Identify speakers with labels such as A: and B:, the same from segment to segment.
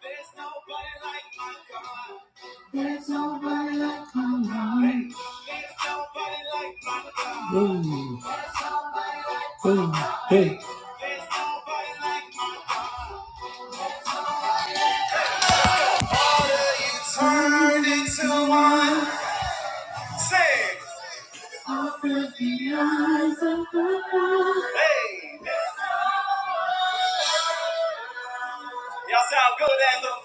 A: There's nobody like my God. There's nobody like my God. Hey, There's nobody like my God. Hey, hey, hey. There's nobody like my God. Turn into one. Say. it. Open the eyes of the Lord. Hey. Y'all sound good at them.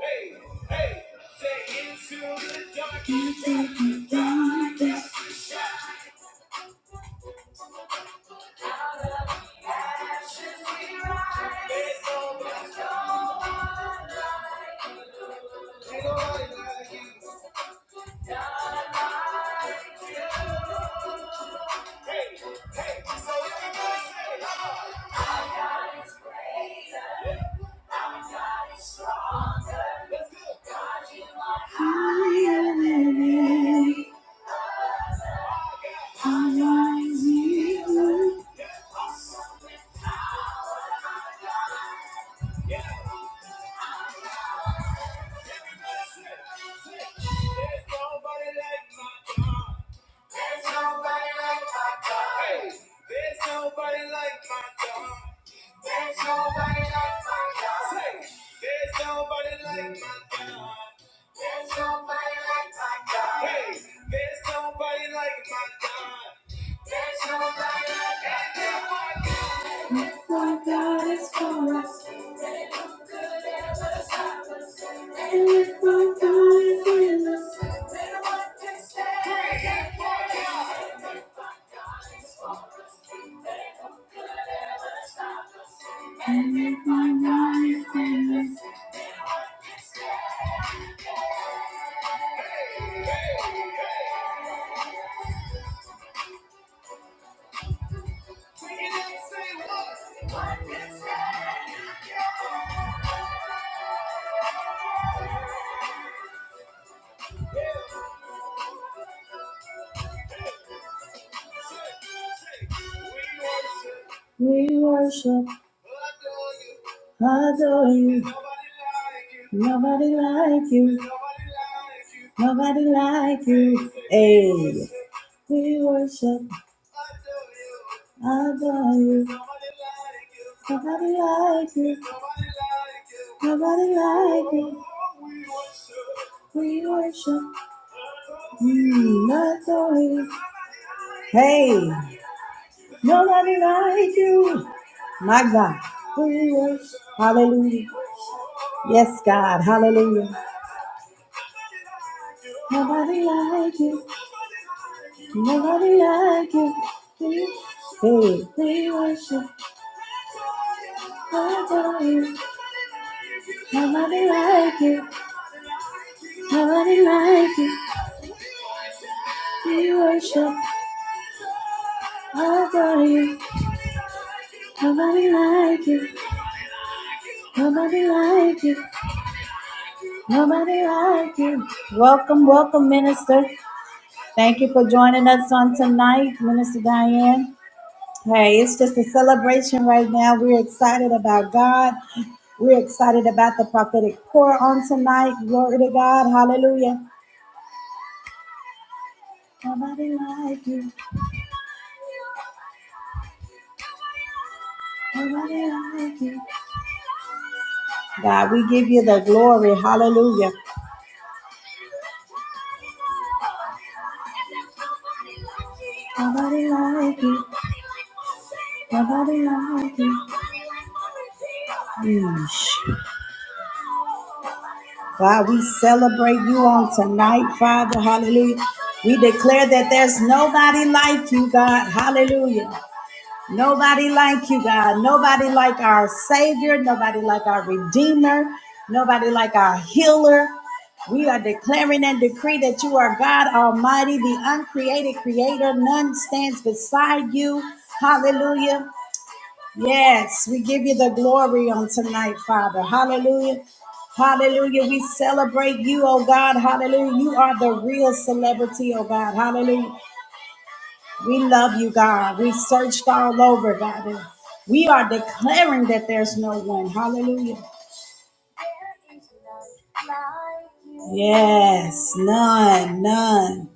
A: Hey, hey. Say into the dark. Into the darkness. Ain't nobody like you. Hey, hey. I am my God. For God is for us. And if our God is with us, then what can stand? And if our God is with us, then what can stand? We worship, adore you. Nobody like you. Nobody like you. Hey. We worship, adore you. Nobody like you. Nobody like you. We worship, mm, adore you. Hey, nobody like you. My God. Who you are. Hallelujah. Yes, God. Hallelujah. Nobody like you. Nobody like you. Hey, we worship. adore you. Nobody like you. Nobody like you. We worship. Nobody, nobody like you. Nobody like you. Nobody like you. Welcome, welcome, Minister. Thank you for joining us on tonight, Minister Diane. Hey, it's just a celebration right now. We're excited about God. We're excited about the prophetic pour on tonight. Glory to God. Hallelujah. Nobody like you. Nobody like you. God, we give you the glory. Hallelujah. Nobody like you. God, we celebrate you on tonight, Father. Hallelujah. We declare that there's nobody like you, God. Hallelujah. Nobody like you, God. Nobody like our Savior. Nobody like our Redeemer. Nobody like our healer. We are declaring and decree that you are God Almighty, the uncreated creator. None stands beside you. Hallelujah. Yes, we give you the glory on tonight, Father. Hallelujah. Hallelujah. We celebrate you, oh God. Hallelujah. You are the real celebrity, oh God. Hallelujah. We love you, God. We searched all over, God. We are declaring that there's no one. Hallelujah. Yes, none, none.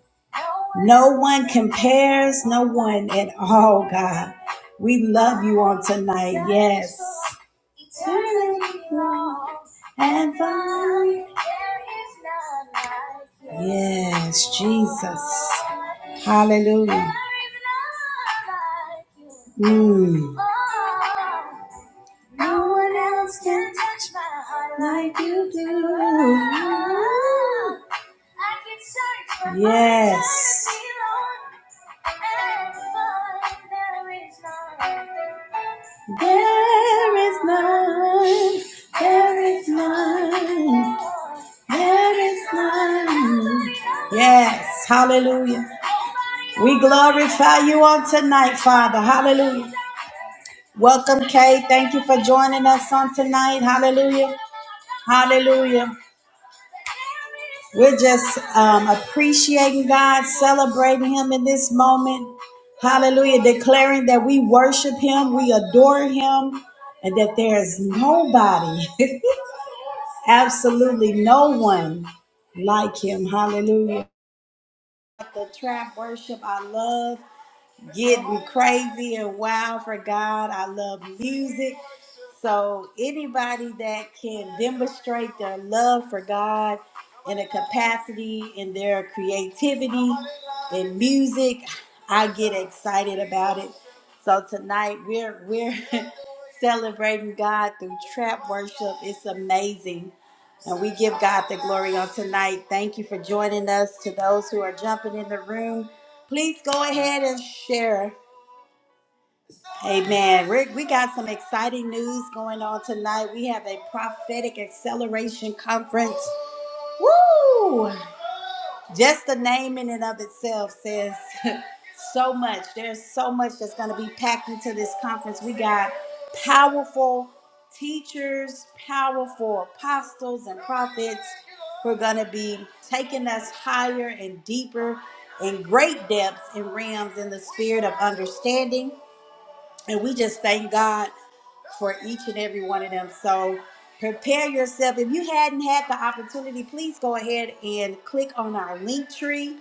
A: No one compares, no one at all, God. We love you on tonight, yes. And find Yes, Jesus. Hallelujah. Mm. No one else can touch my heart like you do. Oh, I can search for yes. There is none. There is none. There is none. Yes. Hallelujah. We glorify you on tonight, Father. Hallelujah. Welcome, Kay. Thank you for joining us on tonight. Hallelujah. Hallelujah. We're just um, appreciating God, celebrating Him in this moment. Hallelujah. Declaring that we worship Him, we adore Him, and that there is nobody, absolutely no one like Him. Hallelujah. The trap worship I love. getting crazy and wild for God. I love music. So anybody that can demonstrate their love for God in a capacity in their creativity in music, I get excited about it. So tonight we're we're celebrating God through trap worship. It's amazing. And we give God the glory on tonight. Thank you for joining us. To those who are jumping in the room, please go ahead and share. Amen. Rick, we got some exciting news going on tonight. We have a prophetic acceleration conference. Woo! Just the name in and of itself says so much. There's so much that's going to be packed into this conference. We got powerful teachers, powerful apostles, and prophets who are going to be taking us higher and deeper in great depths and realms in the spirit of understanding. And we just thank God for each and every one of them. So prepare yourself. If you hadn't had the opportunity, please go ahead and click on our link tree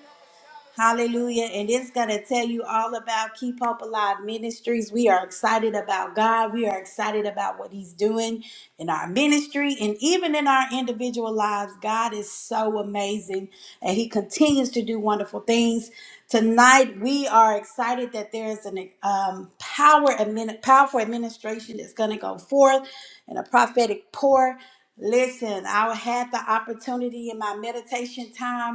A: Hallelujah. And it's going to tell you all about Keep Hope Alive Ministries. We are excited about God. We are excited about what He's doing in our ministry and even in our individual lives. God is so amazing and He continues to do wonderful things. Tonight, we are excited that there is an um, power, admin, powerful administration that's going to go forth and a prophetic pour. Listen, I had the opportunity in my meditation time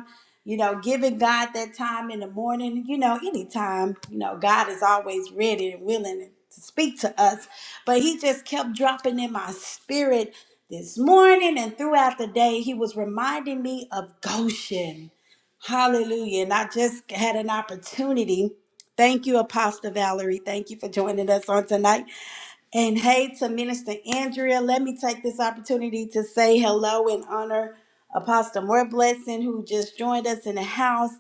A: you know, giving God that time in the morning, you know, anytime, you know, God is always ready and willing to speak to us. But he just kept dropping in my spirit this morning and throughout the day. He was reminding me of Goshen. Hallelujah. And I just had an opportunity. Thank you, Apostle Valerie. Thank you for joining us on tonight. And hey to Minister Andrea, let me take this opportunity to say hello and honor Apostle More Blessing, who just joined us in the house,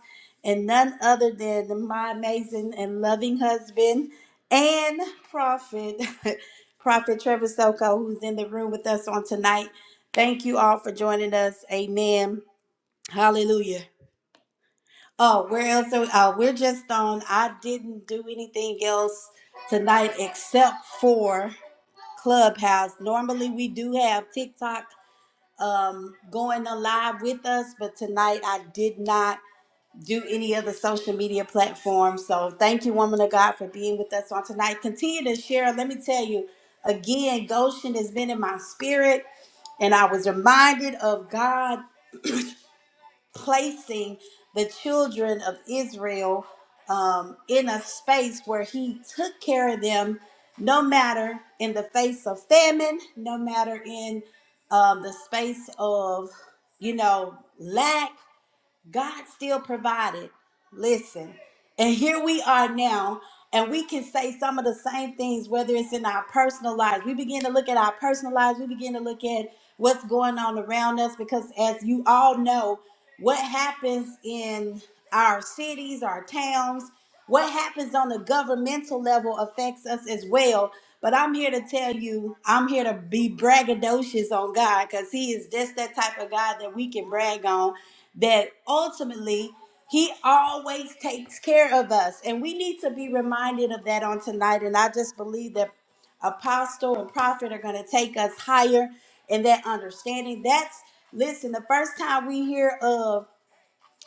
A: and none other than my amazing and loving husband and prophet, Prophet Trevor Soko, who's in the room with us on tonight. Thank you all for joining us. Amen. Hallelujah. Oh, where else? Are we? Oh, we're just on. I didn't do anything else tonight except for. Clubhouse. Normally we do have TikTok um going alive with us, but tonight I did not do any other social media platform. So thank you, woman of God, for being with us on tonight. Continue to share. Let me tell you again, Goshen has been in my spirit, and I was reminded of God placing the children of Israel um, in a space where he took care of them, no matter in the face of famine, no matter in um, the space of, you know, lack. God still provided. Listen, and here we are now, and we can say some of the same things, whether it's in our personal lives. We begin to look at our personal lives, we begin to look at what's going on around us, because as you all know, what happens in our cities, our towns, what happens on the governmental level affects us as well. But I'm here to tell you, I'm here to be braggadocious on God because He is just that type of God that we can brag on that ultimately he always takes care of us. And we need to be reminded of that on tonight. And I just believe that apostle and prophet are going to take us higher in that understanding. That's, listen, the first time we hear of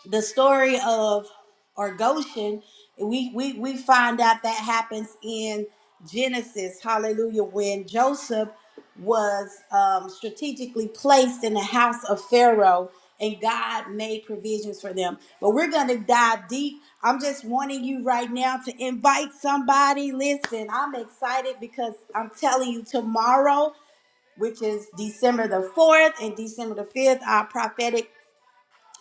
A: the story of or Goshen, we, we we find out that happens in Genesis, hallelujah, when Joseph was um, strategically placed in the house of Pharaoh and God made provisions for them. But we're going to dive deep. I'm just wanting you right now to invite somebody. Listen, I'm excited because I'm telling you tomorrow, which is December the 4th and December the 5th, our prophetic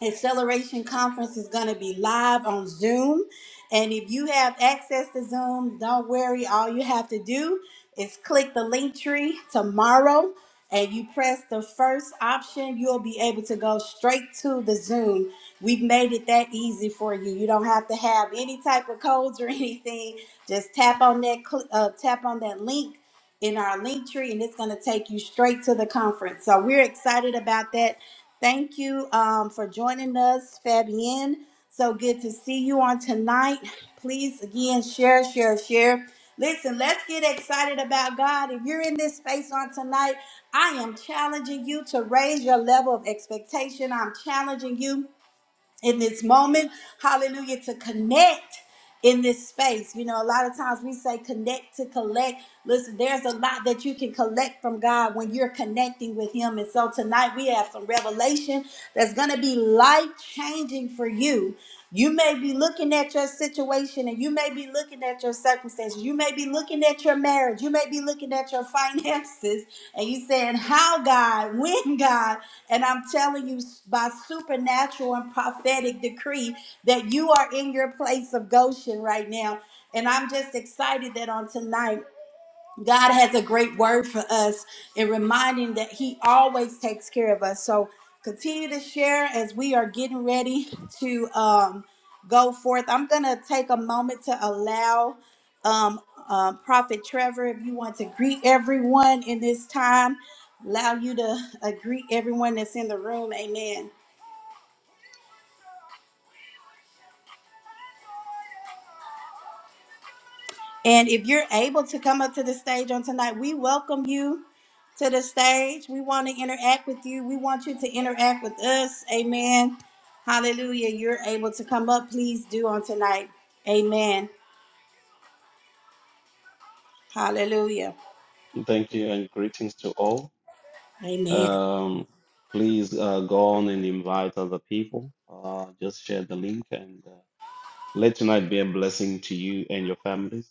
A: Acceleration Conference is going to be live on Zoom. And if you have access to Zoom, don't worry. All you have to do is click the link tree tomorrow and you press the first option. You'll be able to go straight to the Zoom. We've made it that easy for you. You don't have to have any type of codes or anything. Just tap on that cl- uh, tap on that link in our link tree and it's going to take you straight to the conference. So we're excited about that. Thank you um, for joining us, Fabienne. So good to see you on tonight. Please, again, share, share, share. Listen, let's get excited about God. If you're in this space on tonight, I am challenging you to raise your level of expectation. I'm challenging you in this moment. Hallelujah. To connect in this space. You know, a lot of times we say connect to collect. Listen, there's a lot that you can collect from God when you're connecting with Him. And so tonight we have some revelation that's going to be life changing for you. You may be looking at your situation and you may be looking at your circumstances. You may be looking at your marriage. You may be looking at your finances and you saying, How God, when God, and I'm telling you by supernatural and prophetic decree that you are in your place of Goshen right now. And I'm just excited that on tonight. God has a great word for us in reminding that He always takes care of us. So continue to share as we are getting ready to um, go forth. I'm going to take a moment to allow um, uh, Prophet Trevor, if you want to greet everyone in this time, allow you to uh, greet everyone that's in the room. Amen. And if you're able to come up to the stage on tonight, we welcome you to the stage. We want to interact with you. We want you to interact with us. Amen. Hallelujah. You're able to come up. Please do on tonight. Amen. Hallelujah.
B: Thank you and greetings to all.
A: Amen.
B: Um, please uh, go on and invite other people. Uh, just share the link and uh, let tonight be a blessing to you and your families.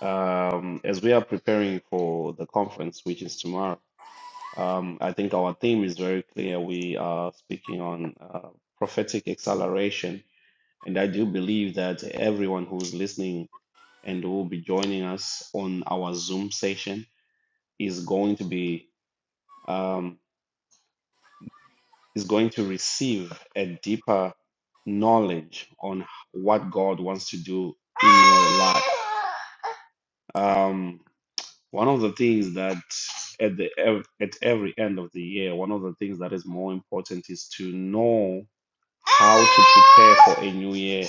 B: Um, as we are preparing for the conference, which is tomorrow, um, I think our theme is very clear. We are speaking on uh, prophetic acceleration, and I do believe that everyone who's listening and who will be joining us on our Zoom session is going to be. Um, is going to receive a deeper knowledge on what God wants to do in your life. Um, one of the things that at the ev- at every end of the year, one of the things that is more important is to know how to prepare for a new year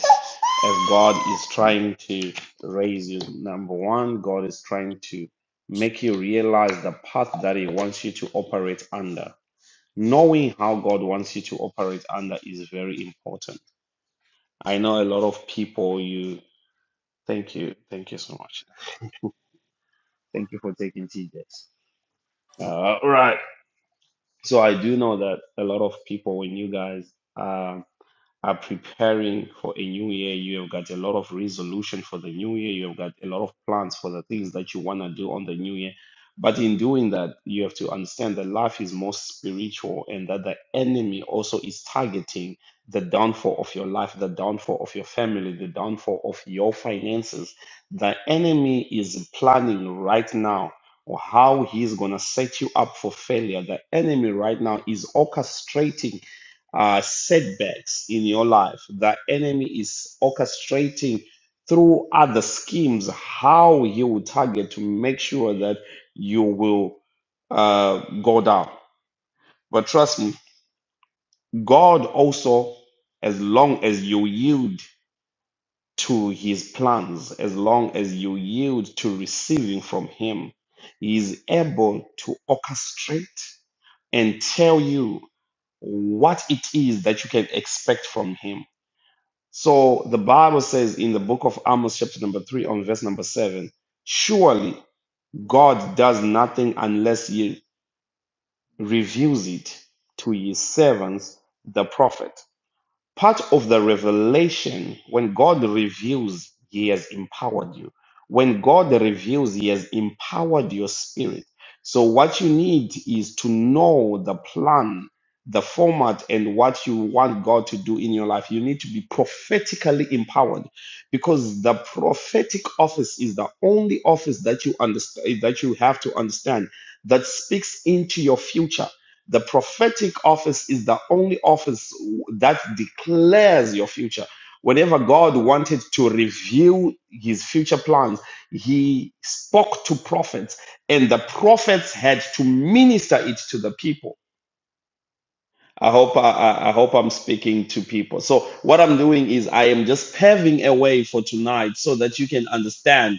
B: as God is trying to raise you. Number one, God is trying to make you realize the path that He wants you to operate under knowing how God wants you to operate under is very important. I know a lot of people you thank you. Thank you so much. Thank you for taking TJs. Uh, all right. So I do know that a lot of people when you guys are are preparing for a new year. You have got a lot of resolution for the new year. You have got a lot of plans for the things that you want to do on the new year. But in doing that, you have to understand that life is more spiritual and that the enemy also is targeting the downfall of your life, the downfall of your family, the downfall of your finances. The enemy is planning right now or how he's going to set you up for failure. The enemy right now is orchestrating uh, setbacks in your life. The enemy is orchestrating through other schemes how he will target to make sure that you will uh, go down. But trust me, God also, as long as you yield to his plans, as long as you yield to receiving from him, he is able to orchestrate and tell you what it is that you can expect from him So the Bible says in the book of Amos, chapter number three, on verse number seven, surely God does nothing unless he reveals it to his servants, the prophet part of the revelation when god reveals he has empowered you when god reveals he has empowered your spirit so what you need is to know the plan the format and what you want god to do in your life you need to be prophetically empowered because the prophetic office is the only office that you understand that you have to understand that speaks into your future the prophetic office is the only office that declares your future. Whenever God wanted to reveal his future plans, he spoke to prophets, and the prophets had to minister it to the people. I hope I, I hope I'm speaking to people. So what I'm doing is I am just paving a way for tonight so that you can understand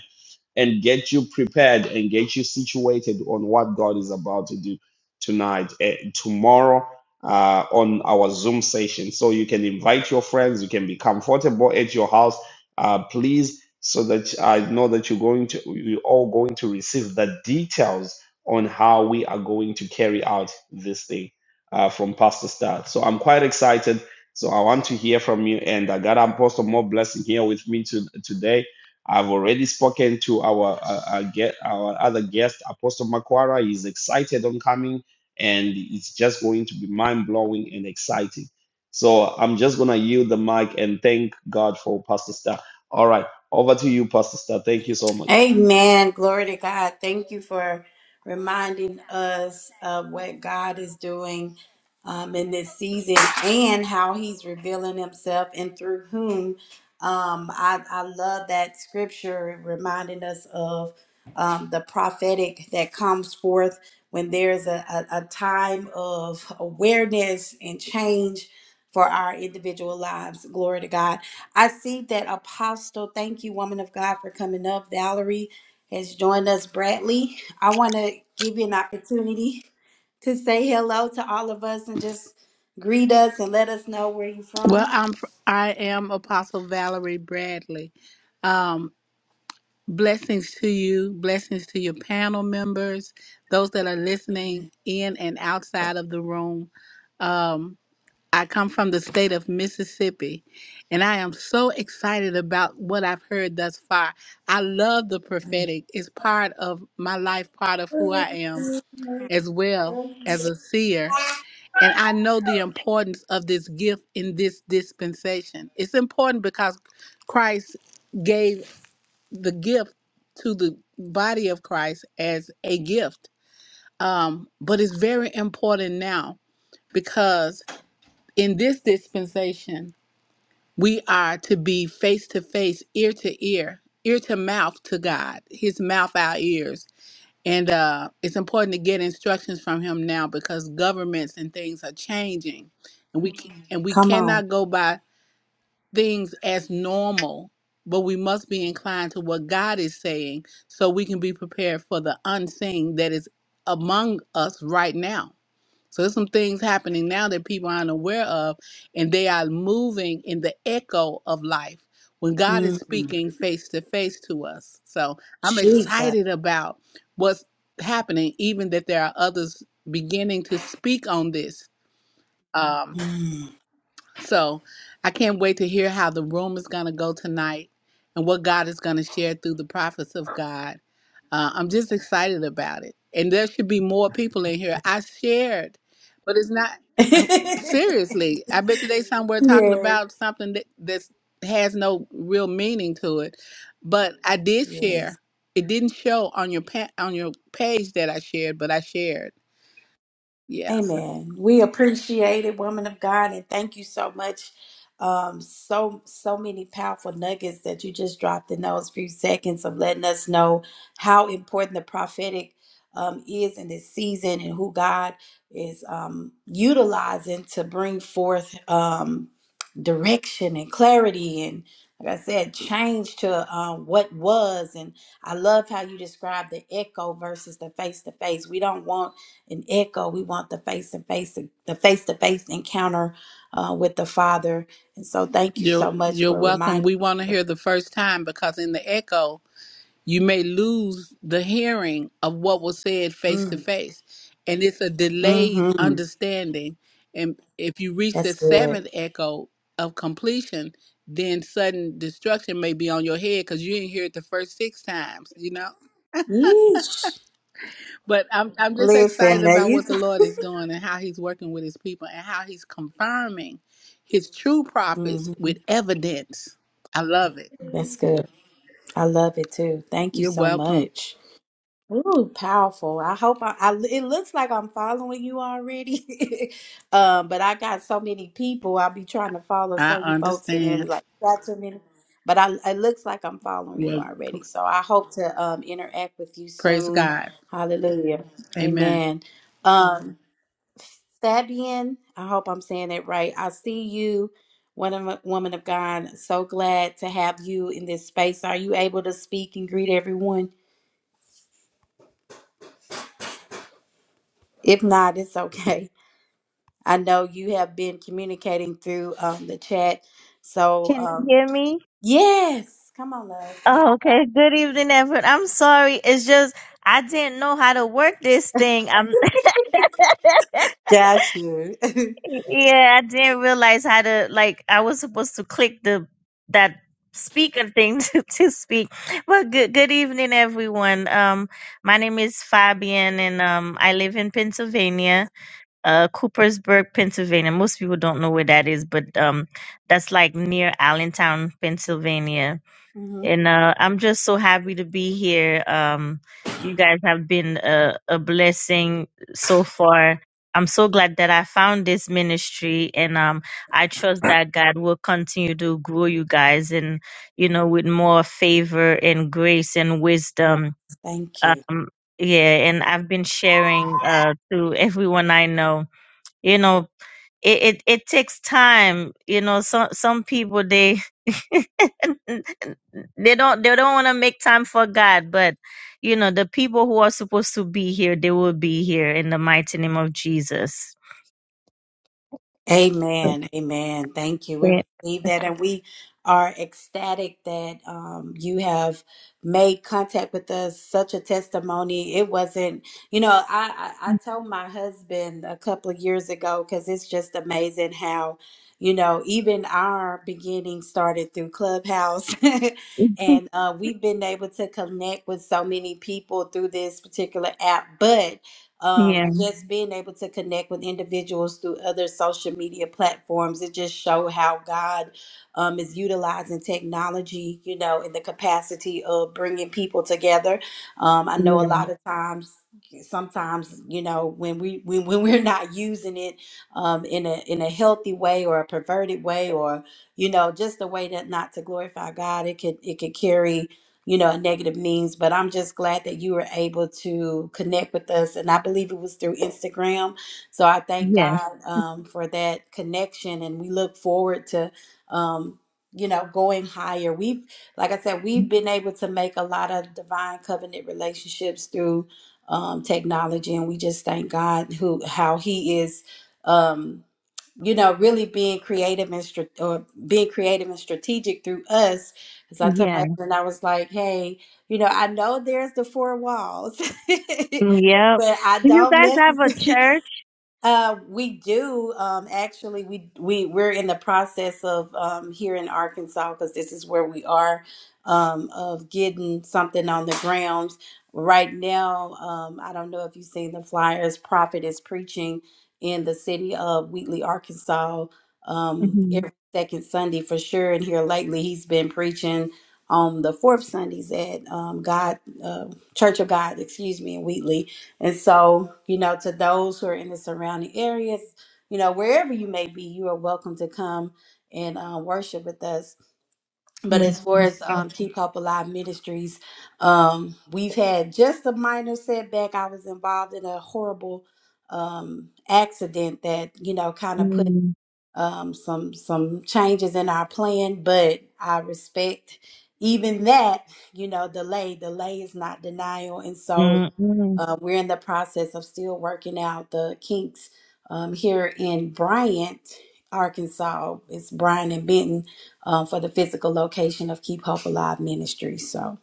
B: and get you prepared and get you situated on what God is about to do tonight, eh, tomorrow uh, on our Zoom session. So you can invite your friends, you can be comfortable at your house, uh, please, so that I know that you're going to, you're all going to receive the details on how we are going to carry out this thing uh, from Pastor Star. So I'm quite excited. So I want to hear from you. And I got Apostle more blessing here with me to, today. I've already spoken to our uh, uh, get our other guest, Apostle Makwara. He's excited on coming, and it's just going to be mind blowing and exciting. So I'm just gonna yield the mic and thank God for Pastor Star. All right, over to you, Pastor Star. Thank you so much.
A: Amen. Glory to God. Thank you for reminding us of what God is doing um, in this season and how He's revealing Himself and through whom. Um, I, I love that scripture reminding us of um, the prophetic that comes forth when there's a, a, a time of awareness and change for our individual lives. Glory to God. I see that Apostle, thank you, woman of God, for coming up. Valerie has joined us, Bradley. I want to give you an opportunity to say hello to all of us and just greet us and let us know where you're
C: Well,
A: from.
C: I'm fr- I am Apostle Valerie Bradley. Um, blessings to you, blessings to your panel members, those that are listening
A: Amen.
C: in and outside of the room. Um, I come from the state of Mississippi, and I am so excited about what I've heard thus far. I love the prophetic; it's part of my life, part of who I am, as well as a seer and I know the importance of this gift in this dispensation. It's important because Christ gave the gift to the body of Christ as a gift. Um, but it's very important now because in this dispensation, we are to be face to face, ear to ear, ear to mouth to God, his mouth, our ears and uh, it's important to get instructions from him now because governments and things are changing, and we c- and we
A: Come on.
C: cannot go by things as normal, but we must be inclined to what God is saying, so we can be prepared for the unseen that is among us right now. So there's some things happening now that people aren't aware of, and they are moving in the echo of life when God is
A: Mm,
C: speaking face to face to us. So I'm
A: Jesus.
C: excited about what's happening, even that there are others beginning to speak on this. um,
A: Mm.
C: so I can't wait to hear how the room is going to go tonight and what God is going to share through the prophets of God. Uh, I'm just excited about it. And there should be more people in here. I shared, but it's not seriously. I bet you they somewhere talking
A: yes.
C: about something that that's, has no real meaning to it. But I did
A: Yes.
C: share. It didn't show on your pa- on your page that I shared, but I shared. Yeah.
A: Amen. We appreciate it, woman of God, and thank you so much. Um, so so many powerful nuggets that you just dropped in those few seconds of letting us know how important the prophetic um, is in this season and who God is um, utilizing to bring forth um, direction and clarity and like I said, change to um, what was. And I love how you described the echo versus the face to face. We don't want an echo. We want the face to face, the face to face encounter uh, with the Father. And so, thank you
C: You're
A: so much
C: you're
A: for
C: welcome.
A: reminding.
C: We want to
A: us.
C: hear the first time because in the echo you may lose the hearing of what was said face to
A: Mm,
C: face, and it's a delayed
A: hmm
C: understanding. And if you reach the
A: That's good.
C: seventh echo of completion, then sudden destruction may be on your head because you didn't hear it the first six times. You know.
A: Yeesh.
C: But I'm I'm just excited
A: Listen, there
C: about
A: you.
C: what the
A: go.
C: Lord is doing and how He's working with His people and how He's confirming His true prophets
A: hmm
C: with evidence. I love it.
A: That's good. I love it too. Thank you
C: You're
A: so
C: welcome.
A: much. Ooh, powerful. I hope I, I it looks like I'm following you already. um, but I got so many people. I'll be trying to follow
C: I
A: certain folks and then it'll be
C: understand.
A: like, got too many. But I it looks like I'm following you
C: Well,
A: already. So I hope to um interact with you
C: praise
A: soon.
C: God.
A: Hallelujah.
C: Amen.
A: Amen. Um Fabian, I hope I'm saying it right. I see you, woman woman of God. So glad to have you in this space. Are you able to speak and greet everyone? If not, it's okay. I know you have been communicating through um, the chat. So,
D: Can you
A: um,
D: hear me?
A: yes, come on, love.
D: Oh, okay. Good evening, everyone. I'm sorry. It's just I didn't know how to work this thing. I'm
A: Got you.
D: yeah, I didn't realize how to like I was supposed to click the that speaker thing to, to speak. But good good evening, everyone. Um, my name is Fabian, and um, I live in Pennsylvania, uh, Coopersburg, Pennsylvania. Most people don't know where that is, but um, that's like near Allentown, Pennsylvania
A: hmm
D: and uh, I'm just so happy to be here. Um, you guys have been a, a blessing so far. I'm so glad that I found this ministry, and um, I trust that God will continue to grow you guys, and you know, with more favor and grace and wisdom.
A: Thank you.
D: Um, yeah, and I've been sharing uh, to everyone I know. You know, it, it it takes time. You know, some some people they they don't they don't want to make time for God, but you know, the people who are supposed to be here, they will be here in the mighty name of Jesus.
A: Amen. Amen. Thank you. We
D: Yeah.
A: receive that and we are ecstatic that um, you have made contact with us. Such a testimony. It wasn't, you know, I, I, I told my husband a couple of years ago because it's just amazing how, you know, even our beginning started through Clubhouse. and uh, we've been able to connect with so many people through this particular app. But
D: Yeah,
A: um, just being able to connect with individuals through other social media platforms it just show how god um, is utilizing technology you know in the capacity of bringing people together um, i know a
D: yeah,
A: lot of times sometimes you know when we when, when we're not using it um, in a in a healthy way or a perverted way or you know just a way that not to glorify god it could it could carry you know, a negative means, but I'm just glad that you were able to connect with us. And I believe it was through Instagram. So I thank
D: yeah,
A: God um, for that connection. And we look forward to, um, you know, going higher. We've, like I said, we've been able to make a lot of divine covenant relationships through um, technology. And we just thank God who, how He is. Um, you know, really being creative and strat- or being creative and strategic through us. Because I told my
D: yeah,
A: husband, I was like, hey, you know, I know there's the four walls,
D: yeah.
A: but I
D: Do you
A: don't
D: guys have a
A: necessarily.
D: church?
A: Uh, we do. Um, actually, we we we're in the process of um, here in Arkansas because this is where we are um, of getting something on the grounds right now. Um, I don't know if you've seen the flyers. Prophet is preaching in the city of Wheatley, Arkansas, um,
D: Mm-hmm.
A: every second Sunday for sure. And here lately, he's been preaching on the fourth Sundays at um, God uh, Church of God, excuse me, in Wheatley and so, you know, to those who are in the surrounding areas, you know, wherever you may be, you are welcome to come and uh, worship with us. But as far as um, Keep Hope Alive Ministries, um, we've had just a minor setback. I was involved in a horrible um, accident that, you know, kind of put um, some some changes in our plan, but I respect even that. You know, delay delay is not denial, and so
D: Mm-hmm.
A: uh, we're in the process of still working out the kinks um, here in Bryant, Arkansas. It's Bryan and Benton uh, for the physical location of Keep Hope Alive Ministry. So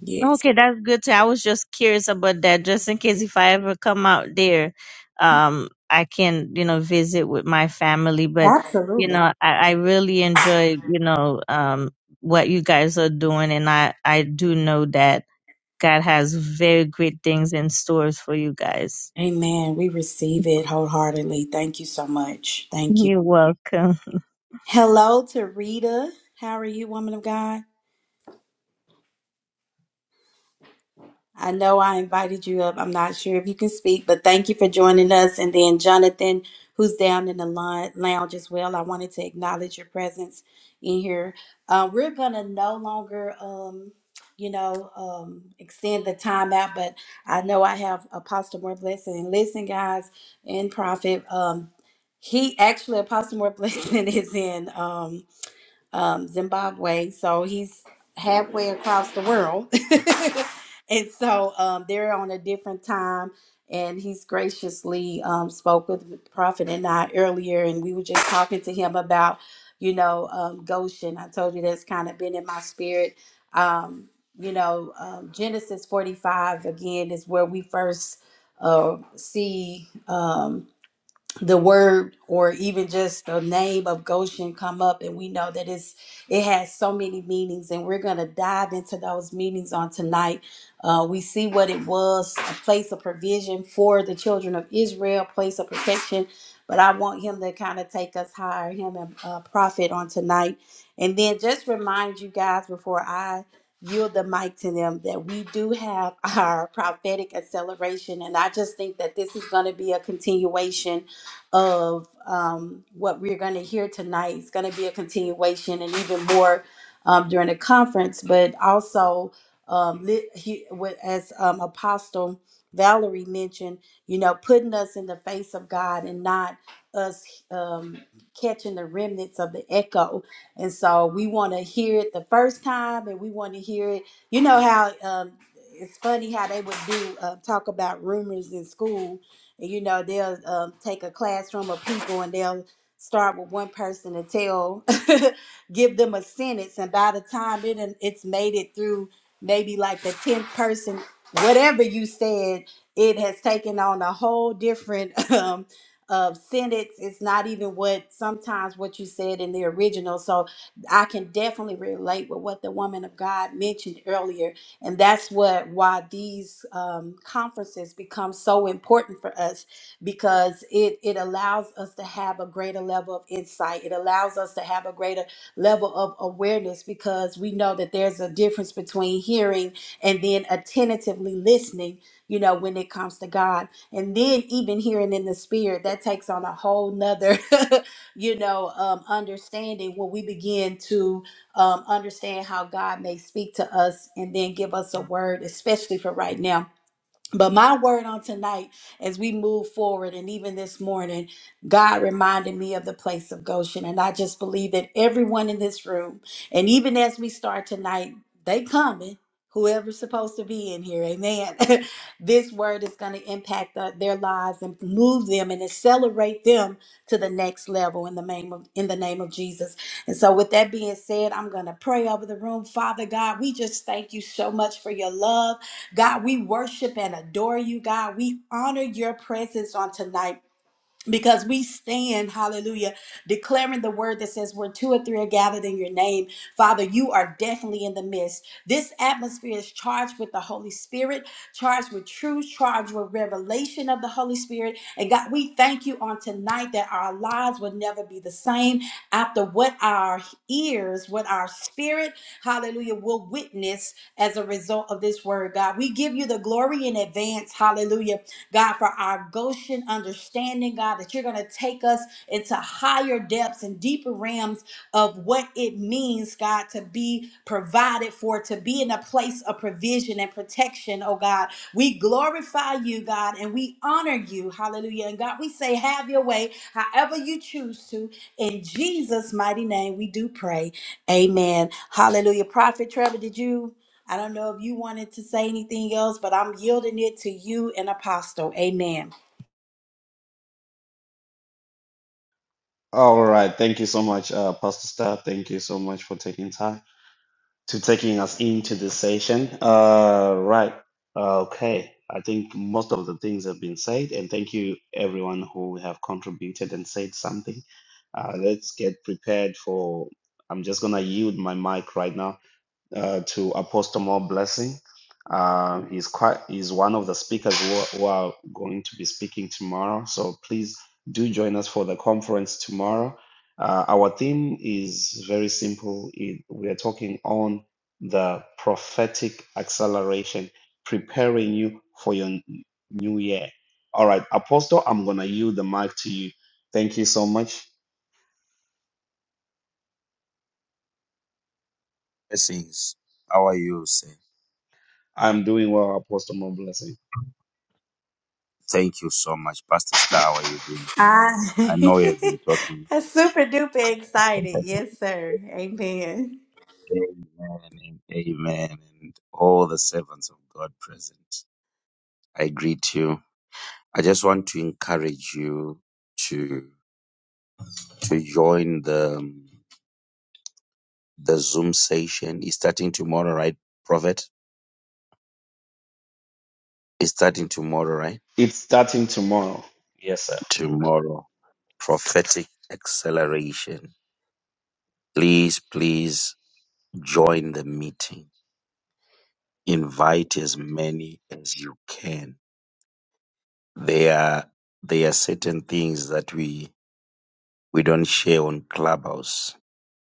A: yes,
D: Okay, that's good too. I was just curious about that, just in case if I ever come out there, um, I can, you know, visit with my family. But, you
A: absolutely.
D: know, I, I really enjoy, you know, um, what you guys are doing, and I, I do know that God has very great things in stores for you guys.
A: Amen. We receive it wholeheartedly. Thank you so much. Thank you.
D: You're welcome.
A: Hello to Rita. How are you, woman of God? I know I invited you up. I'm not sure if you can speak, but thank you for joining us. And then Jonathan, who's down in the lou- lounge as well. I wanted to acknowledge your presence in here. Uh, we're gonna no longer, um, you know, um, extend the time out, but I know I have Apostle More Blessing. And listen, guys, and Prophet. Um, he actually Apostle More Blessing is in. Um, um, Zimbabwe. So he's halfway across the world. and so um, they're on a different time. And he's graciously um, spoke with the Prophet and I earlier. And we were just talking to him about, you know, um, Goshen. I told you that's kind of been in my spirit. Um, you know, um, Genesis 45 again is where we first uh, see. Um, the word or even just the name of Goshen come up and we know that it's it has so many meanings and we're going to dive into those meanings on tonight. Uh, we see what it was, a place of provision for the children of Israel, place of protection, but I want him to kind of take us higher, him and uh, prophet on tonight. And then just remind you guys before I yield the mic to them that we do have our prophetic acceleration and I just think that this is going to be a continuation of um, what we're going to hear tonight. It's going to be a continuation and even more um, during the conference, but also um, lit, he, with, as um, Apostle Valerie mentioned, you know, putting us in the face of God and not us um, catching the remnants of the echo. And so we want to hear it the first time and we want to hear it. You know how um, it's funny how they would do uh, talk about rumors in school and, you know, they'll um, take a classroom of people and they'll start with one person and tell, give them a sentence. And by the time it done- it's made it through maybe like the 10th person, whatever you said, it has taken on a whole different um, uh, sentence. It's not even what sometimes what you said in the original. So I can definitely relate with what the woman of God mentioned earlier and that's what why these um, conferences become so important for us because it it allows us to have a greater level of insight it allows us to have a greater level of awareness because we know that there's a difference between hearing and then attentively listening you know when it comes to god and then even hearing in the spirit that takes on a whole nother you know um, understanding when we begin to um, understand how God may speak to us and then give us a word, especially for right now but my word on tonight, as we move forward, and even this morning, God reminded me of the place of Goshen. And I just believe that everyone in this room, and even as we start tonight, they coming. Whoever's supposed to be in here, amen. this word is going to impact the- their lives and move them and accelerate them to the next level in the name of in the name of Jesus. And so, with that being said, I'm going to pray over the room. Father God, we just thank you so much for your love. God, we worship and adore you, God. We honor your presence on tonight because we stand, hallelujah, declaring the word that says, Where two or three are gathered in your name, Father, you are definitely in the midst. This atmosphere is charged with the Holy Spirit, charged with truth, charged with revelation of the Holy Spirit. And God, we thank you on tonight that our lives will never be the same after what our ears, what our spirit, hallelujah, will witness as a result of this word, God. We give you the glory in advance, hallelujah God, for our Goshen understanding, God, that you're going to take us into higher depths and deeper realms of what it means, God, to be provided for, to be in a place of provision and protection, oh God. We glorify you, God, and we honor you. Hallelujah. And God, we say, have your way however you choose to. In Jesus' mighty name, we do pray. Amen. Hallelujah. Prophet Trevor, did you? I don't know if you wanted to say anything else, but I'm yielding it to you and Apostle. Amen.
B: All right, thank you so much, uh, Pastor Star. Thank you so much for taking time. to taking us into this session. Uh, right. Okay. I think most of the things have been said, and thank you everyone who have contributed and said something. Uh, let's get prepared for. I'm just gonna yield my mic right now uh, to Apostle More Blessing. Uh, he's quite he's one of the speakers who are, who are going to be speaking tomorrow. So please do join us for the conference tomorrow. Uh, our theme is very simple. It, we are talking on the prophetic acceleration, preparing you for your n- new year. All right, Apostle, I'm gonna yield the mic to you. Thank you so much.
E: Blessings. How are you, sir?
B: I'm doing well, Apostle. More blessing.
E: Thank you so much, Pastor Star. How are you doing?
A: I
E: I know you have been talking.
A: i am super duper excited.
E: Amen
A: Yes, sir. Amen.
E: and amen, and all the servants of God present. I greet you. I just want to encourage you to to join the the Zoom session. It's starting tomorrow, right, Prophet? It's starting tomorrow, right?
B: It's starting tomorrow. Yes, sir.
E: Tomorrow, prophetic acceleration. Please, please join the meeting invite as many as you can. There are there are certain things that we we don't share on Clubhouse,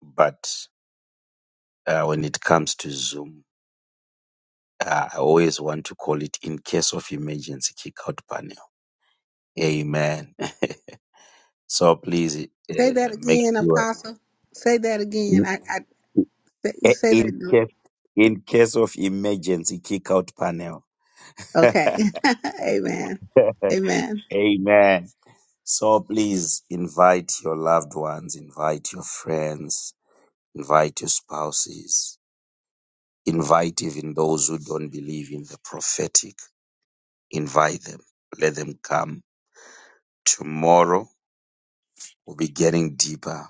E: but uh, when it comes to Zoom, uh, I always want to call it in case of emergency kick out panel. Amen. So please uh,
C: Say that
E: make
C: again,
E: sure
C: Apostle. Say that again.
E: in,
C: I, I say
E: in
C: that.
E: case in case of emergency kick out panel.
C: Okay. Amen. Amen.
E: Amen. So please invite your loved ones, invite your friends, invite your spouses, invite even those who don't believe in the prophetic. Invite them, let them come. Tomorrow we'll be getting deeper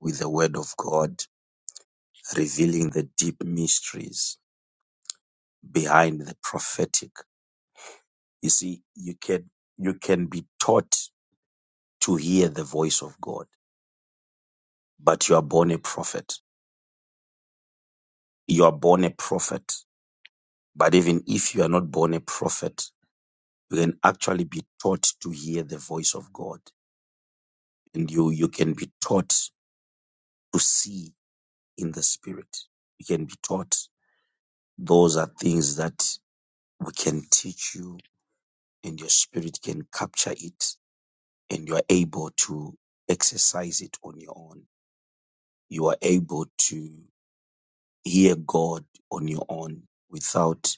E: with the Word of God, revealing the deep mysteries behind the prophetic. You see, you can you can be taught to hear the voice of God, but you are born a prophet. You are born a prophet But even if you are not born a prophet, you can actually be taught to hear the voice of God. And you, you can be taught to see in the spirit. You can be taught. Those are things that we can teach you and your spirit can capture it and you are able to exercise it on your own. You are able to hear God on your own without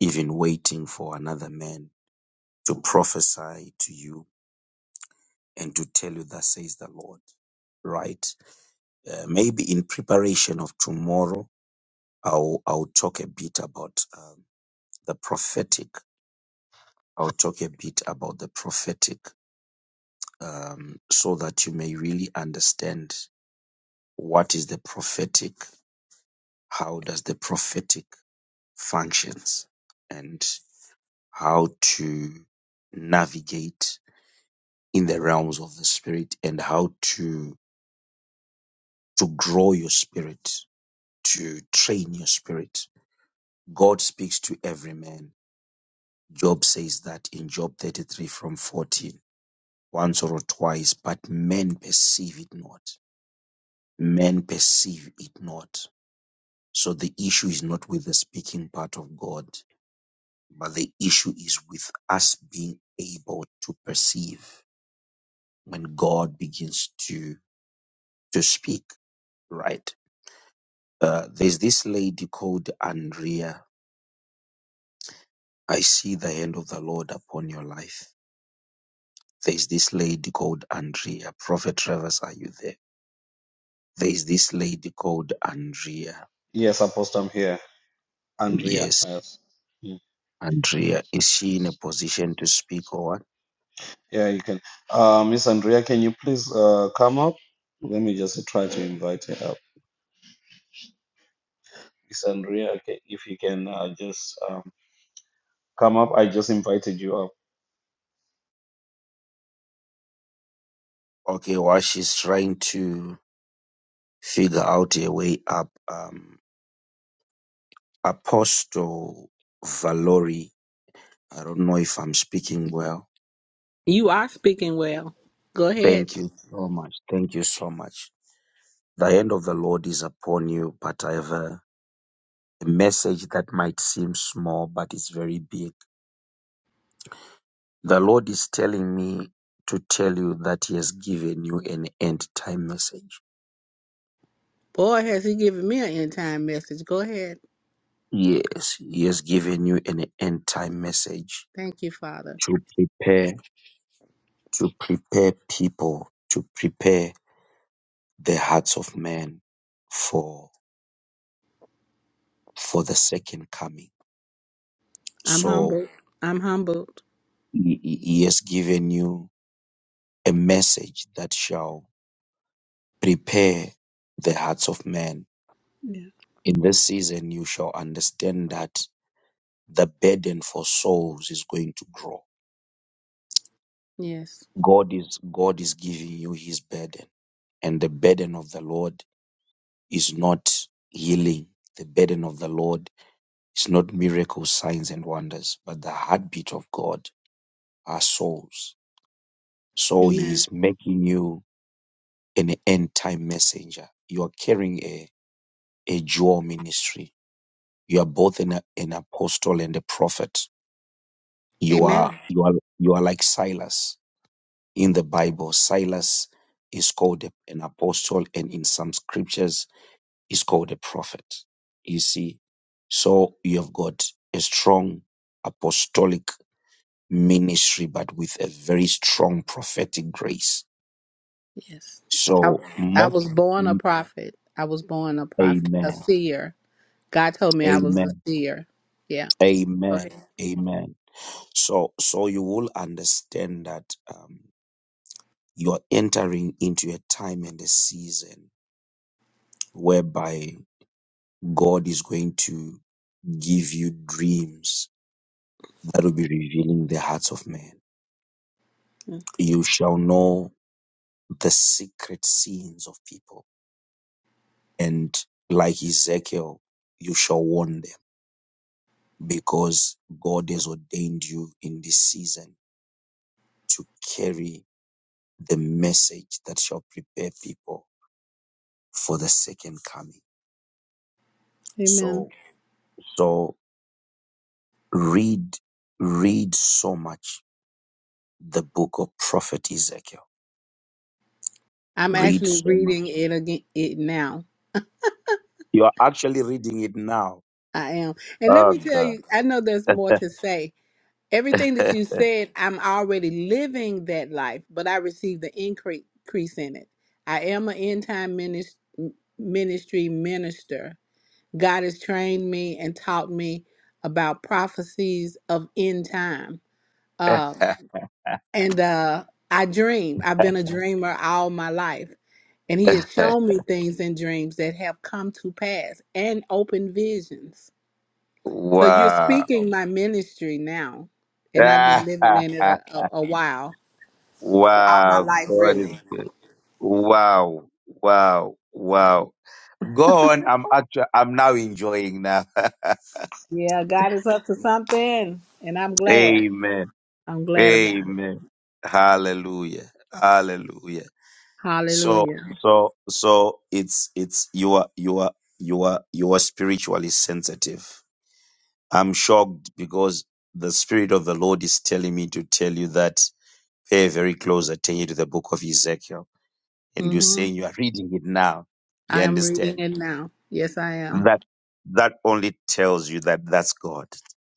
E: even waiting for another man to prophesy to you and to tell you that says the Lord, right? Uh, maybe in preparation of tomorrow, I'll, I'll talk a bit about um, the prophetic. I'll talk a bit about the prophetic um, so that you may really understand what is the prophetic, how does the prophetic functions, and how to navigate in the realms of the spirit and how to to grow your spirit to train your spirit. God speaks to every man. Job says that in Job 33 from 14, once or twice, but men perceive it not. Men perceive it not. So the issue is not with the speaking part of God, but the issue is with us being able to perceive when God begins to, to speak, right? Uh, there's this lady called Andrea. I see the hand of the Lord upon your life There's this lady called Andrea. Prophet Travers, are you there? There's this lady called Andrea.
B: Yes, Apostle, I'm here. Andrea,
E: Yes,
B: yes. Mm.
E: Andrea. Is she in a position to speak or what?
B: Yeah, you can. Uh, Miss Andrea, can you please uh, come up? Let me just try to invite her up. Miss Andrea, okay, if you can uh, just um, come up. I just invited you up.
E: Okay, while she's trying to figure out a way up, um, Apostle Valori, I don't know if I'm speaking well.
C: You are speaking well. Go ahead.
E: Thank you so much. Thank you so much. The hand of the Lord is upon you, but I have a a message that might seem small, but it's very big The Lord is telling me to tell you that He has given you an end time message.
C: Boy, has he given me an end time message. Go ahead.
E: Yes, He has given you an end time message
C: Thank you, Father.
E: to prepare, to prepare people, to prepare the hearts of men for, for the second coming.
C: I'm
E: So
C: humbled. I'm humbled.
E: He He- He has given you a message that shall prepare the hearts of men.
C: Yeah.
E: In this season, you shall understand that the burden for souls is going to grow.
C: Yes.
E: God is God is giving you his burden. And the burden of the Lord is not healing. The burden of the Lord is not miracles, signs and wonders, but the heartbeat of God are souls. So he
C: Amen.
E: is making you an end time messenger. You are carrying a, a dual ministry. You are both an, an apostle and a prophet. You are
C: Amen.
E: you are you are like Silas in the Bible, Silas is called an apostle, and in some scriptures, is called a prophet. You see, so you have got a strong apostolic ministry, but with a very strong prophetic grace.
C: Yes. I,
E: So,
C: I
E: most,
C: was born a prophet. I was born a prophet, a
E: amen,
C: seer. God told me I was a
E: amen,
C: seer. Yeah. Go ahead.
E: amen, amen. So, so you will understand that um, you are entering into a time and a season whereby God is going to give you dreams that will be revealing the hearts of men.
C: Mm.
E: You shall know the secret sins of people. And like Ezekiel, you shall warn them because God has ordained you in this season to carry the message that shall prepare people for the second coming.
C: Amen.
E: So, so read, read so much the book of prophet Ezekiel.
C: I'm
E: Read
C: actually
E: so
C: reading
E: much.
C: it again it now.
E: You are actually reading it now
C: I am. And let
E: Oh
C: me tell
E: God.
C: you, I know there's more to say. Everything that you said, I'm already living that life, but I received the increase increase in it. I am an end time minis- ministry minister. God has trained me and taught me about prophecies of end time. Uh, and uh, I dream. I've been a dreamer all my life And he has shown me things in dreams that have come to pass and open visions. So you're
E: wow.
C: speaking my ministry now. And I've been living in it a, a, a while, all my
E: wow.
C: life,
E: God is
C: really.
E: good. Wow. Wow. Wow. Go on. I'm actually I'm now enjoying now.
C: Yeah, God is up to something. And I'm glad.
E: Amen.
C: I'm glad about it.
E: Amen. Hallelujah. Hallelujah. So
C: Hallelujah.
E: so so it's it's you are you are you are you are spiritually sensitive. I'm shocked because the spirit of the Lord is telling me to tell you that Pay very close attention to the book of Ezekiel. And you're
C: Mm-hmm.
E: saying you are reading it now. You
C: I am reading
E: understand?
C: it now. Yes, I am.
E: That that only tells you that that's God.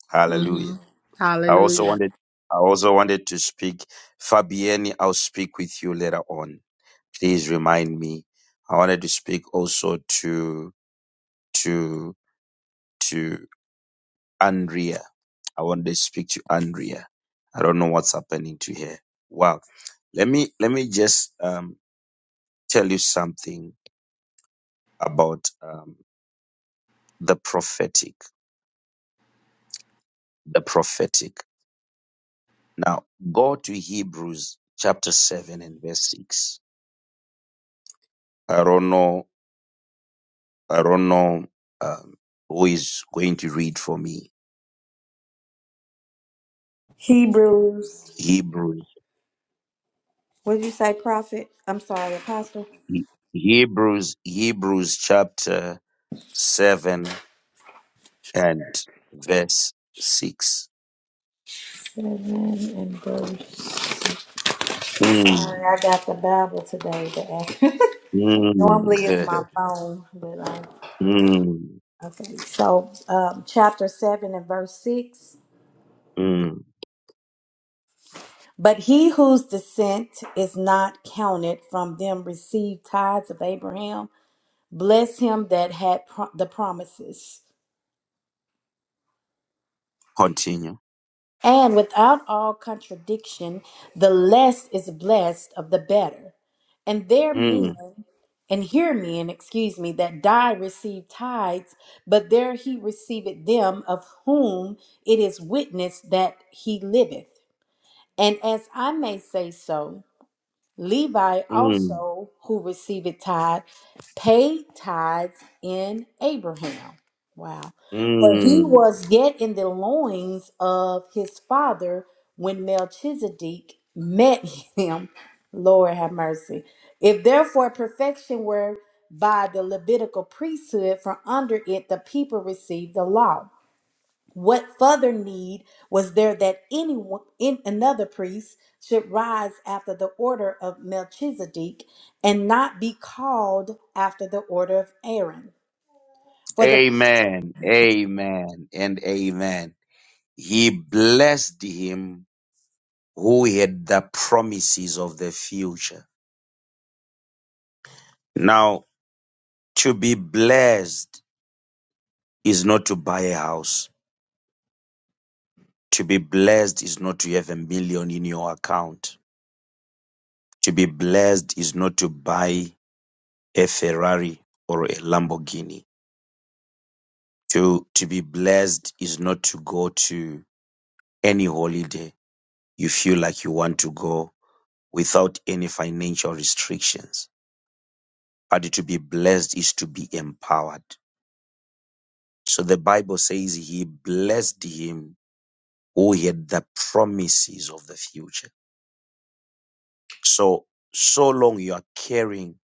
E: Hallelujah.
C: Mm-hmm.
E: I also
C: Hallelujah.
E: wanted I also wanted to speak. Fabienne, I'll speak with you later on. Please remind me. I wanted to speak also to to to Andrea. I wanted to speak to Andrea. I don't know what's happening to her. Wow. Let me let me just um, tell you something about um, the prophetic. The prophetic. Now go to Hebrews chapter seven and verse six. I don't know. I don't know um, who is going to read for me.
A: Hebrews.
E: Hebrews.
A: What did you say, prophet? I'm sorry, Apostle.
E: He- Hebrews. Hebrews chapter seven and verse six.
A: Seven and verse.
E: Mm,
A: Sorry, I got the Bible today. But
E: mm,
A: normally it's my phone, but I
E: mm,
A: okay. So, um, chapter seven and verse six.
E: mm.
A: But he whose descent is not counted from them received tithes of Abraham. Bless him that had pro- the promises.
E: Continue.
A: And without all contradiction, the less is blessed of the better. And their
E: Mm,
A: men, and hear men, excuse me, that die receive tithes, but there he receiveth them of whom it is witnessed that he liveth. And as I may say so, Levi
E: mm,
A: also, who received tithe, paid tithes in Abraham. Wow. For he
E: mm.
A: was yet in the loins of his father when Melchizedek met him. Lord have mercy. If therefore perfection were by the Levitical priesthood, from under it the people received the law. What further need was there that anyone, in another priest should rise after the order of Melchizedek and not be called after the order of Aaron? For the
E: Amen. Amen. And amen. He blessed him who had the promises of the future. Now, to be blessed is not to buy a house. To be blessed is not to have a million in your account. To be blessed is not to buy a Ferrari or a Lamborghini. To, to be blessed is not to go to any holiday you feel like you want to go without any financial restrictions. But to be blessed is to be empowered. So the Bible says he blessed him who had the promises of the future. So, so long you are carrying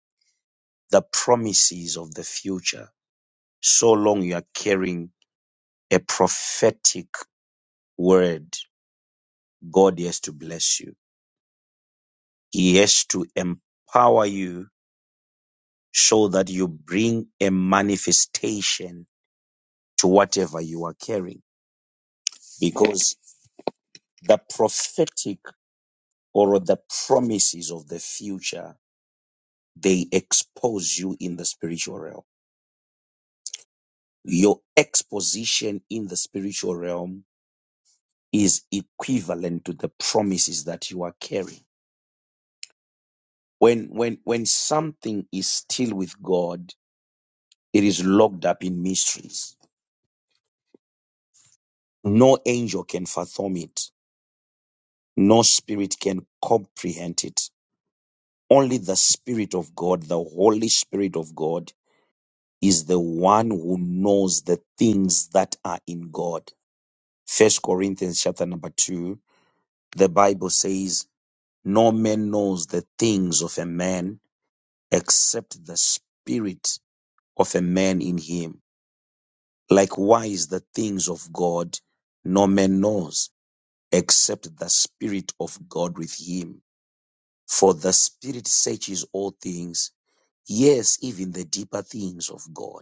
E: the promises of the future, so long you are carrying a prophetic word, God has to bless you. He has to empower you so that you bring a manifestation to whatever you are carrying because the prophetic or the promises of the future they expose you in the spiritual realm your exposition in the spiritual realm is equivalent to the promises that you are carrying when when when something is still with god it is locked up in mysteries no angel can fathom it no spirit can comprehend it only the spirit of god the holy spirit of god is the one who knows the things that are in God. First Corinthians chapter number two, the Bible says, No man knows the things of a man except the spirit of a man in him. Likewise, the things of God no man knows except the spirit of God with him. For the spirit searches all things, yes, even the deeper things of God.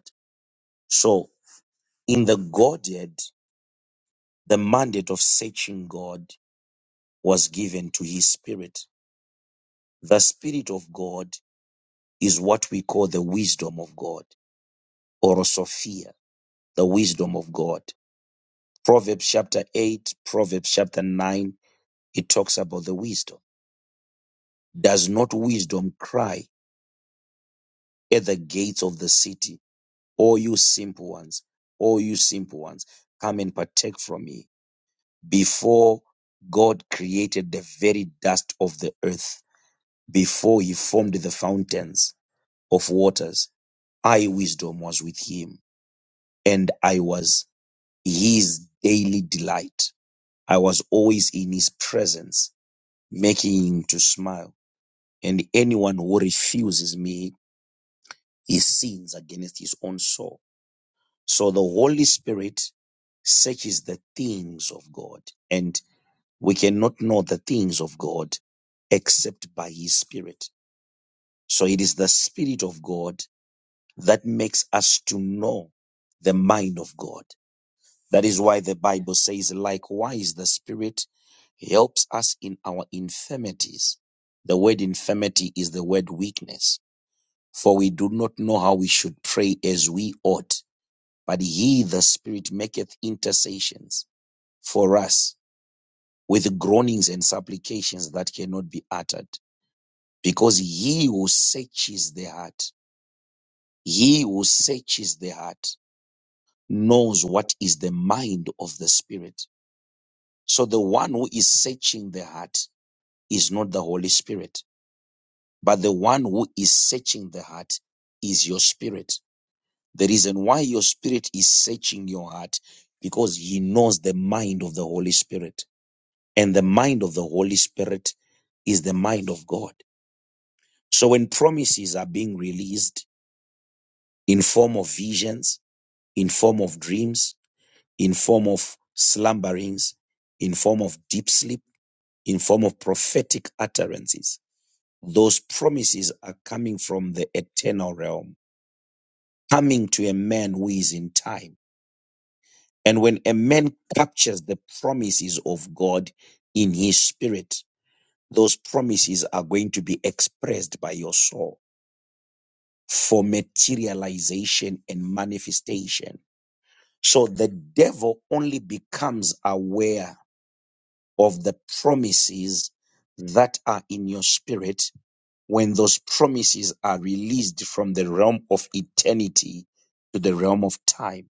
E: So in the Godhead, The mandate of searching God was given to his spirit. The spirit of God is what we call the wisdom of God or Sophia, the wisdom of God. Proverbs chapter 8, Proverbs chapter 9, it talks about the wisdom. Does not wisdom cry at the gates of the city, O you simple ones, O you simple ones, come and partake from me before God created the very dust of the earth before he formed the fountains of waters. I, wisdom, was with him, and I was his daily delight. I was always in his presence, making him to smile. And anyone who refuses me, he sins against his own soul. So the Holy Spirit searches the things of God, and we cannot know the things of God except by his Spirit. So it is the Spirit of God that makes us to know the mind of God. That is why the Bible says, likewise, the Spirit helps us in our infirmities. The word infirmity is the word weakness, for we do not know how we should pray as we ought. But he, the Spirit, maketh intercessions for us with groanings and supplications that cannot be uttered. Because he who searches the heart, he who searches the heart knows what is the mind of the Spirit. So the one who is searching the heart is not the Holy Spirit, but the one who is searching the heart is your spirit. The reason why your spirit is searching your heart because he knows the mind of the Holy Spirit. And the mind of the Holy Spirit is the mind of God. So when promises are being released in form of visions, in form of dreams, in form of slumberings, in form of deep sleep, in form of prophetic utterances. Those promises are coming from the eternal realm, coming to a man who is in time. And when a man captures the promises of God in his spirit, those promises are going to be expressed by your soul for materialization and manifestation. So the devil only becomes aware of the promises that are in your spirit when those promises are released from the realm of eternity to the realm of time.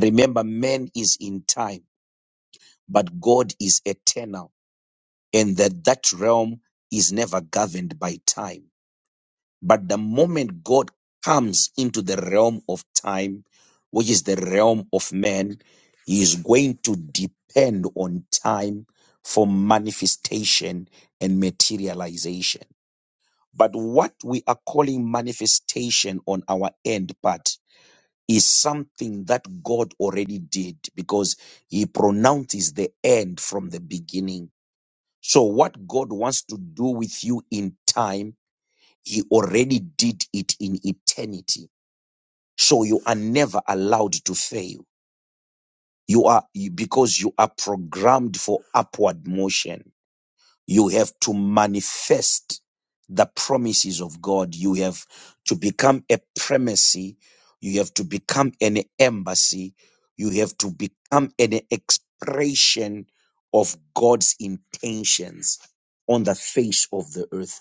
E: Remember, man is in time, but God is eternal, and that that realm is never governed by time. But the moment God comes into the realm of time, which is the realm of man, he is going to depend on time for manifestation and materialization. But what we are calling manifestation on our end part is something that God already did because he pronounces the end from the beginning. So what God wants to do with you in time he already did it in eternity. So you are never allowed to fail. You are, because you are programmed for upward motion. You have to manifest the promises of God. You have to become a primacy. You have to become an embassy. You have to become an expression of God's intentions on the face of the earth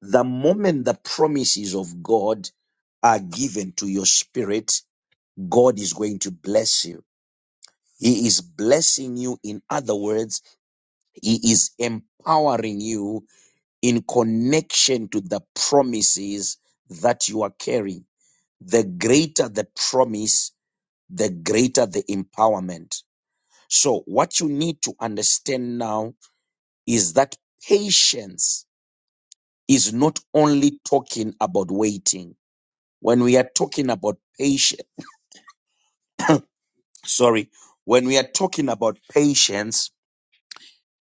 E: the moment the promises of God are given to your spirit, God is going to bless you. He is blessing you. In other words, He is empowering you in connection to the promises that you are carrying. The greater the promise, the greater the empowerment. So what you need to understand now is that patience is not only talking about waiting when we are talking about patience, sorry, when we are talking about patience,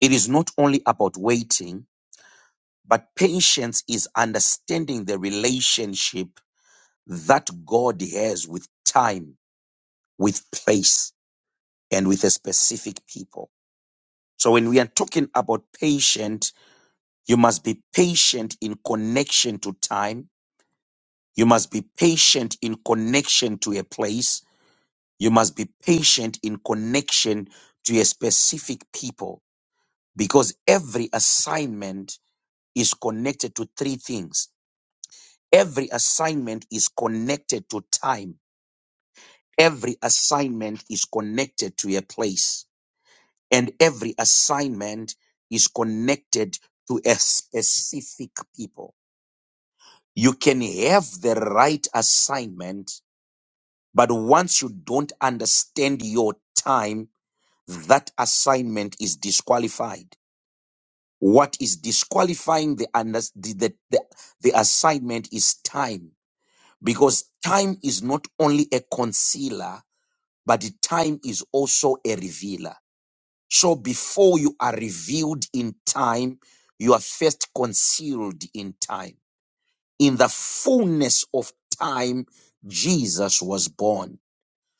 E: it is not only about waiting, but patience is understanding the relationship that God has with time, with place, and with a specific people. So when we are talking about patient, you must be patient in connection to time. You must be patient in connection to a place You must be patient in connection to a specific people because every assignment is connected to three things. Every assignment is connected to time. Every assignment is connected to a place. And every assignment is connected to a specific people. You can have the right assignment, but once you don't understand your time, that assignment is disqualified. What is disqualifying the, under- the, the, the, the assignment is time, because time is not only a concealer, but the time is also a revealer. So before you are revealed in time, you are first concealed in time. In the fullness of time, Jesus was born.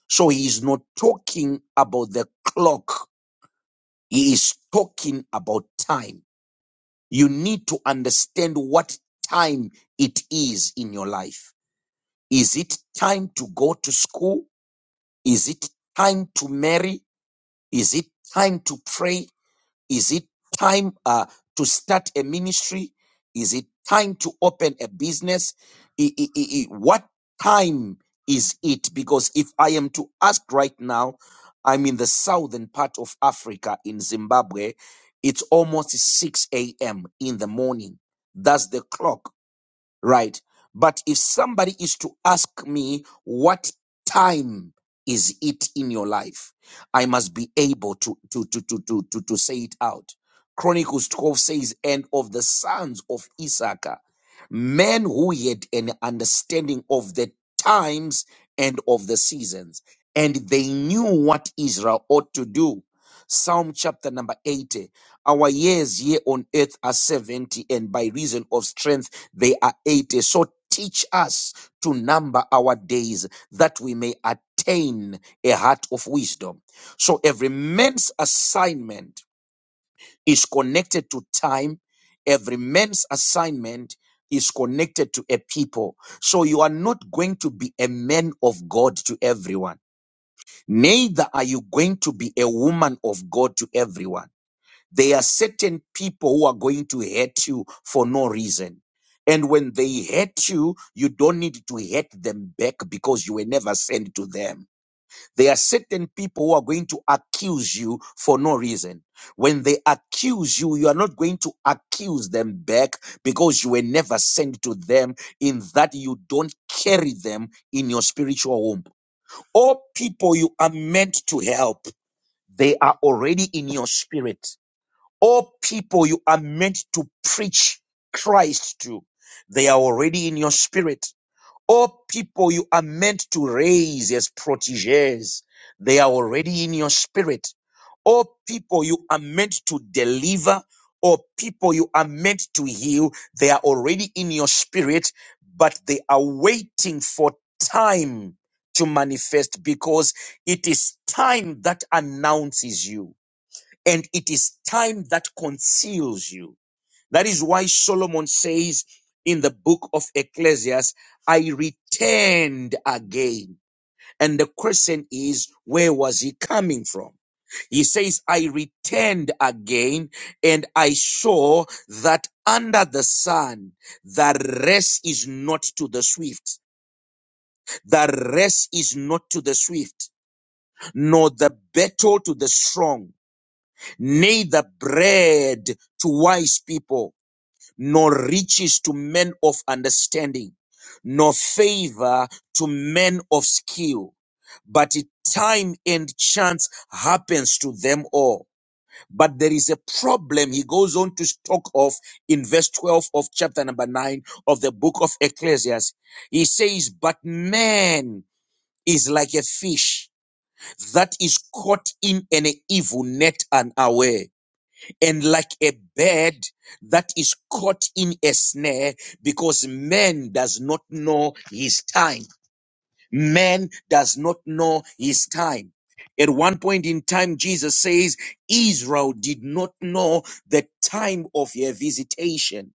E: So he is not talking about the clock. He is talking about time you need to understand what time it is in your life. Is it time to go to school? Is it time to marry? Is it time to pray? Is it time uh, to start a ministry? Is it time to open a business? I- I- I- I- what time is it? Because if I am to ask right now, I'm in the southern part of Africa in Zimbabwe. It's almost 6 a.m. in the morning. That's the clock right? But if somebody is to ask me, what time is it in your life? I must be able to, to, to, to, to, to, to say it out. Chronicles 12 says, and of the sons of Issachar, men who had an understanding of the times and of the seasons, and they knew what Israel ought to do. Psalm chapter number 80. Our years here on earth are 70, and by reason of strength, they are 80. So teach us to number our days that we may attain a heart of wisdom. So every man's assignment is connected to time. Every man's assignment is connected to a people. So you are not going to be a man of God to everyone. Neither are you going to be a woman of God to everyone there are certain people who are going to hurt you for no reason. And when they hurt you, you don't need to hurt them back because you were never sent to them. There are certain people who are going to accuse you for no reason. When they accuse you, you are not going to accuse them back because you were never sent to them, in that you don't carry them in your spiritual womb. All people you are meant to help, they are already in your spirit all people you are meant to preach Christ to, they are already in your spirit. All people you are meant to raise as proteges, they are already in your spirit. All people you are meant to deliver, or people you are meant to heal, they are already in your spirit, but they are waiting for time to manifest because it is time that announces you and it is time that conceals you. That is why Solomon says in the book of Ecclesiastes, I returned again. And the question is, where was he coming from? He says, I returned again and I saw that under the sun, the rest is not to the swift. The rest is not to the swift, nor the battle to the strong neither bread to wise people, nor riches to men of understanding, nor favor to men of skill, but time and chance happens to them all. But there is a problem he goes on to talk of in verse 12 of chapter number 9 of the book of Ecclesiastes. He says, But man is like a fish that is caught in an evil net and unaware and like a bird that is caught in a snare because man does not know his time man does not know his time at one point in time jesus says israel did not know the time of your visitation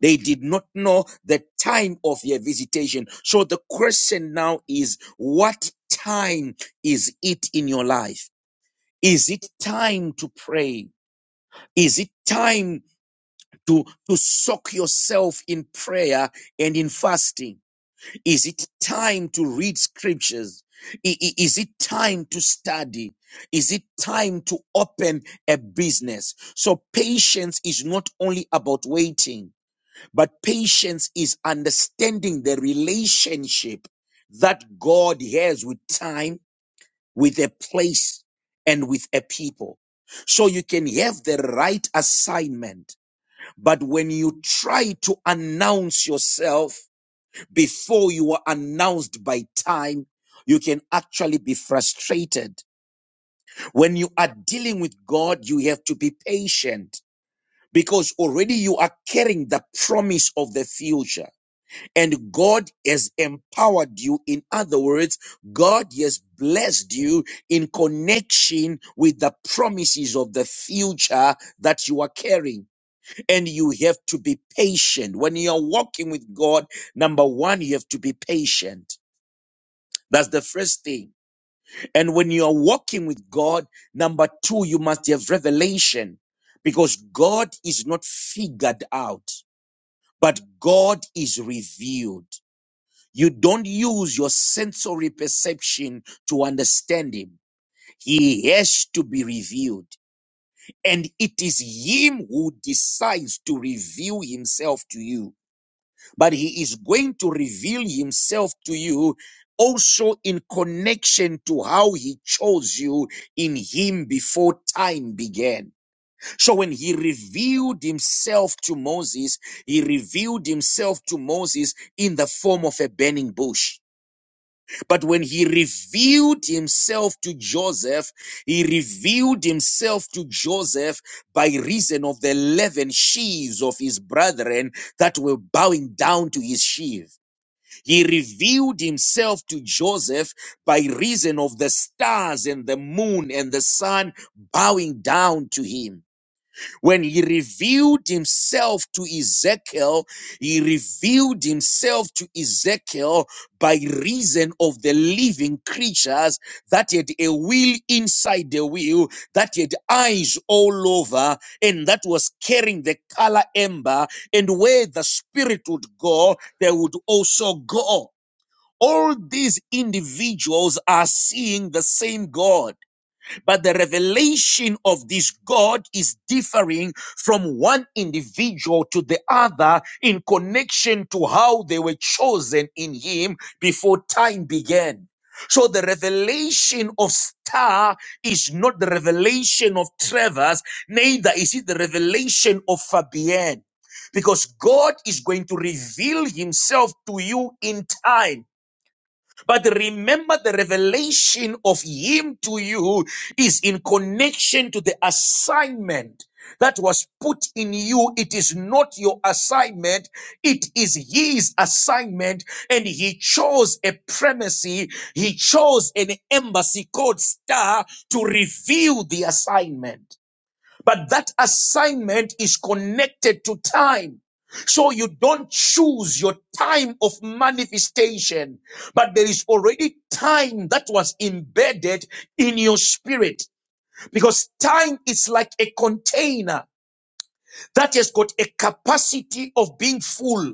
E: they did not know the time of your visitation so the question now is what time is it in your life is it time to pray is it time to, to soak yourself in prayer and in fasting? Is it time to read scriptures? I- i- Is it time to study? Is it time to open a business? So patience is not only about waiting, but patience is understanding the relationship that God has with time, with a place, and with a people. So you can have the right assignment but when you try to announce yourself before you are announced by time, you can actually be frustrated. When you are dealing with God, you have to be patient because already you are carrying the promise of the future and God has empowered you. In other words, God has blessed you in connection with the promises of the future that you are carrying and you have to be patient. When you're walking with God, number one, you have to be patient. That's the first thing. And when you're walking with God, number two, you must have revelation because God is not figured out, but God is revealed. You don't use your sensory perception to understand Him. He has to be revealed. And it is Him who decides to reveal Himself to you. but he is going to reveal himself to you also in connection to how he chose you in him before time began. So when he revealed himself to Moses, he revealed himself to Moses in the form of a burning bush. But when he revealed himself to Joseph, he revealed himself to Joseph by reason of the 11 sheaves of his brethren that were bowing down to his sheaf. He revealed himself to Joseph by reason of the stars and the moon and the sun bowing down to him. When he revealed himself to Ezekiel, he revealed himself to Ezekiel by reason of the living creatures that had a wheel inside the wheel, that had eyes all over, and that was carrying the color amber. And where the spirit would go, they would also go all these individuals are seeing the same God, but the revelation of this God is differing from one individual to the other in connection to how they were chosen in Him before time began. So the revelation of Star is not the revelation of Travers, neither is it the revelation of Fabienne. Because God is going to reveal himself to you in time. But remember the revelation of him to you is in connection to the assignment that was put in you. It is not your assignment. It is his assignment. And he chose a premise. He chose an embassy called star to reveal the assignment. But that assignment is connected to time. So you don't choose your time of manifestation, but there is already time that was embedded in your spirit because time is like a container that has got a capacity of being full.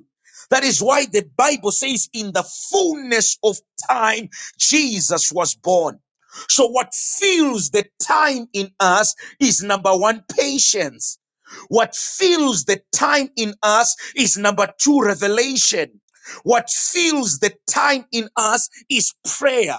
E: That is why the Bible says in the fullness of time, Jesus was born. So what fills the time in us is number one, patience. What fills the time in us is number two, revelation. What fills the time in us is prayer.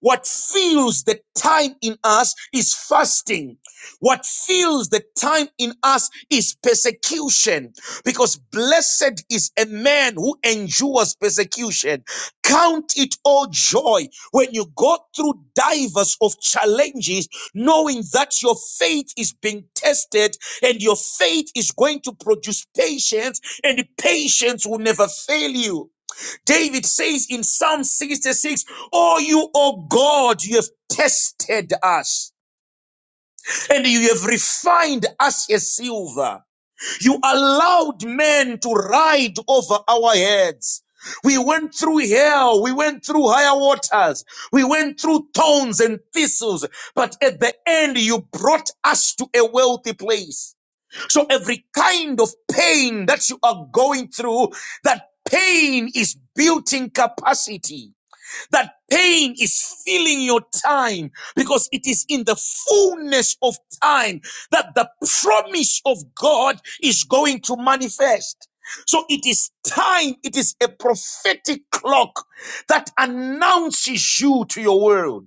E: What fills the time in us is fasting. What fills the time in us is persecution. Because blessed is a man who endures persecution. Count it all joy when you go through divers of challenges, knowing that your faith is being tested and your faith is going to produce patience and patience will never fail you. David says in Psalm 66, Oh, you, O God, you have tested us and you have refined us as silver. You allowed men to ride over our heads. We went through hell. We went through higher waters. We went through thorns and thistles. But at the end, you brought us to a wealthy place. So every kind of pain that you are going through, that pain is building capacity. That pain is filling your time because it is in the fullness of time that the promise of God is going to manifest. So it is time, it is a prophetic clock that announces you to your world.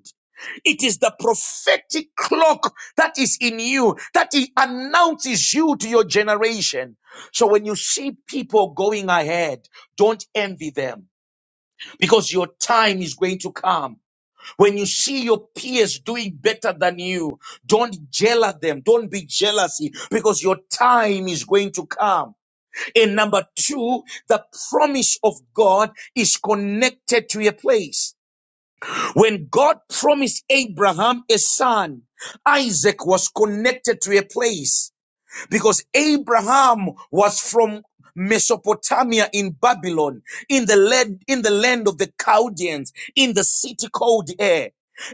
E: It is the prophetic clock that is in you that it announces you to your generation. So when you see people going ahead, don't envy them because your time is going to come. When you see your peers doing better than you, don't jeal at them. Don't be jealousy because your time is going to come. And number two, the promise of God is connected to a place. When God promised Abraham a son, Isaac was connected to a place because Abraham was from Mesopotamia in Babylon, in the land, in the land of the Chaldeans, in the city called Air.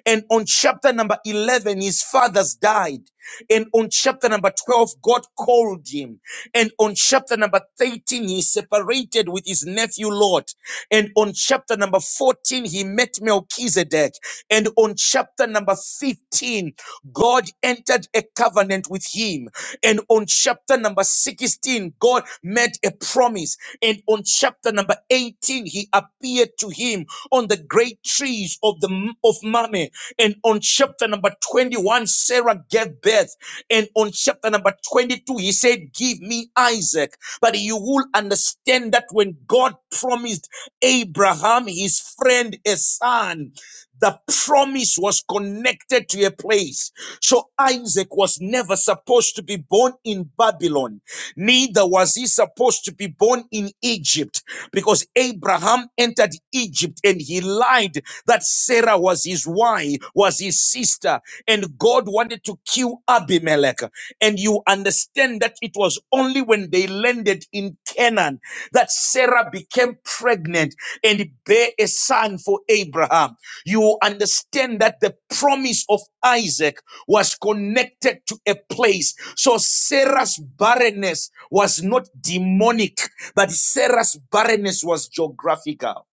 E: And on chapter number 11, his fathers died. And on chapter number 12, God called him. And on chapter number 13, he separated with his nephew Lot. And on chapter number 14, he met Melchizedek. And on chapter number 15, God entered a covenant with him. And on chapter number 16, God made a promise eyes. And on chapter number 18, he appeared to him on the great trees of the of Mamre. And on chapter number 21, Sarah gave birth. And on chapter number 22, he said, Give me Isaac. But you will understand that when God promised Abraham, his friend, a son, the promise was connected to a place. So Isaac was never supposed to be born in Babylon. Neither was he supposed to be born in Egypt because Abraham entered Egypt and he lied that Sarah was his wife, was his sister, and God wanted to kill Abimelech. And you understand that it was only when they landed in Canaan that Sarah became pregnant and bare a son for Abraham. You understand that the promise of Isaac was connected to a place so Sarah's barrenness was not demonic, but Sarah's barrenness was geographical.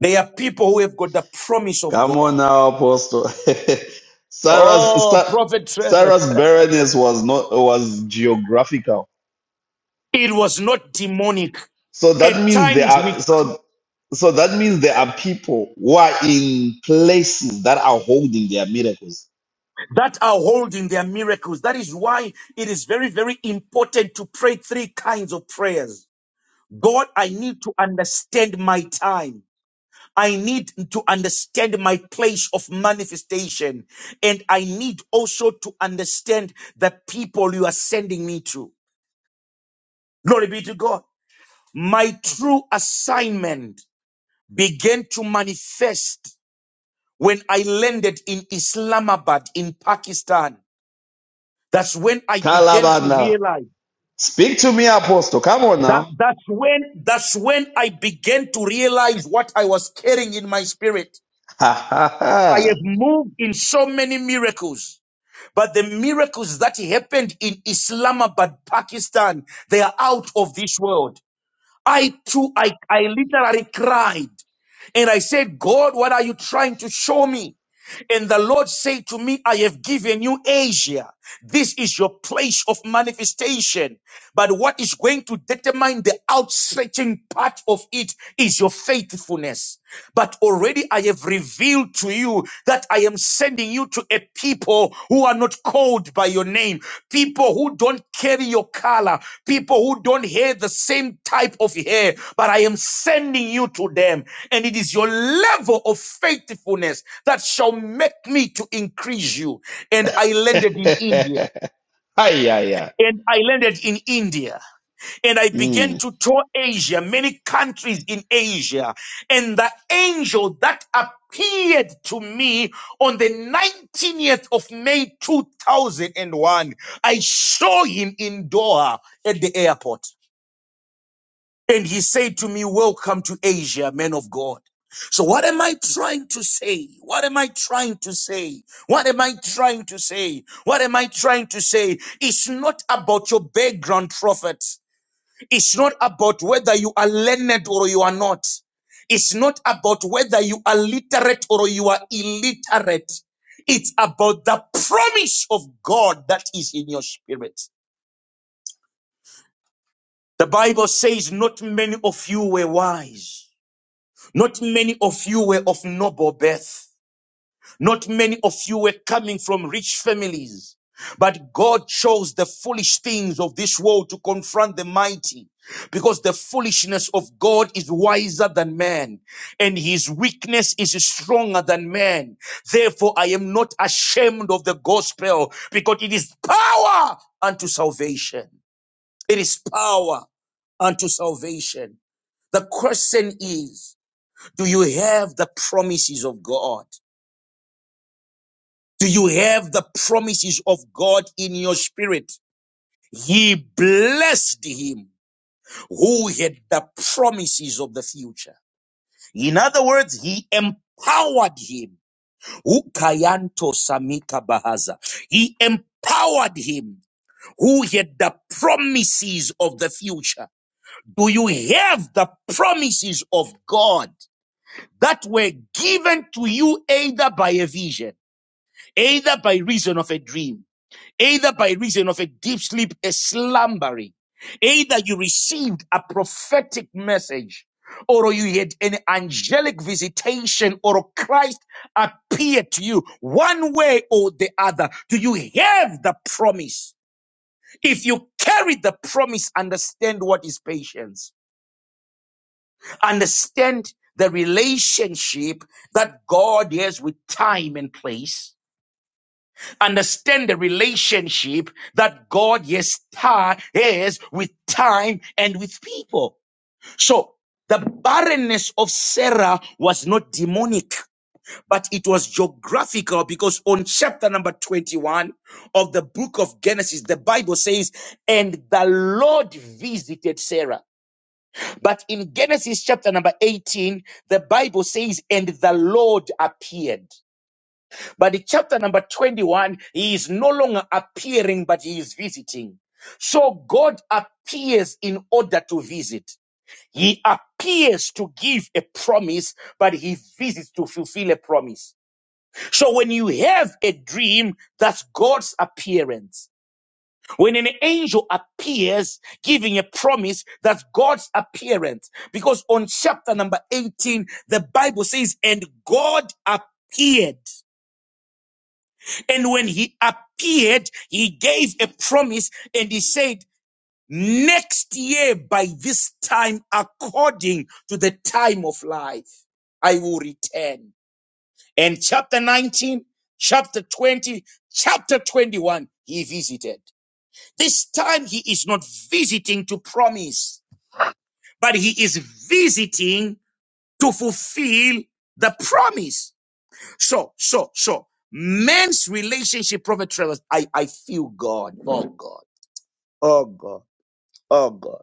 E: They are people who have got the promise of
B: Come on
E: God.
B: now, Apostle. Sarah's
E: Oh,
B: Sa-
E: Prophet Trevor.
B: Sarah's barrenness was not was geographical.
E: It was not demonic.
B: So that
E: At
B: means there
E: times we
B: are
E: cr-
B: so so that means there are people who are in places that are holding their miracles.
E: that are holding their miracles. That is why it is very, very important to pray three kinds of prayers. God, I need to understand my time. I need to understand my place of manifestation. And I need also to understand the people you are sending me to. Glory be to God. My true assignment began to manifest when I landed in Islamabad in Pakistan. That's when I began to
B: Kalabana.
E: realize
B: Speak to me, Apostle. Come on
E: that
B: now.
E: that's when that's when I began to realize what I was carrying in my spirit.
B: Ha ha
E: I have
B: ha.
E: moved in so many miracles But the miracles that happened in Islamabad, Pakistan, they are out of this world. I too, I, I literally cried and I said, God, what are you trying to show me? And the Lord said to me, I have given you Asia. This is your place of manifestation. But what is going to determine the outstretching part of it is your faithfulness. But already I have revealed to you that I am sending you to a people who are not called by your name, people who don't carry your color, people who don't have the same type of hair, but I am sending you to them. And it is your level of faithfulness that shall make me to increase you. And I landed in India.
B: Ay, ay, ay.
E: And I landed in India and I began
B: Mm.
E: to tour Asia, many countries in Asia. And the angel that appeared to me on the 19th of May 2001, I saw him in Doha at the airport. And he said to me, Welcome to Asia, man of God. So what am I trying to say? What am I trying to say? What am I trying to say? What am I trying to say? It's not about your background, prophet. It's not about whether you are learned or you are not. It's not about whether you are literate or you are illiterate. It's about the promise of God that is in your spirit. The Bible says, not many of you were wise. Not many of you were of noble birth. Not many of you were coming from rich families, but God chose the foolish things of this world to confront the mighty because the foolishness of God is wiser than man and his weakness is stronger than man. Therefore, I am not ashamed of the gospel because it is power unto salvation. It is power unto salvation. The question is, do you have the promises of God? Do you have the promises of God in your spirit? He blessed him who had the promises of the future. In other words, he empowered him. Ukayanto samika bahaza. He empowered him who had the promises of the future. Do you have the promises of God that were given to you either by a vision, either by reason of a dream? either by reason of a deep sleep, a slumbering, either you received a prophetic message, or you had an angelic visitation, or Christ appeared to you one way or the other. Do you have the promise? If you carry the promise, understand what is patience. Understand the relationship that God has with time and place understand the relationship that God yes ti- has with time and with people. So the barrenness of Sarah was not demonic, but it was geographical because on chapter number 21 of the book of Genesis, the Bible says, and the Lord visited Sarah. But in Genesis chapter number 18, the Bible says, and the Lord appeared. But in chapter number 21, he is no longer appearing, but he is visiting. So God appears in order to visit. He appears to give a promise, but he visits to fulfill a promise. So when you have a dream, that's God's appearance. When an angel appears giving a promise, that's God's appearance. Because on chapter number 18, the Bible says, and God appeared. And when he appeared, he gave a promise and he said, next year by this time, according to the time of life, I will return. And chapter 19, chapter 20, chapter 21, he visited. This time he is not visiting to promise, but he is visiting to fulfill the promise. So, so, so, man's relationship, Prophet Travers, I, I feel God. Oh, God. Oh, God. Oh, God.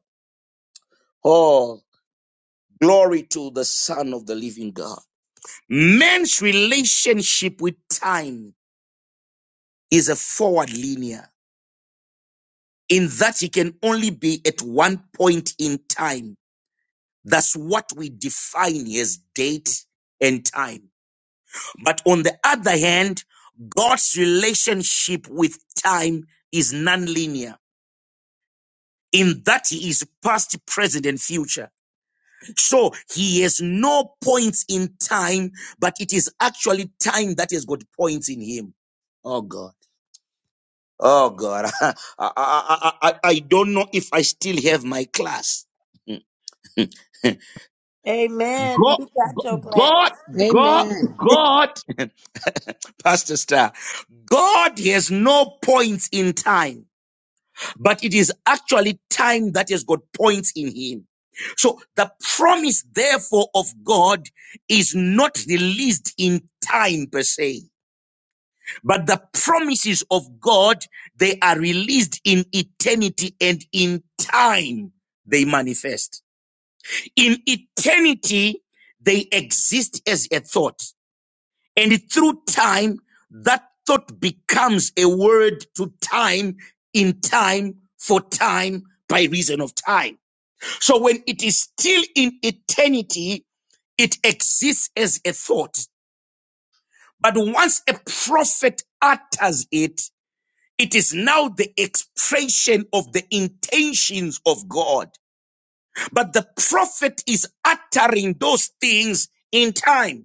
E: Oh, glory to the Son of the living God. Man's relationship with time is a forward linear in that he can only be at one point in time. That's what we define as date and time. But on the other hand, God's relationship with time is nonlinear in that he is past, present, and future. So he has no points in time, but it is actually time that has got points in him. Oh God. Oh God. I, I, I, I I don't know if I still have my class.
A: Amen.
E: God,
A: You got your class.
E: God, God,
C: Amen.
E: God, Pastor Star, God has no points in time. but it is actually time that has got points in him. So the promise, therefore, of God is not released in time per se, but the promises of God, they are released in eternity and in time they manifest. In eternity, they exist as a thought. And through time, that thought becomes a word to time, in time, for time, by reason of time. So when it is still in eternity, it exists as a thought. But once a prophet utters it, it is now the expression of the intentions of God. But the prophet is uttering those things in time.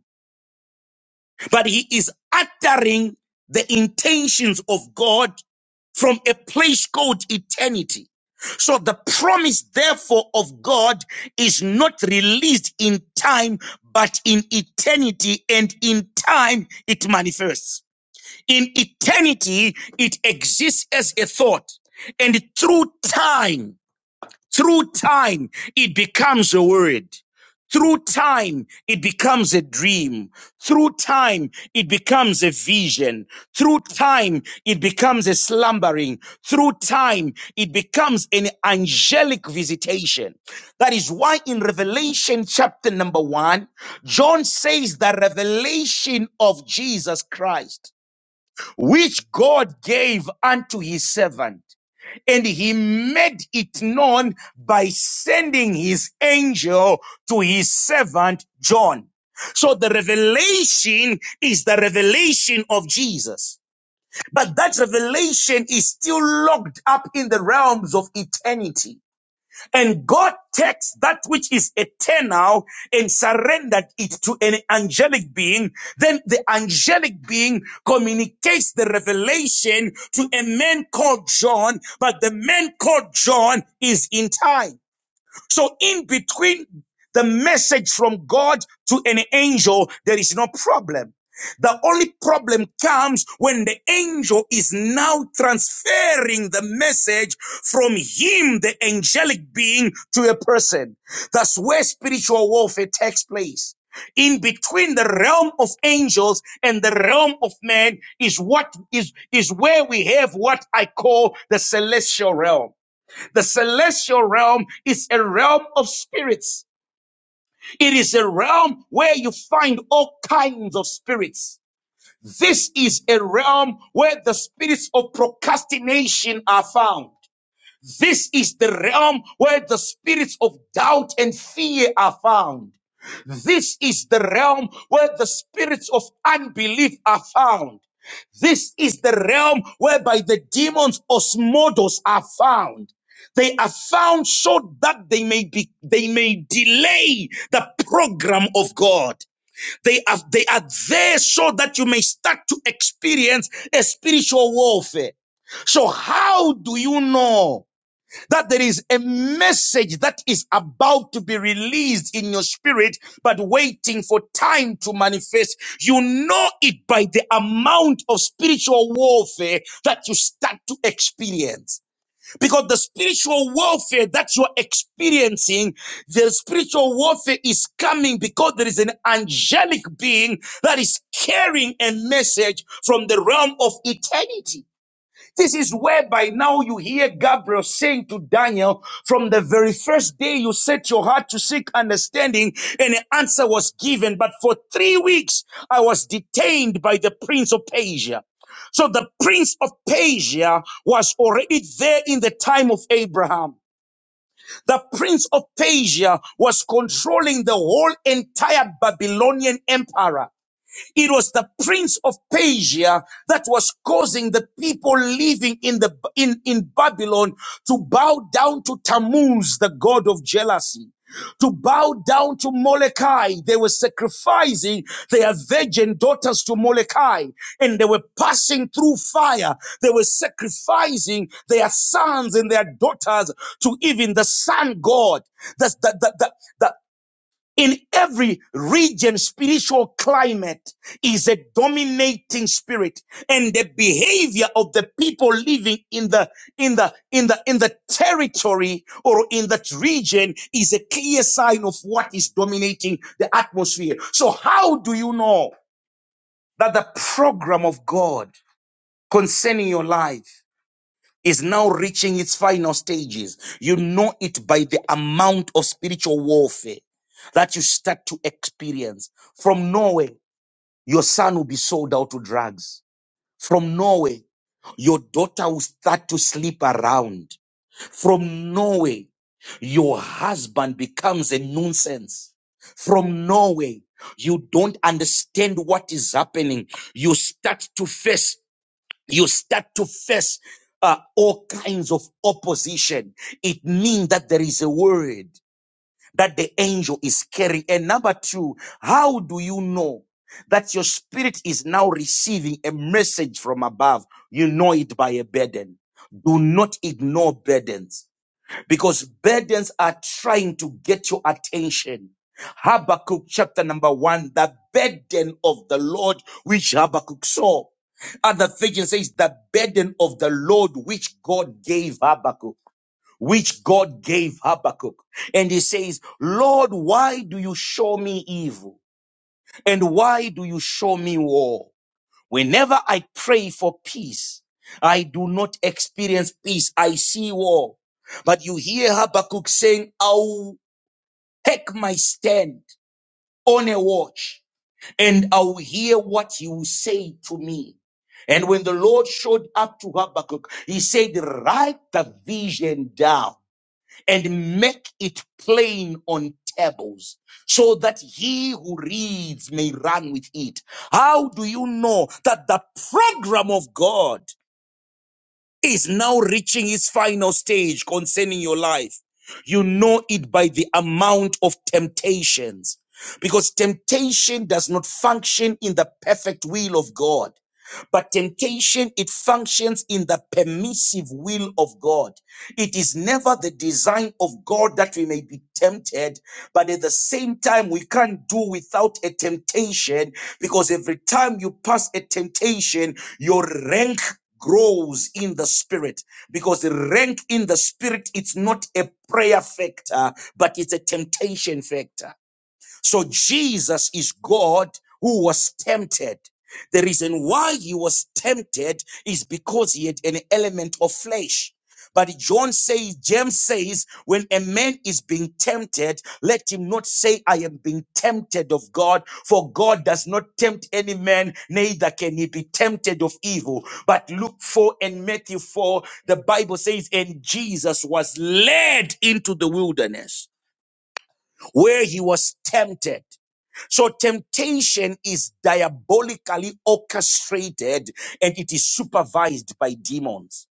E: but he is uttering the intentions of God from a place called eternity. So the promise, therefore, of God is not released in time, but in eternity, and in time it manifests. In eternity, it exists as a thought, and through time. Through time, it becomes a word. Through time, it becomes a dream. Through time, it becomes a vision. Through time, it becomes a slumbering. Through time, it becomes an angelic visitation. That is why in Revelation chapter number one, John says the revelation of Jesus Christ, which God gave unto his servant and he made it known by sending his angel to his servant John. So the revelation is the revelation of Jesus. But that revelation is still locked up in the realms of eternity. And God takes that which is eternal and surrendered it to an angelic being. Then the angelic being communicates the revelation to a man called John, but the man called John is in time. So in between the message from God to an angel, there is no problem. The only problem comes when the angel is now transferring the message from him, the angelic being, to a person. That's where spiritual warfare takes place. In between the realm of angels and the realm of man is what is, is where we have what I call the celestial realm. The celestial realm is a realm of spirits. It is a realm where you find all kinds of spirits. This is a realm where the spirits of procrastination are found. This is the realm where the spirits of doubt and fear are found. This is the realm where the spirits of unbelief are found. This is the realm whereby the demons osmodos are found. They are found so that they may be, they may delay the program of God. They are, they are there so that you may start to experience a spiritual warfare. So how do you know? that there is a message that is about to be released in your spirit, but waiting for time to manifest. You know it by the amount of spiritual warfare that you start to experience. Because the spiritual warfare that you're experiencing, the spiritual warfare is coming because there is an angelic being that is carrying a message from the realm of eternity. This is where by now you hear Gabriel saying to Daniel, from the very first day you set your heart to seek understanding and an answer was given. But for three weeks, I was detained by the prince of Persia. So the prince of Persia was already there in the time of Abraham. The prince of Persia was controlling the whole entire Babylonian empire. It was the prince of Persia that was causing the people living in the in, in Babylon to bow down to Tammuz, the god of jealousy. To bow down to Molokai. They were sacrificing their virgin daughters to Molokai and they were passing through fire. They were sacrificing their sons and their daughters to even the sun god. The the, the, the, the, in every region, spiritual climate is a dominating spirit and the behavior of the people living in the, in the, in the, in the territory or in that region is a clear sign of what is dominating the atmosphere. So how do you know that the program of God concerning your life is now reaching its final stages. You know it by the amount of spiritual warfare that you start to experience. From Norway, your son will be sold out to drugs. From Norway, your daughter will start to sleep around. From Norway, your husband becomes a nuisance. From Norway, you don't understand what is happening. You start to face you start to face uh, all kinds of opposition. It means that there is a word that the angel is carrying. And number two, how do you know that your spirit is now receiving a message from above? You know it by a burden. Do not ignore burdens because burdens are trying to get your attention. Habakkuk chapter number one, the burden of the Lord which Habakkuk saw. Other version says the burden of the Lord which God gave Habakkuk, which God gave Habakkuk. And he says, Lord, why do you show me evil? And why do you show me war? Whenever I pray for peace, I do not experience peace. I see war. But you hear Habakkuk saying, I'll take my stand on a watch and I'll hear what you say to me. And when the Lord showed up to Habakkuk, he said, write the vision down and make it plain on tables so that he who reads may run with it. How do you know that the program of God is now reaching its final stage concerning your life? You know it by the amount of temptations because temptation does not function in the perfect will of God but temptation it functions in the permissive will of god it is never the design of God that we may be tempted, but at the same time, we can't do without a temptation because every time you pass a temptation, your rank grows in the spirit because rank in the spirit it's not a prayer factor but it's a temptation factor so Jesus is God who was tempted. The reason why he was tempted is because he had an element of flesh. But John says, James says, when a man is being tempted, let him not say, I am being tempted of God, for God does not tempt any man, neither can he be tempted of evil. But Luke 4 and Matthew 4, the Bible says, and Jesus was led into the wilderness where he was tempted. So temptation is diabolically orchestrated and it is supervised by demons.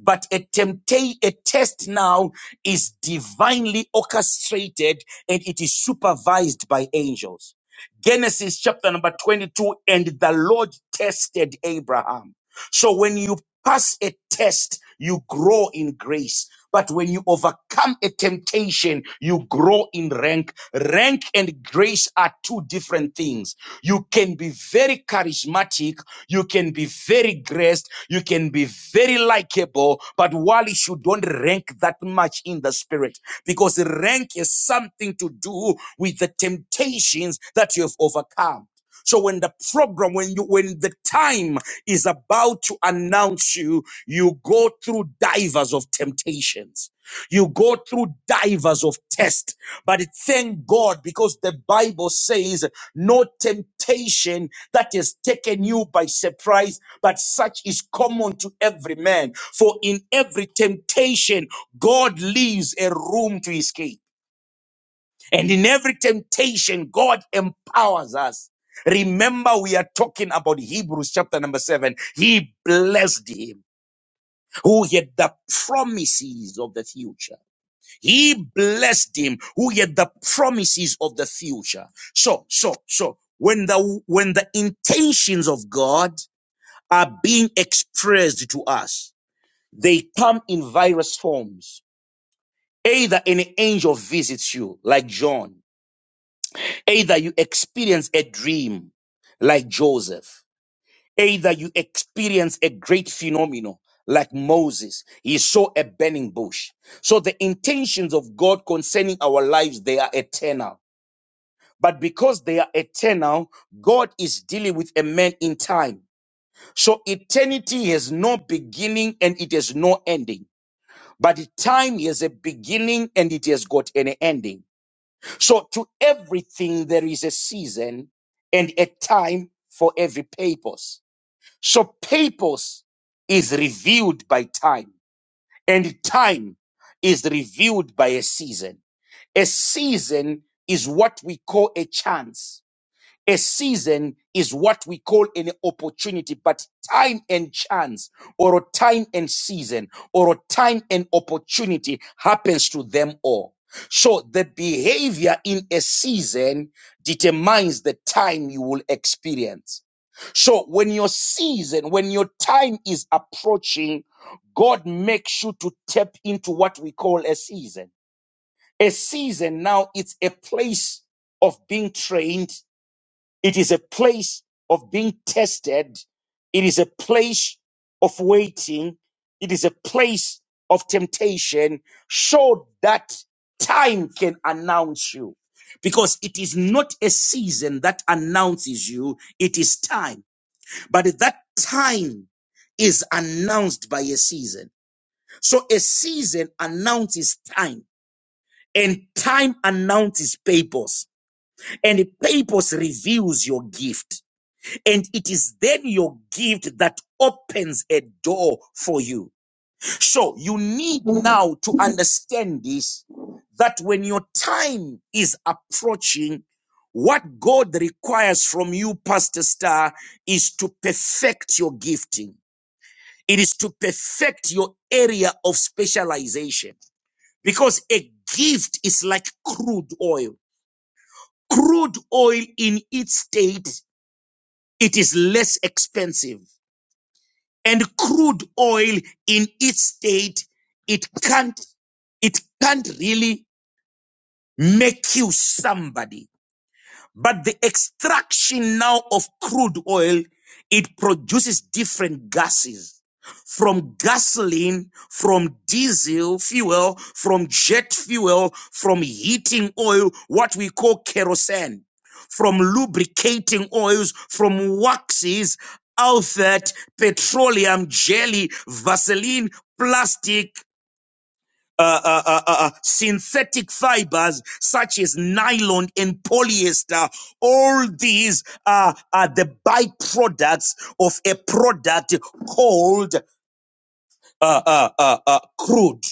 E: But a tempta- a test now is divinely orchestrated and it is supervised by angels. Genesis chapter number 22 and the Lord tested Abraham. So when you pass a test, you grow in grace. But when you overcome a temptation, you grow in rank. Rank and grace are two different things. You can be very charismatic. You can be very graced. You can be very likable. But Wallace, you don't rank that much in the spirit because rank is something to do with the temptations that you have overcome. So when the program, when you, when the time is about to announce you, you go through divers of temptations. You go through divers of tests, but thank God because the Bible says no temptation that has taken you by surprise, but such is common to every man. For in every temptation, God leaves a room to escape. And in every temptation, God empowers us. Remember, we are talking about Hebrews chapter number seven. He blessed him who had the promises of the future. He blessed him who had the promises of the future. So, so, so when the, when the intentions of God are being expressed to us, they come in various forms. Either an angel visits you, like John Either you experience a dream like Joseph, either you experience a great phenomenon like Moses. He saw a burning bush. So the intentions of God concerning our lives, they are eternal. But because they are eternal, God is dealing with a man in time. So eternity has no beginning and it has no ending. But time has a beginning and it has got an ending. So to everything there is a season and a time for every purpose. So purpose is revealed by time and time is revealed by a season. A season is what we call a chance a season is what we call an opportunity, but time and chance, or a time and season, or a time and opportunity happens to them all. So the behavior in a season determines the time you will experience. So when your season, when your time is approaching, God makes you to tap into what we call a season. A season now, it's a place of being trained it is a place of being tested. It is a place of waiting. It is a place of temptation so that time can announce you. Because it is not a season that announces you, it is time. But that time is announced by a season. So a season announces time, and time announces purpose, and the purpose reveals your gift. And it is then your gift that opens a door for you. So you need now to understand this that when your time is approaching, what God requires from you, Pastor Star, is to perfect your gifting. It is to perfect your area of specialization because a gift is like crude oil. Crude oil in its state, it is less expensive and crude oil in its state, it can't, it can't really make you somebody. But the extraction now of crude oil, it produces different gases from gasoline, from diesel fuel, from jet fuel, from heating oil, what we call kerosene, from lubricating oils, from waxes, outfit, petroleum, jelly, Vaseline, plastic, uh, uh, uh, uh, uh, synthetic fibers such as nylon and polyester. All these are, are the byproducts of a product called uh, uh, uh, uh, crude.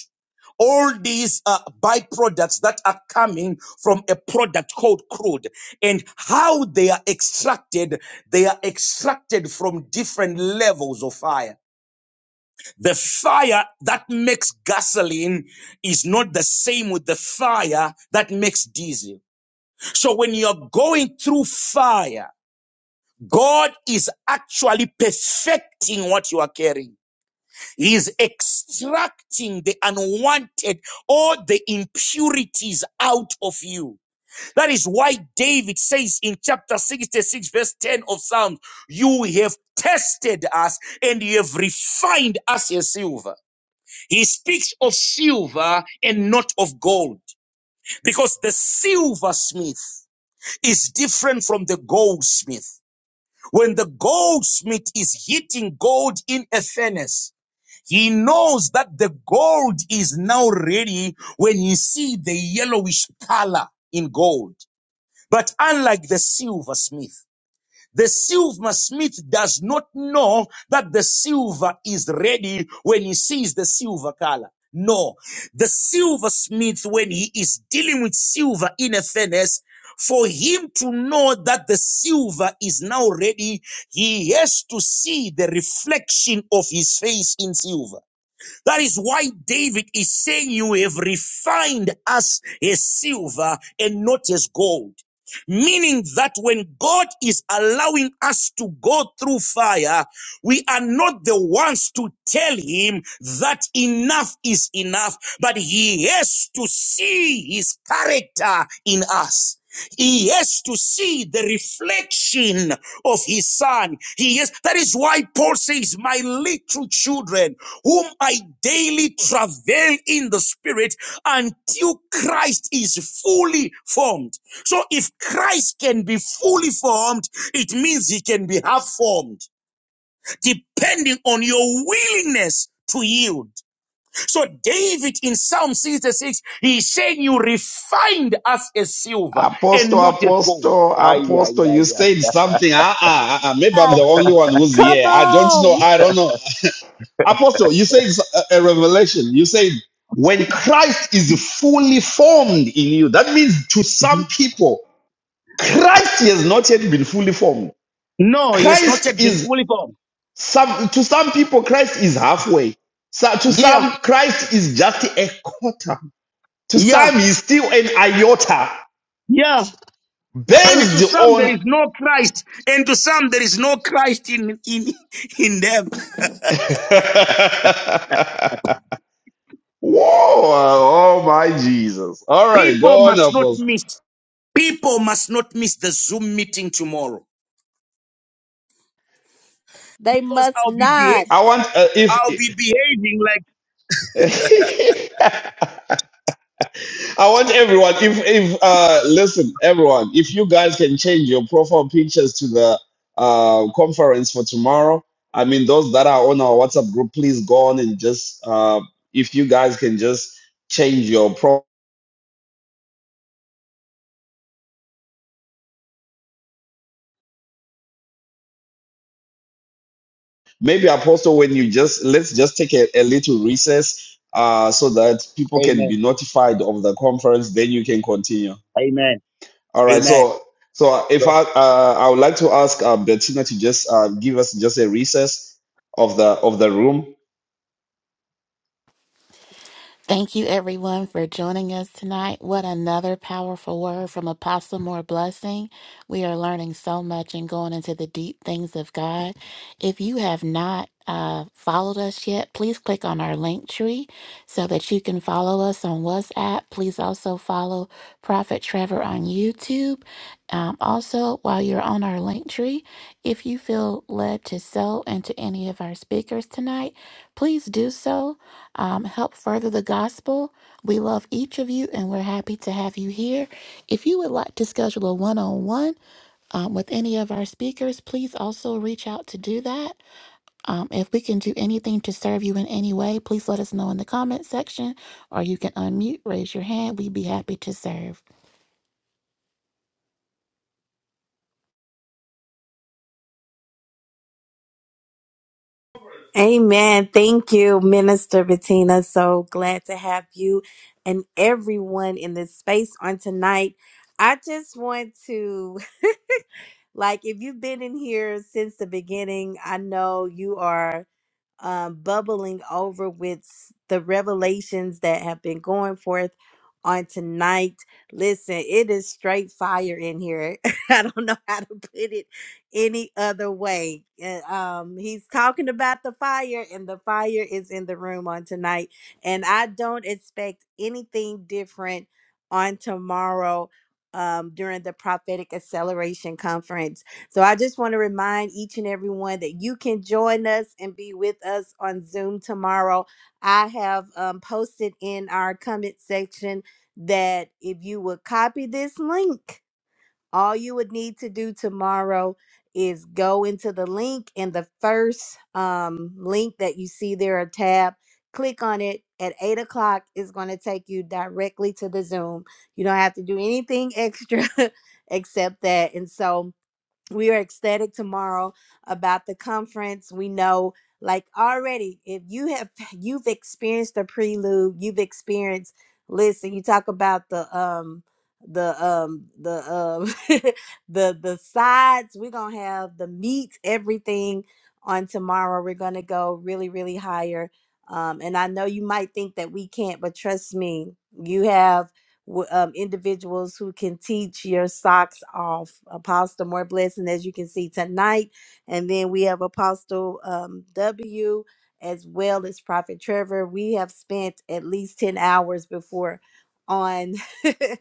E: All these uh, byproducts that are coming from a product called crude and how they are extracted, they are extracted from different levels of fire. The fire that makes gasoline is not the same with the fire that makes diesel. So when you're going through fire, God is actually perfecting what you are carrying. He is extracting the unwanted or the impurities out of you. That is why David says in chapter 66, verse 10 of Psalms, You have tested us and you have refined us as silver. He speaks of silver and not of gold because the silversmith is different from the goldsmith. When the goldsmith is heating gold in a furnace, he knows that the gold is now ready when he see the yellowish color in gold. But unlike the silversmith, the silversmith does not know that the silver is ready when he sees the silver color. No, the silversmith, when he is dealing with silver in a furnace, for him to know that the silver is now ready, he has to see the reflection of his face in silver. That is why David is saying, You have refined us as silver and not as gold. Meaning that when God is allowing us to go through fire, we are not the ones to tell him that enough is enough, but he has to see his character in us. He has to see the reflection of his son. He is that is why Paul says, My little children, whom I daily travail in the spirit until Christ is fully formed. So if Christ can be fully formed, it means he can be half formed, depending on your willingness to yield. So David in Psalm 66, he's saying you refined us as silver and
B: Apostle,
E: not as gold.
B: Apostle,
E: Ay, ay,
B: Apostle, you
E: ay, ay.
B: said something. Uh, uh, uh, maybe I'm the only one who's
A: Come
B: here. I don't know.
A: on.
B: I don't know. Apostle, you said a a revelation. You said when Christ is fully formed in you, that means to some
E: Mhm.
B: people, Christ has not yet been fully formed.
E: No, he has not
B: Christ
E: yet been
B: is.
E: fully formed.
B: Some to some people, Christ is halfway. So, to
E: Yeah,
B: some, Christ is just a quarter. To
E: yeah,
B: some, he's still an iota
E: yeah. And to
B: based
E: some there
B: on.
E: is no Christ, and to some there is no Christ in in in them.
B: Whoa! Oh my Jesus! All right,
E: People
B: go on,
E: must not
B: Apostle.
E: miss. People must not miss the Zoom meeting tomorrow
A: They
E: because
A: must
E: I'll be
A: not.
E: beha-
B: I want uh, if.
E: I'll be behaving like
B: I want everyone, if if uh listen, everyone, if you guys can change your profile pictures to the uh conference for tomorrow, I mean those that are on our WhatsApp group, please go on and just uh if you guys can just change your pro maybe apostle when you just let's just take a, a little recess uh so that people can be
E: Amen,
B: notified of the conference, then you can continue.
E: Amen,
B: All right.
E: Amen.
B: So, so if
E: So
B: I uh, I would like to ask uh, Bettina to just uh, give us just a recess of the of the room.
F: Thank you, everyone, for joining us tonight. What another powerful word from Apostle More Blessing. We are learning so much and going into the deep things of God. If you have not uh, followed us yet, please click on our link tree so that you can follow us on WhatsApp. Please also follow Prophet Trevor on YouTube. Um, also, while you're on our link tree, if you feel led to sow into any of our speakers tonight, please do so um, help further the gospel. We love each of you and we're happy to have you here. If you would like to schedule a one on one with any of our speakers, please also reach out to do that. Um, if we can do anything to serve you in any way, please let us know in the comment section or you can unmute, raise your hand. We'd be happy to serve.
A: Amen. Thank you, Minister Bettina. So glad to have you and everyone in this space on tonight. I just want to. Like if you've been in here since the beginning, I know you are um, bubbling over with s- the revelations that have been going forth on tonight. Listen, it is straight fire in here. I don't know how to put it any other way. Uh, Um, he's talking about the fire, and the fire is in the room on tonight. And I don't expect anything different on tomorrow um, during the prophetic acceleration conference so I just want to remind each and everyone that you can join us and be with us on Zoom tomorrow. I have um, posted in our comment section that if you would copy this link, all you would need to do tomorrow is go into the link and the first um, link that you see there, a tab, click on it at eight o'clock It's going to take you directly to the Zoom. You don't have to do anything extra except that. And so, we are ecstatic tomorrow about the conference we know like already if you have you've experienced the prelude you've experienced listen you talk about the um the um the um the the sides we're gonna have the meat everything on tomorrow we're gonna go really really higher um and i know you might think that we can't but trust me you have w- um, individuals who can teach your socks off. Apostle, more blessing as you can see tonight. And then we have Apostle um, W as well as Prophet Trevor. We have spent at least 10 hours before on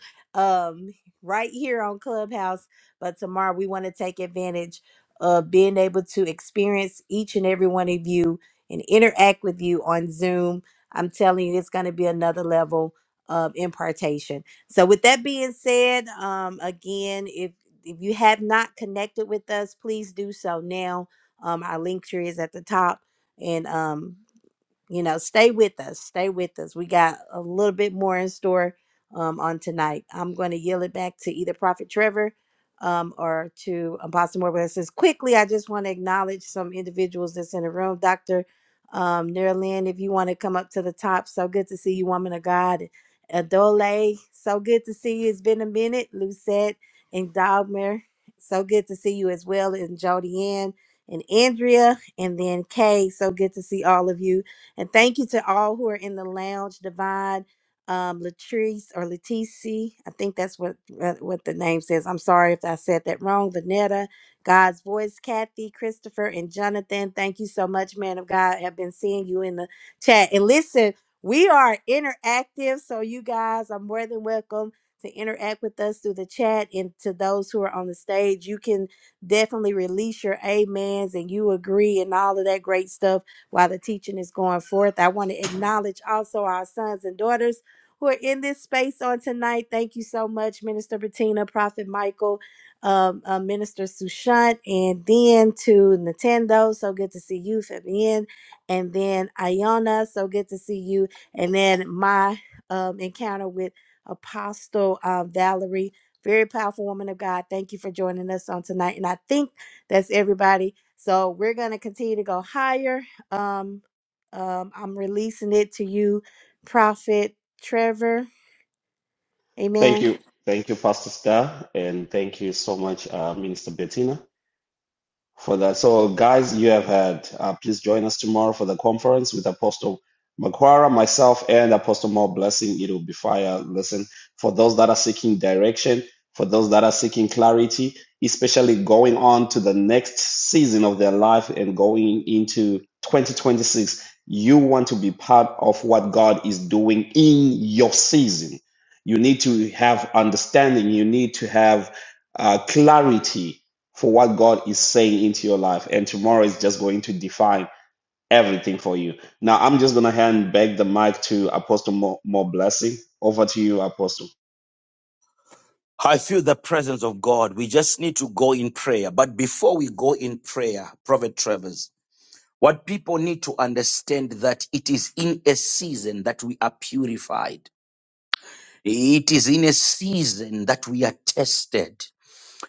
A: um, right here on Clubhouse. But tomorrow we want to take advantage of being able to experience each and every one of you and interact with you on Zoom. I'm telling you, it's going to be another level of impartation. So, with that being said, um, again, if if you have not connected with us, please do so now. Um, our link tree is at the top, and um, you know, stay with us. Stay with us. We got a little bit more in store um, on tonight. I'm going to yield it back to either Prophet Trevor um, or to Apostle Moore. But it says quickly, I just want to acknowledge some individuals that's in the room. Dr. Um, Nerlin, if you want to come up to the top, so good to see you, woman of God. Adole, so good to see you. It's been a minute. Lucette and Dogmer, so good to see you as well. And Jody Ann and Andrea, and then Kay, so good to see all of you and thank you to all who are in the lounge, Divine, um, Latrice or Letici. I think that's what uh, what the name says. I'm sorry if I said that wrong. Vanetta, God's voice, Kathy, Christopher, and Jonathan. Thank you so much, man of God. Have been seeing you in the chat. And listen, we are interactive, so you guys are more than welcome to interact with us through the chat. And to those who are on the stage, you can definitely release your amens and you agree and all of that great stuff while the teaching is going forth. I want to acknowledge also our sons and daughters who are in this space on tonight. Thank you so much, Minister Bettina, Prophet Michael, um, uh, Minister Sushant, and then to Nintendo. So good to see you, Fabian, and then Iona. So good to see you, and then my um, encounter with Apostle uh, Valerie. Very powerful woman of God. Thank you for joining us on tonight. And I think that's everybody. So we're going to continue to go higher um, um, I'm releasing it to you, Prophet Trevor.
B: Thank
A: Amen.
B: you, thank you, Pastor Star, and thank you so much, uh, Minister Bettina. for that. So, guys, you have had. Uh, please join us tomorrow for the conference with Apostle Makwara, myself, and Apostle More Blessing. It will be fire. Listen, for those that are seeking direction, for those that are seeking clarity, especially going on to the next season of their life and going into 2026, you want to be part of what God is doing in your season. You need to have understanding. You need to have uh, clarity for what God is saying into your life. And tomorrow is just going to define everything for you. Now, I'm just going to hand back the mic to Apostle More, More Blessing. Over to you, Apostle.
E: I feel the presence of God. We just need to go in prayer. But before we go in prayer, Prophet Travers, what people need to understand that it is in a season that we are purified. It is in a season that we are tested.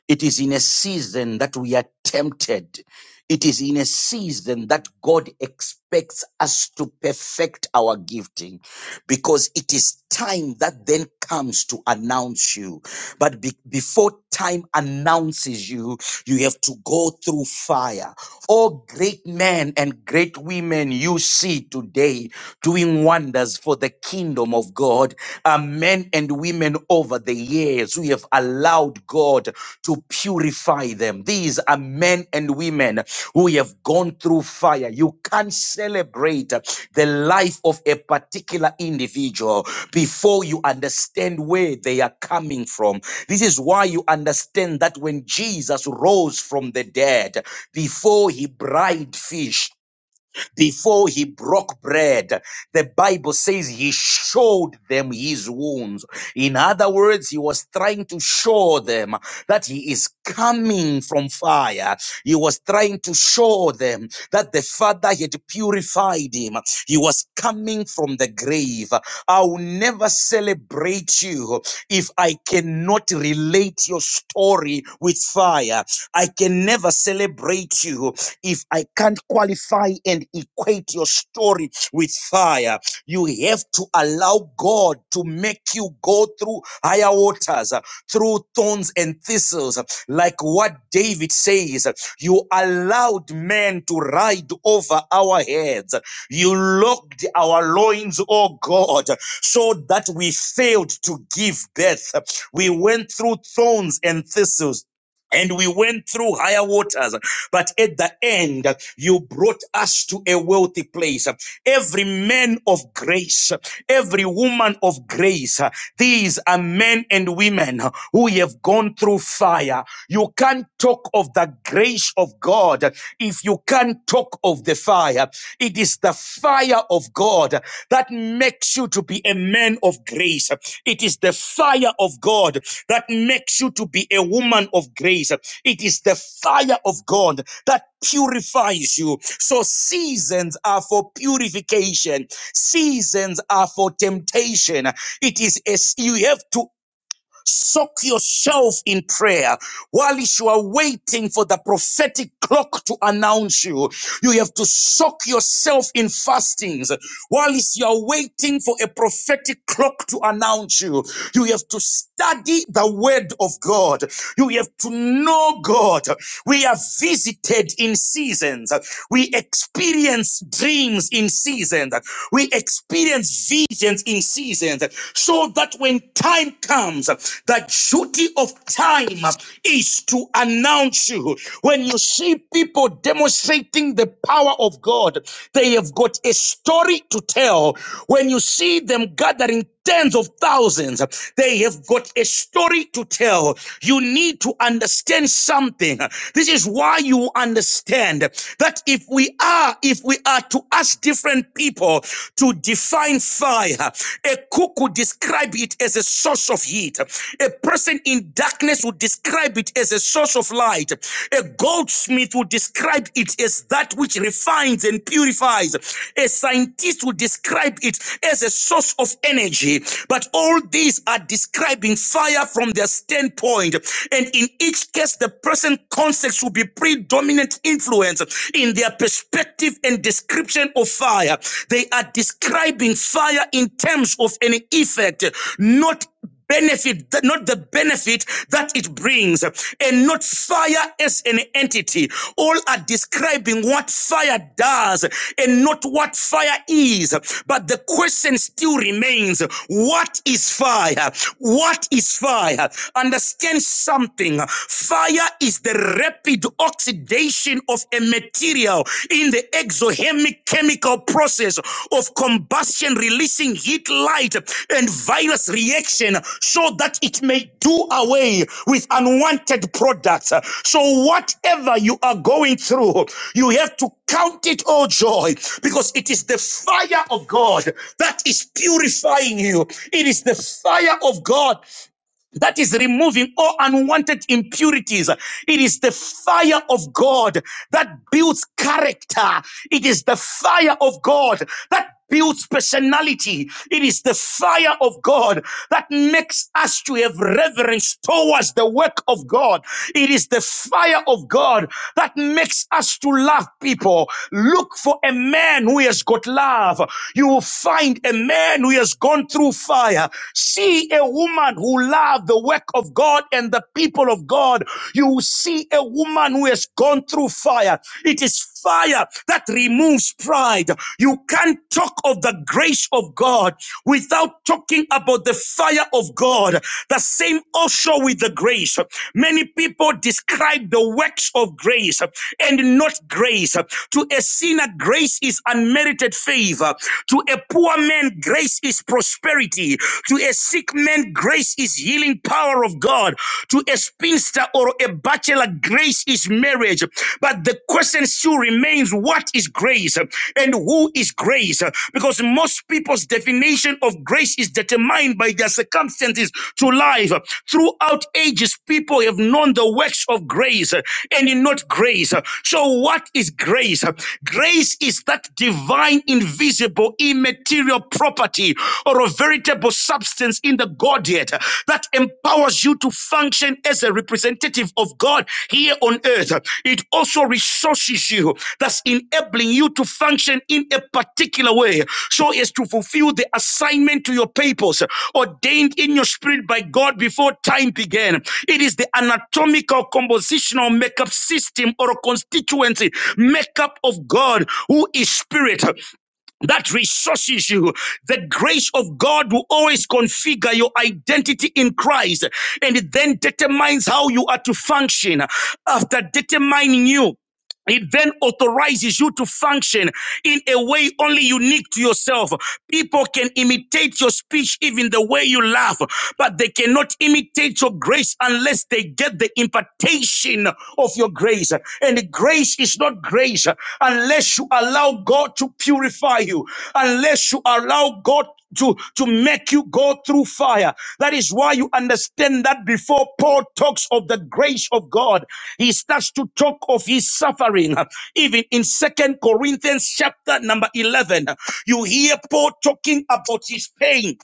E: It is in a season that we are tempted. It is in a season that God expects us to perfect our gifting because it is time that then comes to announce you. But be- before time announces you, you have to go through fire. All great men and great women you see today doing wonders for the kingdom of God uh, men and women over the years who have allowed God to purify them. These are men and women who have gone through fire. You can't celebrate the life of a particular individual before you understand where they are coming from. This is why you understand that when Jesus rose from the dead, before he bride fish. Before he broke bread, the Bible says he showed them his wounds. In other words, he was trying to show them that he is coming from fire. He was trying to show them that the Father had purified him. He was coming from the grave. I will never celebrate you if I cannot relate your story with fire. I can never celebrate you if I can't qualify and equate your story with fire, you have to allow God to make you go through higher waters, uh, through thorns and thistles, uh, like what David says. uh, You allowed men to ride over our heads. You locked our loins, oh God, so that we failed to give birth. We went through thorns and thistles and we went through higher waters. But at the end, you brought us to a wealthy place. Every man of grace, every woman of grace, these are men and women who have gone through fire. You can't talk of the grace of God if you can't talk of the fire. It is is the fire of God that makes you to be a man of grace. It is the fire of God that makes you to be a woman of grace. It is the fire of God that purifies you. So seasons are for purification. Seasons are for temptation. It is as you have to Soak yourself in prayer. While you are waiting for the prophetic clock to announce you, you have to soak yourself in fastings. While you are waiting for a prophetic clock to announce you, you have to study the word of God. You have to know God. We are visited in seasons. We experience dreams in seasons. We experience visions in seasons so that when time comes, the duty of time is to announce you. When you see people demonstrating the power of God, they have got a story to tell. When you see them gathering tens of thousands. They have got a story to tell. You need to understand something. This is why you understand that if we are, if we are to ask different people to define fire, a cook would describe it as a source of heat. A person in darkness would describe it as a source of light. A goldsmith would describe describe it as that which refines and purifies. A scientist will describe it as a source of energy. But all these are describing fire from their standpoint. And in each case, the person concepts will be predominant influence in their perspective and description of fire. They are describing fire in terms of an effect, not benefit, not the benefit that it brings, and not fire as an entity. All are describing what fire does and not what fire is. But the question still remains what is fire? What is fire? Understand something. Fire is the rapid oxidation of a material in the exothermic chemical process of combustion releasing heat light and virus reaction so that it may do away with unwanted products so whatever you are going through you have to count it all joy because it is the fire of god that is purifying you it is the fire of god that is removing all unwanted impurities. It is the fire of God that builds character. It is the fire of God that builds personality. It is the fire of God that makes us to have reverence towards the work of God. It is the fire of God that makes us to love people. Look for a man who has got love. You will find a man who has gone through fire. See see a woman who loved the work of God and the people of God. You see a woman who has gone through fire. It is fire that removes pride. You can't talk of the grace of God without talking about the fire of God. The same also with the grace. Many people describe the works of grace and not grace. To a sinner, grace is unmerited favor. To a poor man, grace is prosperity prosperity. To a sick man, grace is healing power of God. To a spinster or a bachelor, grace is marriage. But the question still remains what is grace and who is grace? Because most people's definition of grace is determined by their circumstances to life. Throughout ages, people have known the works of grace and not grace. So, what is grace? Grace is that divine, invisible, immaterial material property or a veritable substance in the Godhead that empowers you to function as a representative of God here on earth. It also resources you, thus enabling you to function in a particular way so as to fulfill the assignment to your purpose ordained in your spirit by God before time began. It is the anatomical, compositional makeup system or constituency makeup of God who is spirit that resources you. The grace of God will always configure your identity in Christ and it then determines how you are to function after determining you. It then authorizes you to function in a way only unique to yourself. People can imitate your speech, even the way you laugh, but they cannot imitate your grace unless they get the impartation of your grace. And grace is not grace unless you allow God to purify you, unless you allow God to, to make you go through fire. That is why you understand that before Paul talks of the grace of God, he starts to talk of his suffering. Even in Second Corinthians chapter number 11, you hear Paul talking about his pain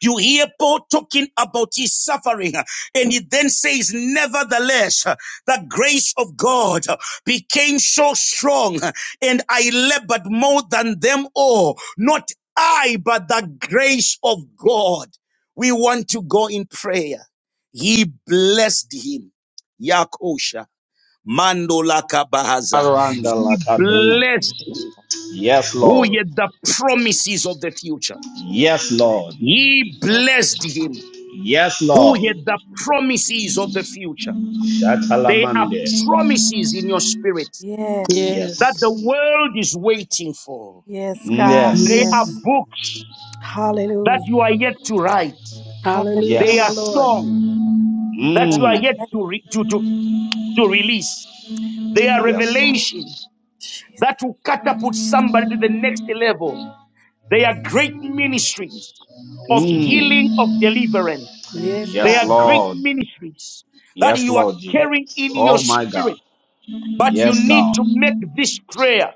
E: you hear Paul talking about his suffering, uh, and he then says, Nevertheless, uh, the grace of God uh, became so strong, uh, and I labored more than them all. Not I, but the grace of God. We want to go in prayer. He blessed him. Yakosha. Mandolaka Bahaza.
B: Aranda
E: He
B: lakadi.
E: blessed him.
B: Yes,
E: Who
B: Lord.
E: yet the promises of the future.
B: Yes, Lord.
E: He blessed
A: My
E: him
A: mama.
B: Yes,
E: who
B: Lord.
E: had the promises of the future. They are
B: Shatalamande.
E: promises in your spirit
A: Yes.
E: that
C: Yes.
E: the
B: Yes.
E: world is waiting for. They
C: Yes.
E: are
B: Yes.
E: books that you are yet to write.
C: Hallelujah,
E: They
C: my
E: are
C: Lord.
E: songs
B: Yes.
E: that you are yet
B: Mm.
E: to, re- to, to, to release. They are
B: Yes, Lord.
E: revelation that will catapult somebody to the next level. They are great ministries of healing,
B: Mm.
E: of deliverance.
C: Yes,
E: They
B: Yes,
E: are
C: God.
E: great
B: Lord.
E: ministries that
B: Yes,
E: you are
B: Lord
E: carrying
B: Jesus.
E: in your
B: Oh, my
E: spirit
B: God.
E: But you
B: Yes,
E: need
B: God.
E: to make this prayer.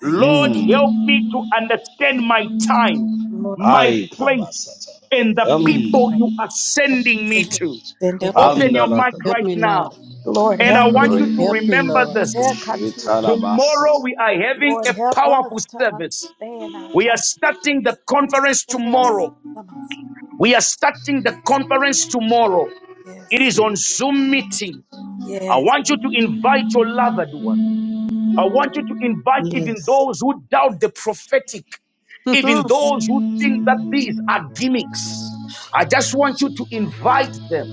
A: Thank
E: Lord, help
B: Mm.
E: me to understand my time,
A: you, Lord. Help
E: my
B: Ai
E: place,
B: kabasata.
E: and the
C: Yes.
E: people
B: Yum.
E: you are sending me
A: us.
E: to.
A: Send it.
C: Help us,
E: Open
C: Lord.
E: your mic
B: Pandanakada.
C: Help
E: right
C: me, Lord.
E: now.
A: Lord,
E: And I
A: help
E: want
A: me.
E: you to
B: Re.
C: Help me,
E: remember
C: Lord.
E: this.
A: Yeah, Katio.
E: Tomorrow
B: Shitalabasata.
E: we are having
A: Lord,
E: a
A: help us
E: powerful
A: to
E: service.
A: understand our
E: We are
A: topic.
E: starting the conference
A: Understand our
E: tomorrow.
A: Mama.
E: We are starting the conference tomorrow. It
A: Yes.
E: is on Zoom meeting. I
A: Yes.
E: want you to invite your loved one. I want you to invite even
C: Yes.
E: those who doubt the prophetic, even
A: Mhm.
E: those who think that these are gimmicks. I just want you to invite them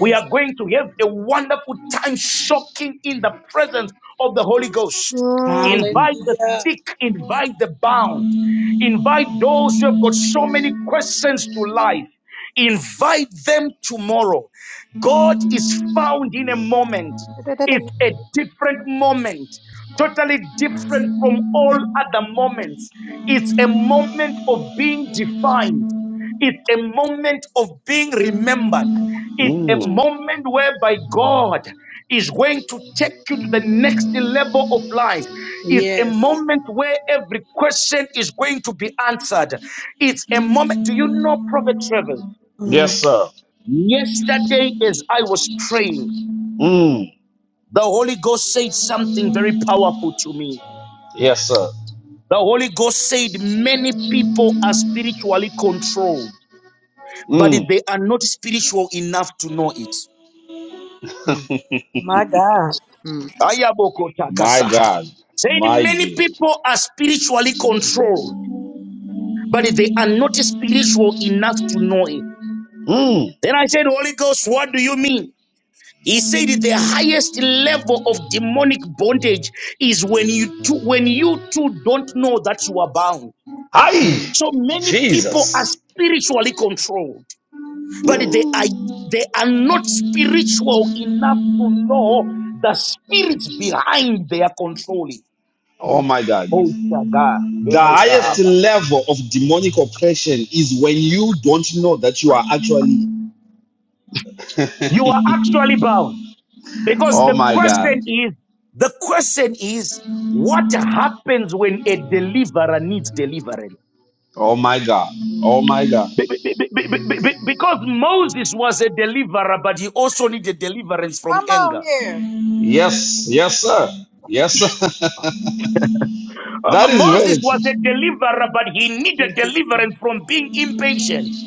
E: we are going to have a wonderful time soaking in the presence of the Holy Ghost.
A: Mm,
E: Invite
B: Mm.
E: the
C: Hallelujah.
E: sick, invite the bound, invite those who have got so many questions to life. Invite them tomorrow. God is found in a moment. It's a different moment,
A: Come
E: totally different from all other moments. It's a moment of being defined. It's a moment of being remembered. It's a
B: Mm.
E: moment whereby God is going to take you to the next level of life. It's a
C: Yes.
E: moment where every question is going to be answered. It's a moment. Do you know Prophet Travers?
A: mm,
B: Yes, sir.
E: Yesterday, as I was praying,
B: Mm.
E: the Holy Ghost said something very powerful to me.
B: Yes, sir.
E: The Holy Ghost said many people are spiritually controlled, but
B: Mm.
E: they are not spiritual enough to know it.
C: Mm,
A: My God.
C: mm,
E: Ayaboko
B: My
E: takasaha.
B: God.
E: Said
B: My
E: many
B: Jesus.
E: people are spiritually controlled, but they are not spiritual enough to know it.
B: Mm.
E: Then I said, Holy Ghost, what do you mean? He said the highest level of demonic bondage is when you two, when you two don't know that you are bound.
B: Hi.
C: mm,
E: So many people are
B: Jesus.
E: spiritually controlled, but they are
B: Mm.
E: they are not spiritual enough to know the spirits behind their controlling.
B: Oh
C: mm.
B: my God.
E: Oh, Shaga,
B: The
C: Please
B: highest
C: walk
E: Emusahaba.
C: us.
B: level of demonic oppression is when you don't know that you are actually.
E: You are actually bound because
B: Oh
E: the
B: my God.
E: question is, the question is, what happens when a deliverer needs deliverance?
B: Oh my God.
C: Mm,
B: Oh my God.
E: Be- be- be- be- be- be- be- Because Moses was a deliverer, but he also needed deliverance from
A: come on
E: anger.
A: here.
B: Yes, yes, sir. Yes, sir.
E: Um,
B: that is
E: Moses
B: very
E: was a
B: true.
E: deliverer, but he needed
C: Thank you, Lord.
E: deliverance from being impatient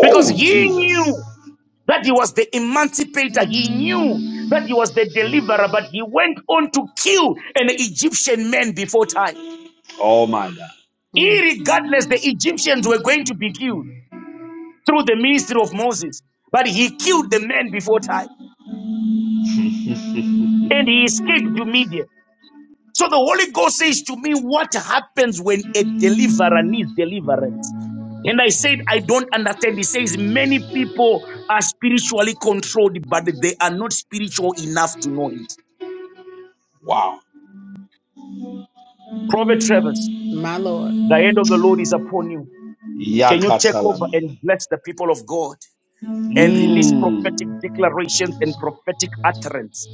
E: because he knew.
B: Jesus.
E: that he was the emancipator. He knew that he was the deliverer, but he went on to kill an Egyptian man before time.
B: Oh, my God.
C: Mm,
E: Irregardless, the Egyptians were going to be killed through the ministry of Moses, but he killed the man before time and he escaped to Media. So the Holy Ghost says to me, what happens when a deliverer needs deliverance? And I said, I don't understand. He says many people are spiritually controlled, but they are not spiritual enough to know it.
B: Wow.
E: Prophet Travers,
C: my Lord.
E: the hand of the Lord is upon you. Can you take over
B: Yakatalamanda.
E: and bless the people of God and release prophetic
B: Mmm.
E: declarations and prophetic utterance?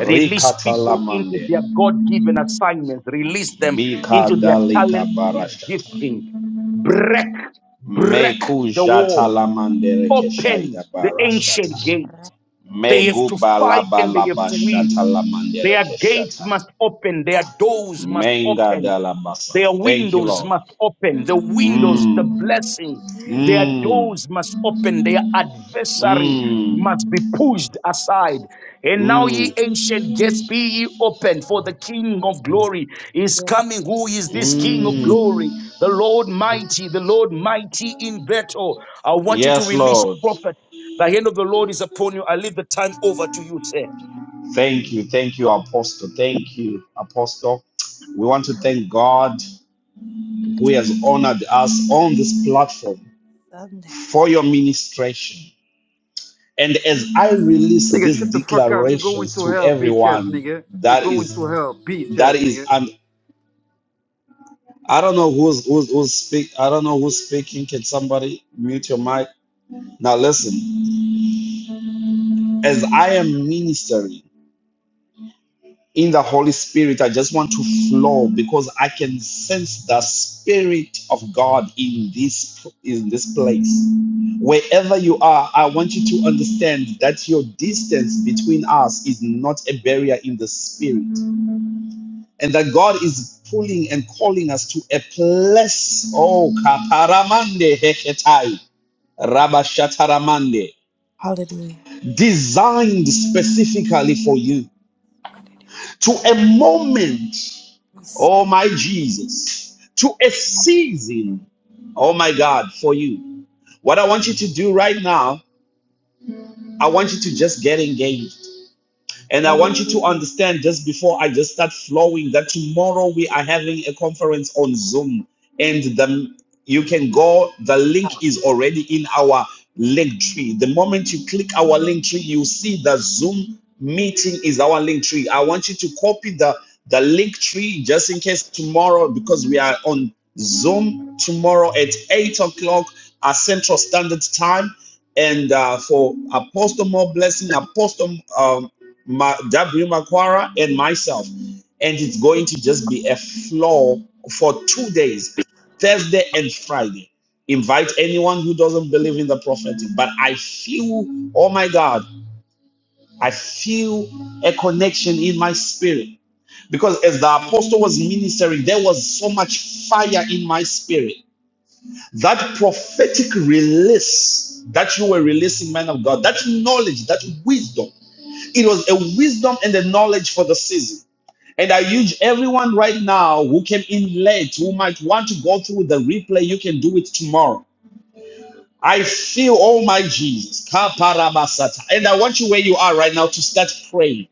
E: Release people into their God given assignments, release them
B: Mika
E: into their
B: dalika
E: talent and their
B: barashata.
E: gifting. Break, break
B: Meku
E: the wall,
B: jatalamande
E: open
B: rekeshaida
E: the
B: barashata.
E: ancient gates. They have
B: Megu
E: to fight and they have to
B: balabalabashata
E: win.
B: lamande
E: Their gates
B: rekeshata.
E: must open, their doors must
B: Menga
E: open. Their
B: dalabasata. Thank you,
E: windows
B: Lord.
E: must open. The windows, the
B: Mmm.
E: blessing. Their
B: Mmm.
E: doors must open. Their adversary
B: Mmm.
E: must be pushed aside. And now, ye
B: Mm,
E: ancient gates, be ye open, for the King of glory is
A: Yes.
E: coming. Who is this King of
A: Yes.
B: mm.
E: glory? The Lord mighty, the Lord mighty in battle. I want you to
B: Yes,
E: release
B: Lord.
E: prophet. The hand of the Lord is upon you. I leave the time over to you, sir.
B: Thank you. Thank you, Apostle. Thank you, Apostle. We want to thank God who has honored us on this platform
A: Sunday.
B: for your ministration. And as I release
G: Nigga,
B: these
G: shut the fuck up. You going
B: declarations
G: to
B: to
G: hell, bitch ass
B: everyone,
G: nigga. You
B: that
G: going
B: is
G: to hell, bitch
B: that
G: ass
B: is
G: nigga.
B: um, I don't know who's who's who's speak I don't know who's speaking. Can somebody mute your mic? Now listen, as I am ministering. in the Holy Spirit. I just want to flow because I can sense the Spirit of God in this in this place. Wherever you are, I want you to understand that your distance between us is not a barrier in the spirit, and that God is pulling and calling us to a place. Oh, kaparamande heketai, rabashataramande,
A: Hallelujah.
B: designed specifically for you to a moment.
A: Praise
B: oh my Jesus, to a season, oh my God, for you. What I want you to do right now, I want you to just get engaged. And I want you to understand just before I just start flowing that tomorrow we are having a conference on Zoom and the you can go the link is already in our link tree. The moment you click our link tree you see the Zoom meeting is our link tree. I want you to copy the the link tree just in case tomorrow because we are on Zoom tomorrow at 8 o'clock our Central Standard Time and uh, for Apostle More Blessing, Apostle um, Ma, W. Makwara, and myself. And it's going to just be a floor for two days, Thursday and Friday. Invite anyone who doesn't believe in the prophetic. But I feel, oh my God, I feel a connection in my spirit. Because as the apostle was ministering, there was so much fire in my spirit. That prophetic release that you were releasing, man of God, that knowledge, that wisdom it was a wisdom and a knowledge for the season. And I urge everyone right now who came in late, who might want to go through the replay, you can do it tomorrow I feel, oh my Jesus. Kaparabasata. And I want you where you are right now to start praying.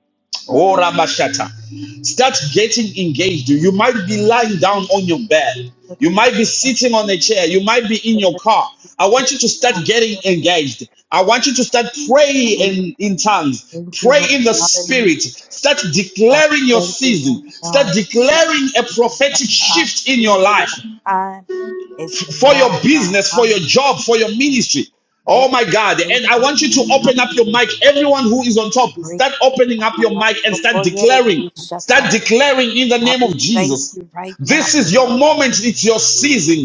B: Oh, Rabashata. Start getting engaged. You might be lying down on your bed.
A: the
B: You might be
A: Lord.
B: sitting on a chair. You might be in your car. I want you to start getting
A: Hallelujah.
B: engaged. I want you to start praying in, in tongues.
A: Thank you,
B: Pray
A: Lord.
B: in the
A: Hallelujah.
B: spirit. Start declaring your
A: Thank you right
B: season.
A: now.
B: Start declaring a prophetic
A: Our, season, our
B: shift in your
A: season and
B: life
A: our time is
B: for your
A: now, God.
B: business, for your
A: Hallelujah.
B: job, for your ministry.
A: Give
B: Oh my God. And I
A: patience,
B: want you to
A: God.
B: open up your
A: Hallelujah.
B: mic. Everyone who is on top,
A: Great
B: start
A: God.
B: opening up your mic and start
A: Before you did it,
B: declaring.
A: you shut
B: Start
A: tight.
B: declaring in the
A: God,
B: name
A: we
B: of
A: thank
B: Jesus.
A: you right now
B: This is
A: for
B: your
A: your
B: moment.
A: peace.
B: It's your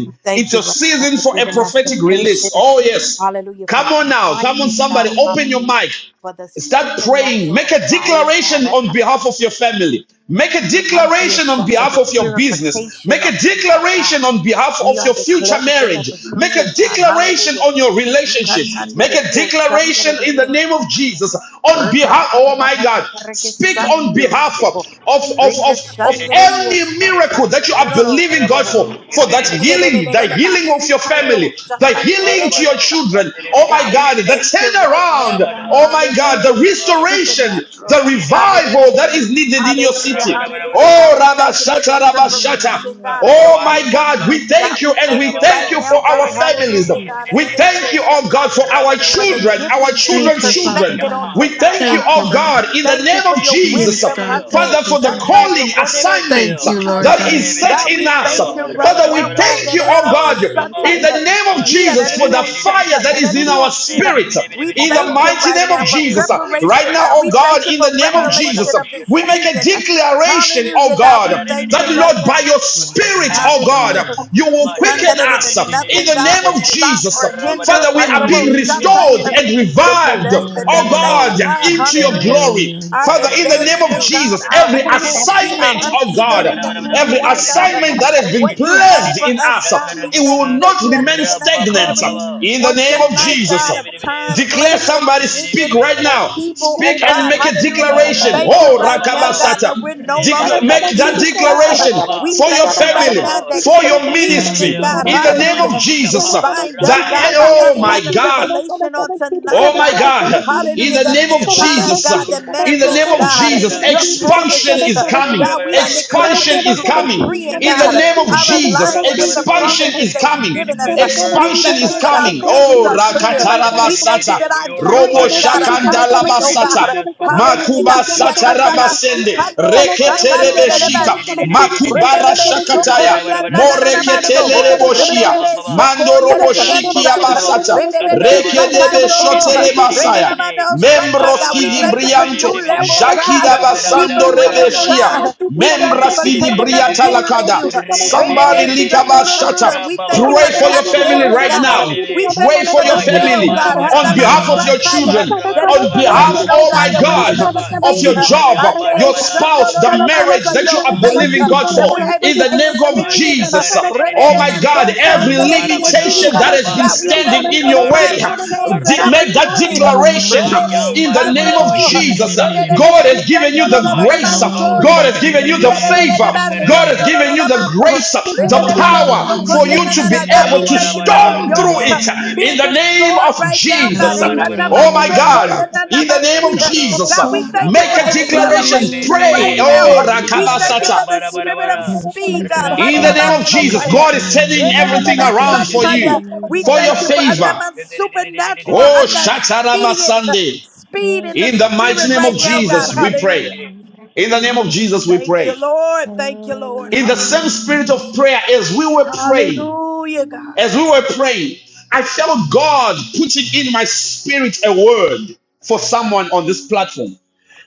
A: We
B: It's
A: thank you
B: your
A: right now
B: season
A: for
B: for a
A: giving us the
B: prophetic
A: patience
B: release. Oh, yes.
A: Hallelujah for
B: Come on now. Come on,
A: refinement,
B: somebody.
A: God.
B: Open your
A: Hallelujah
B: mic.
A: for the
B: Start praying. Make
A: supernatural
B: a
A: fire,
B: declaration
A: God.
B: on behalf of your family. Make a declaration on behalf
A: The
B: of your business.
A: purification
B: Make
A: on
B: a
A: tonight,
B: declaration
A: God.
B: on behalf of
A: We are
B: your future
A: declaring it and
B: marriage. Make a
A: decreeing, God.
B: declaration
A: Hallelujah.
B: on your
A: You can't
B: relationships.
A: handle
B: Make
A: it.
B: a
A: You shun that
B: declaration
A: it
B: in the
A: is.
B: name of Jesus on behalf, oh my God, speak on
A: Rekeshandirio
B: behalf of,
A: soho.
B: of, of, of, of
A: Rekeshandirio
B: any miracle that you are believing God
A: santanderelolo
B: for, for that
A: God,
B: healing, the healing
A: we
B: of your family, the healing to your children, oh my God, the
A: thank you right now,
B: turnaround,
A: God.
B: oh my God,
A: Hallelujah. for
B: the
A: the
B: restoration,
A: Supernatural,
B: the
A: God. Hallelujah.
B: revival that is needed in your
A: Hallelujah.
B: city.
A: Hallelujah.
H: Yes.
A: God,
B: Oh,
A: we thank you for your
B: Rabashata, Rabashata.
A: preparation,
H: God,
A: God, of your
B: Oh
H: revive
B: my
H: us,
A: people.
H: O
B: God,
H: God.
B: we thank
A: God,
B: you
A: we
B: and
A: thank
B: we
A: you right
B: thank
H: Barabado,
B: you
A: now,
B: for our
A: God.
B: families.
H: yendidididididid,
A: Hallelujah, God.
B: We thank you,
H: shindidididididid,
B: oh God, for our
A: For the
B: children,
H: rabadabadabado,
B: our
A: giftings being
I: Thank
B: children's
I: you,
H: sindididididid,
I: Father
B: children.
A: perfected on
I: God.
H: shapa,
B: We
A: tonight,
B: thank you,
I: Thank you,
A: God.
B: oh
H: rapapapa,
I: God.
B: God, in the
A: Thank you
B: name
A: for
B: of
A: your
B: Jesus,
I: Yes,
A: wisdom,
I: God.
H: ribidibidibidibidibidil,
A: Hande.
I: Thank
B: Father,
I: you,
B: for the
I: Father.
A: Shanta
B: calling
A: Yokorere
B: assignments
I: Thank
H: ribidibidibidibidil,
I: you, Lord
A: Gasikaya.
B: that
I: God.
B: is set
A: God,
B: in
A: we
B: us.
H: ribidibidibidibidil,
A: thank you right
B: Father,
A: now,
B: we
A: God,
H: rabadabadabado,
B: thank
A: that
B: you,
A: it
B: oh
A: about
H: rabao,
B: God,
H: rabao,
B: in the
A: satire.
B: name of
A: Yeah, that
B: Jesus,
A: it
B: for the
A: is shut
B: fire
A: up,
B: that
A: that
H: mazandadidididididid,
B: is in
A: it
B: our
A: is see her.
B: spirit
A: We
B: in the
H: ribidibidibidibidil,
A: thank you
B: mighty
A: right
B: name
A: now
B: of
A: for
H: sindididididid. Would
B: Jesus.
H: you
B: Uh,
H: free
B: Right
A: preparation,
H: declare,
B: now,
A: God.
B: oh
A: We
H: Father God?
B: God,
A: thank you
B: in
A: for
B: the name of
A: revelation
B: Jesus,
H: Barabado,
B: uh,
A: of this
B: we make a
A: season.
H: shindididididid,
B: declaration, oh
A: Hallelujah, God.
B: God,
A: We thank
B: that
A: you
H: Ma-da-da-da-da-da-da. The
A: right
B: Lord,
A: now.
B: by your
H: promises must
F: Yes,
H: come to
F: God.
B: spirit,
H: pass
B: oh
H: for
B: God,
H: God.
B: uh,
A: Hallelujah.
F: Hallelujah.
B: you will
A: We come
B: quicken
A: that it is
B: us
A: that
B: uh,
F: Thank
H: Ma-shan-da-da-da-da-da-da.
F: you,
B: in
A: nothing
B: the
A: God
B: name
A: would
B: of
H: Da-da-da-da-da.
F: Jesus.
A: stop
B: Jesus. Uh,
A: or hinder
B: Father, we
H: Ra-ba-da-ba-da-ba-da.
A: on
B: are
A: the
B: being
A: most
F: Hallelujah.
B: restored
A: shataya.
H: Shady-be-dee.
B: and
A: The
B: revived,
A: delay, the
B: oh
F: Hallelujah,
A: delay,
H: Urebo,
B: God,
A: God,
F: Jesus.
B: into your
A: hallelujah.
H: ribidibidibidil,
B: glory.
F: Hallelujah.
A: Our
B: Father, in the name of
H: ribidibidibidil,
A: advancement, God,
B: Jesus,
A: our
B: every
A: unknowable see,
H: shandaradididididididi,
A: our
B: assignment, oh God,
A: understanding of
H: rabadabadabado,
A: who
B: every
A: you are, God,
B: assignment that has
A: and
B: been
A: what you have
H: zindidididididididididididididididi,
B: placed
A: for
B: in
A: us,
B: us, uh,
A: God. We
B: it will
A: thank you
H: shandarabada,
B: not
A: that you have
B: remain
A: given us
B: stagnant uh,
H: rababababa,
A: clarity
B: in the
A: on
B: name of
A: tonight, God, of
B: Jesus.
A: time,
H: ribidibidibidibidil,
B: Declare
A: place, and
B: somebody, speak
A: position
B: right
A: and
B: now.
H: ribidibidibidibidil,
A: people, oh
B: Speak and
A: God,
B: make a
A: hallelujah.
B: declaration.
A: Thank you
B: Oh,
A: right now, God,
H: Rabababo,
A: that
B: Rakabasata.
A: we're no longer
B: Dec- make that
H: Rebidibidibidibideo,
A: confused, God.
B: declaration
H: Rababa,
A: We
B: for your
A: thank you right
B: family,
H: Rababa,
A: now that's
B: for your
A: confusion,
B: ministry,
H: Rebidibidibidibideo,
A: God.
B: in the name
F: Hallelujah.
B: of
A: Hallelujah.
B: Jesus.
A: Is
H: Mashapa,
A: bind up,
H: Rabao,
B: That,
A: God, by
B: oh
A: us
B: my
H: Rebidibideo,
A: having
B: God.
A: revelation on tonight,
B: Oh my
A: God.
B: God, in
A: Hallelujah.
B: the
A: That it
B: name of
A: is
H: Uribo,
A: time,
B: Jesus, uh,
A: God, that
B: in the
H: Uribo,
B: name
A: manifests,
B: of
A: God
B: Jesus,
H: Yandarada,
A: your
H: Shandaridi,
B: expansion
A: promises. uh,
B: is coming.
A: God, we are
H: Rabadabado,
D: Thank
A: declaring
B: Expansion
A: and
B: is
A: cr-
H: Sandidi,
B: coming.
A: decreeing,
B: In the
A: God, uh,
B: name
H: Shandarabada,
B: of
A: our
B: Jesus,
A: alignment with the
H: Rabadabado,
B: expansion
A: promises
B: is
H: Sandidi.
A: that
H: We
A: you've
B: coming.
H: decree and
A: given
H: declare
A: us.
H: the
A: uh.
H: word
A: We
H: of
B: Expansion
A: thank
B: is
A: you
H: life,
A: that our
B: coming.
H: Father God.
A: visions
B: Oh,
A: are
H: Ah,
A: clear. uh. We thank you
B: Rakatarabasata,
H: Shandidi,
A: that
H: will
A: our
H: you
B: Robo
A: dreams,
H: refine us, oh
A: God, are
H: God? You
A: concrete, oh God.
H: refine
A: uh.
B: Shakandalabasata.
H: us, Father God.
A: Hallelujah,
B: Makuba
A: God. We
H: You
A: are
H: complete us,
A: kandabasi
H: Father
B: satarabasende
H: God.
A: kando
H: Marabado,
B: reketerebeshika
A: shatanelelebasi, uh.
H: Shindididididididididididi,
B: makubara
A: rebebebe
B: shakataya
A: sokoya
H: Rabadabadabado,
B: Moreketele
A: nananamando
H: Sandadabada,
B: reboshia.
A: rebebebe
H: Rabababa,
B: Mando
A: sokoya
B: roboshiki
A: rediyesan, uh.
H: Rabababo,
B: abasata.
A: rebebebe
H: Sandadabada,
B: Rekedebe shotere
D: you.
B: masaya.
A: sakando
H: Shindidididididididi,
A: God.
B: Membroski
A: We
B: di
H: Marabada,
A: thank you for
B: Brianto,
A: new
H: Ribidibidibidibidi,
A: levels,
B: Jackie da
A: God.
H: Shangadabada,
A: Deeper
B: Basando
A: rims,
B: Rebeshia,
H: Rabadabadabado,
A: God. We thank you for
B: Membraski di
A: taking us
B: Briata
H: Ribibibibibi,
A: deeper in
B: Lakada.
A: you.
B: Somebody
A: Rebebe
H: Ribibibibi,
B: Likaba shut up.
A: shandorororo. We thank you
H: Rababo,
A: for
B: Pray
A: the
B: for your family
H: Rababo,
A: unveiling,
B: right
A: God.
B: now.
A: We
H: Ribibibi,
A: thank
B: Pray
A: you
B: for
A: for
B: your
A: the
F: Lord
A: veil,
B: family
A: God.
F: Jesus,
B: on
H: Ayambarabada,
A: Handaman
B: behalf of
H: Rabar,
F: hallelujah.
B: your
H: Rabar,
B: children,
A: sataya That
H: Rabar,
A: is
B: on
H: Rabar,
B: behalf,
A: broken,
H: Rabar,
F: Yes,
A: oh
B: oh
H: Rabar,
B: my
A: God,
F: God,
A: that we're
F: have
H: Rabar,
B: God,
A: able to
H: Rabar,
F: mercy,
B: of
A: see
B: your
A: uh,
B: job,
F: Jesus.
B: your
A: Ade,
H: Mayambarabara,
B: spouse, the marriage
A: shandorororomansa,
B: that
A: your
B: you are
F: Have
A: face,
B: believing
A: uh,
F: mercy,
B: God for.
A: that we're
F: Jesus.
A: able
B: In
A: to
B: the name of
A: experience. uh,
B: Jesus. Oh
D: Kana
A: rebebe
B: my
F: Lord, us
H: Mashandarererererererere.
B: God,
A: mando
F: to
B: every
F: God.
H: Marabada
B: limitation
A: shandorororo.
B: that has
H: raba
B: been
A: God, we
H: raba
A: thank thank
B: standing
A: you
B: in
H: raba
B: your
A: for
B: way,
A: time
H: raba
A: and
H: raba
A: chance and
B: de-
H: raba
B: make that
H: raba.
A: opportunity.
B: declaration
A: Rebebe,
F: Oh,
H: Mayamba
B: in
D: you
B: the name
H: rabado
B: of
F: Jesus,
A: kando,
D: forgot.
B: Jesus. uh,
F: hallelujah.
B: God
A: rebebebe,
H: yendererererererere.
B: has given
A: sando,
B: you
A: lo,
B: the
A: lo, lo, la,
B: grace. uh,
H: Mayamba
A: mansoy.
B: God has given you the
F: Hallelujah,
H: ribiribiribiribiri.
B: favor.
A: Yereleleleba,
B: God
F: hallelujah.
B: has
A: shondo, lo,
B: given
A: lo,
H: Shandarererererere.
B: you
A: la,
B: the
A: mando.
B: grace, uh, the
A: Rebebebebe,
B: power
A: soko,
B: for
F: Hallelujah,
A: ye,
B: you
A: na,
B: to
A: na,
B: be
A: na. God,
B: able
A: we
F: hallelujah,
B: to
A: thank you for the
H: Yambarabara
B: storm through
F: hallelujah.
A: yokes uh,
H: Rabba
B: it uh,
H: Ribini
B: in
A: being
B: the name
H: Bidibidea
A: destroyed
B: of
A: right now, God.
B: Jesus. uh.
F: Hallelujah,
A: Ekana,
H: Rabarabaro
A: man,
B: Oh
H: name of
B: my
A: soko,
F: hallelujah.
B: God,
H: Jesus
B: uh,
A: na, na,
B: in the
A: man,
H: Shabarakanda
B: name of
A: si.
H: Rabaro
B: Jesus, uh,
A: God, we
F: Oh,
A: thank you
B: make
A: for
B: a
H: Rababo
B: declaration,
H: Rebe
A: acceleration
B: pray.
A: right
F: oh,
A: now.
B: Oh,
H: Bebe
A: We
F: hallelujah.
A: thank you for
B: Rakabasata.
A: the spirit of
H: Rabarabara
F: Yes,
A: speed, God.
F: Jesus,
B: In the
A: Handa, man,
H: Rababo
B: name of
F: Jesus,
B: Jesus,
H: Ribini
A: soka,
F: Jesus,
B: God is
H: Bidibidea
B: turning
H: name of Jesus
B: everything
F: hallelujah,
B: around
F: God,
B: for
H: Shadadadadadadada.
A: yeah.
B: you,
A: We
B: for
F: hallelujah.
B: your
A: thank you for
H: Rabarabaro
B: favor.
A: another supernatural
H: Shadadadadadadada.
B: Oh,
A: and that
B: Shataraba
A: expedient uh, speed
F: Yes,
A: in the
B: In the mighty
A: spirit
F: Jesus.
B: name
A: right
B: of
A: now,
H: Marabaro
A: God.
B: Jesus, we
F: Hallelujah.
B: pray.
A: Hallelujah.
H: Radadadadadada.
B: In the name of
F: Hallelujah.
B: Jesus, we
A: Thank
B: pray.
A: you, Lord. Thank you, Lord.
B: In the same
F: Hallelujah.
A: Hallelujah.
B: spirit of
F: Jesus.
B: prayer, as we were praying,
A: Hallelujah, God.
B: as we were praying, I felt God putting in my spirit a word for someone on this platform.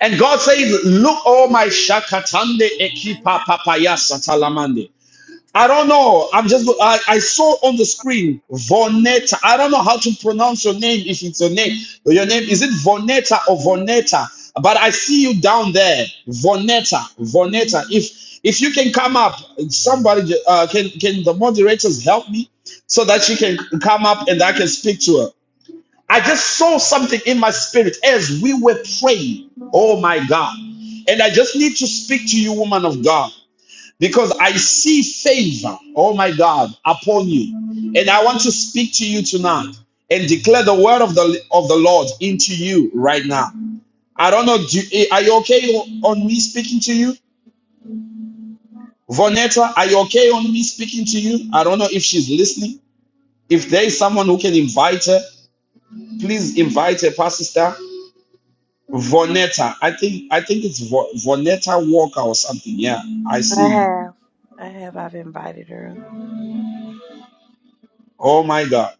B: And God says, Look, oh my shakatande ekipa
A: Hallelujah.
B: papaya satalamande. I don't know. I'm just. I, I saw on the screen Vonetta. I don't know how to pronounce your name. If it's your name, your name is it Vonetta or Vonetta? But I see you down there, Vonetta. Vonetta. If if you can come up, somebody uh, can can the moderators help me so that she can come up and I can speak to her. I just saw something in my spirit as we were praying. Oh my God! And I just need to speak to you, woman of God because I see favor, oh my God, upon you. And I want to speak to you tonight and declare the word of the of the Lord into you right now. I don't know, do, eh, are you okay on me speaking to you? Vonetta, are you okay on me speaking to you? I don't know if she's listening. If there is someone who can invite her, please invite her, Pastor Star. Vonetta, I think I think it's Vonetta Walker or something. Yeah, I see
A: I
B: you.
A: have. I have. I've invited her up.
B: Oh my God.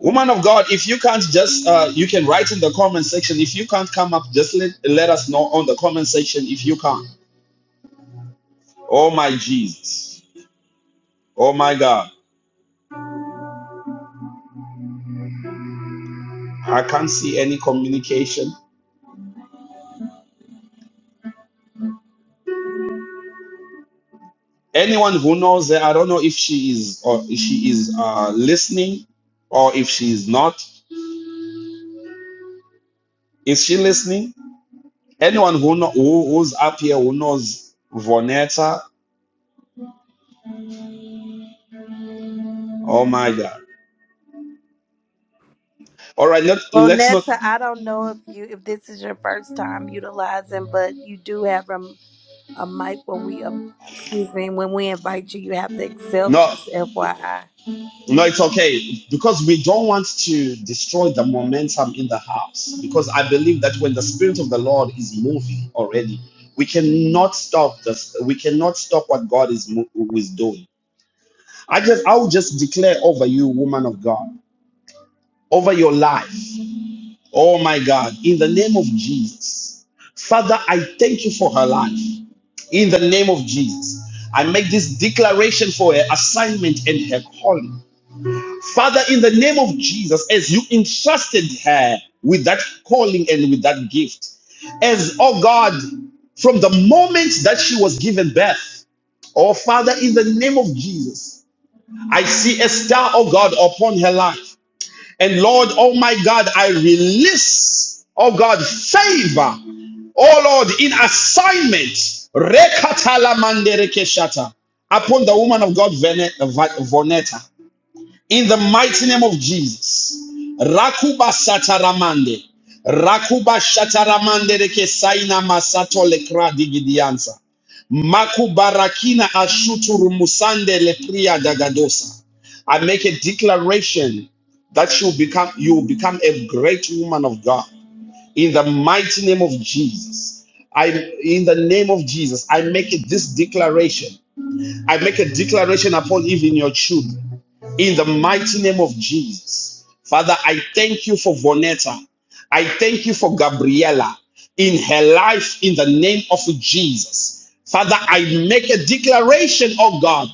B: Woman of God, if you can't just, uh, you can write in the comment section. If you can't come up, just let, let us know on the comment section if you can. Oh my Jesus. Oh my God. I can't see any communication. Anyone who knows her, I don't know if she is or if she is uh, listening or if she is not. Is she listening? Anyone who, know, who who's up here who knows Vonetta? Oh my God. All right, let,
A: Well,
B: let's not.
A: Netta, I don't know if you if this is your first time utilizing, but you do have a, a mic when we uh, excuse me when we invite you. You have to accept.
B: No.
A: Just FYI.
B: No, it's okay because we don't want to destroy the momentum in the house. Because I believe that when the spirit of the Lord is moving already, we cannot stop this. We cannot stop what God is mo- is doing. I just, I will just declare over you, woman of God, over your life. Oh my God, in the name of Jesus, Father, I thank you for her life. In the name of Jesus, I make this declaration for her assignment and her calling. Father, in the name of Jesus, as you entrusted her with that calling and with that gift, as, oh God, from the moment that she was given birth, oh Father, in the name of Jesus, I see a star, oh God, upon her life. And Lord, oh my God, I release, oh God, favor, oh Lord, in assignment, rekatala manderekeshata, upon the woman of God, Vene- Vonetta. In the mighty name of Jesus. Rakuba sataramande. Rakuba shataramande reke saina masato lekra digidianza. Makubarakina ashutu rumusande lepria dagadosa. I make a declaration that you become you will become a great woman of God. In the mighty name of Jesus. I in the name of Jesus, I make it this declaration I make a declaration upon even your children in the mighty name of Jesus. Father, I thank you for Vonetta. I thank you for Gabriella in her life in the name of Jesus. Father, I make a declaration, oh God.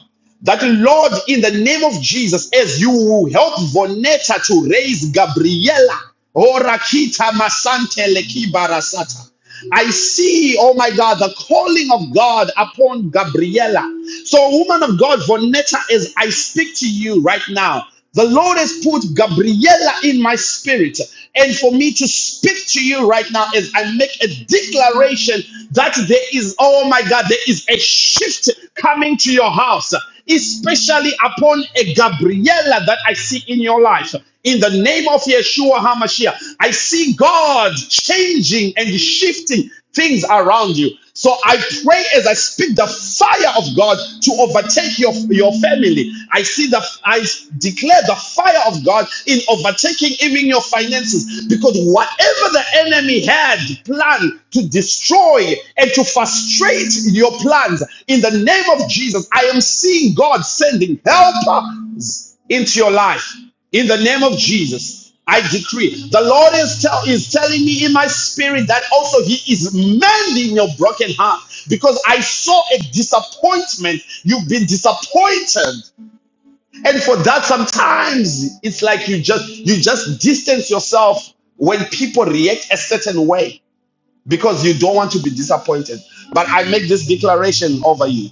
B: That Lord, in the name of Jesus, as you help Vonetta to raise Gabriela, Orakita Masante Leki Barasata. I see, oh my God, the calling of God upon Gabriela. So, woman of God, Vonetta, as I speak to you right now, the Lord has put Gabriela in my spirit. And for me to speak to you right now is I make a declaration that there is, oh my God, there is a shift coming to your house, especially upon a Gabriella that I see in your life. In the name of Yeshua HaMashiach, I see God changing and shifting things around you. So I pray as I speak the fire of God to overtake your, your family. I see the I declare the fire of God in overtaking even your finances because whatever the enemy had planned to destroy and to frustrate your plans in the name of Jesus, I am seeing God sending helpers into your life in the name of Jesus. I decree. The Lord is, tell, is telling me in my spirit that also He is mending your broken heart because I saw a disappointment. You've been disappointed, and for that, sometimes it's like you just you just distance yourself when people react a certain way because you don't want to be disappointed. But I make this declaration over you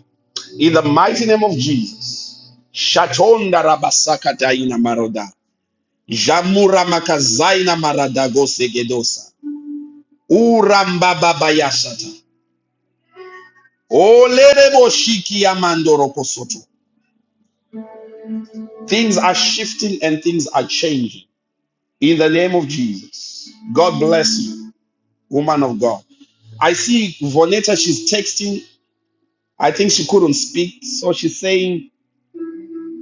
B: in the mighty name of Jesus. Shatonda rabasaka daina maroda. Jamura makazaina maradago segedosa. Uramba babayashata. Olerebo shiki amandoro kosoto. Things are shifting and things are changing. In the name of Jesus. God bless you, woman of God. I see Vonetta, she's texting. I think she couldn't speak, so she's saying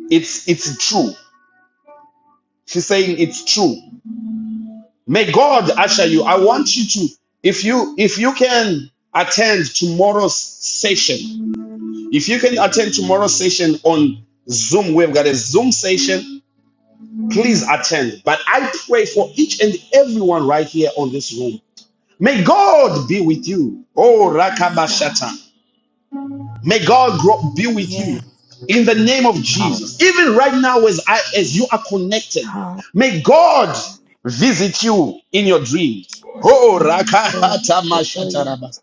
B: it's it's true. She's saying it's true. May God usher you. I want you to, if you if you can attend tomorrow's session, If you can attend tomorrow's session on Zoom, we've got a Zoom session. Please attend. But I pray for each and everyone right here on this room. May God be with you. Oh, Rakabashata. May God grow, be with you in the name of Jesus. Even right now, as, I, as you are connected,
A: Um,
B: may God visit you in your dreams. Oh,
A: Oh, yeah. We'll call
B: Rakahatamashata
A: you.
B: Rabas.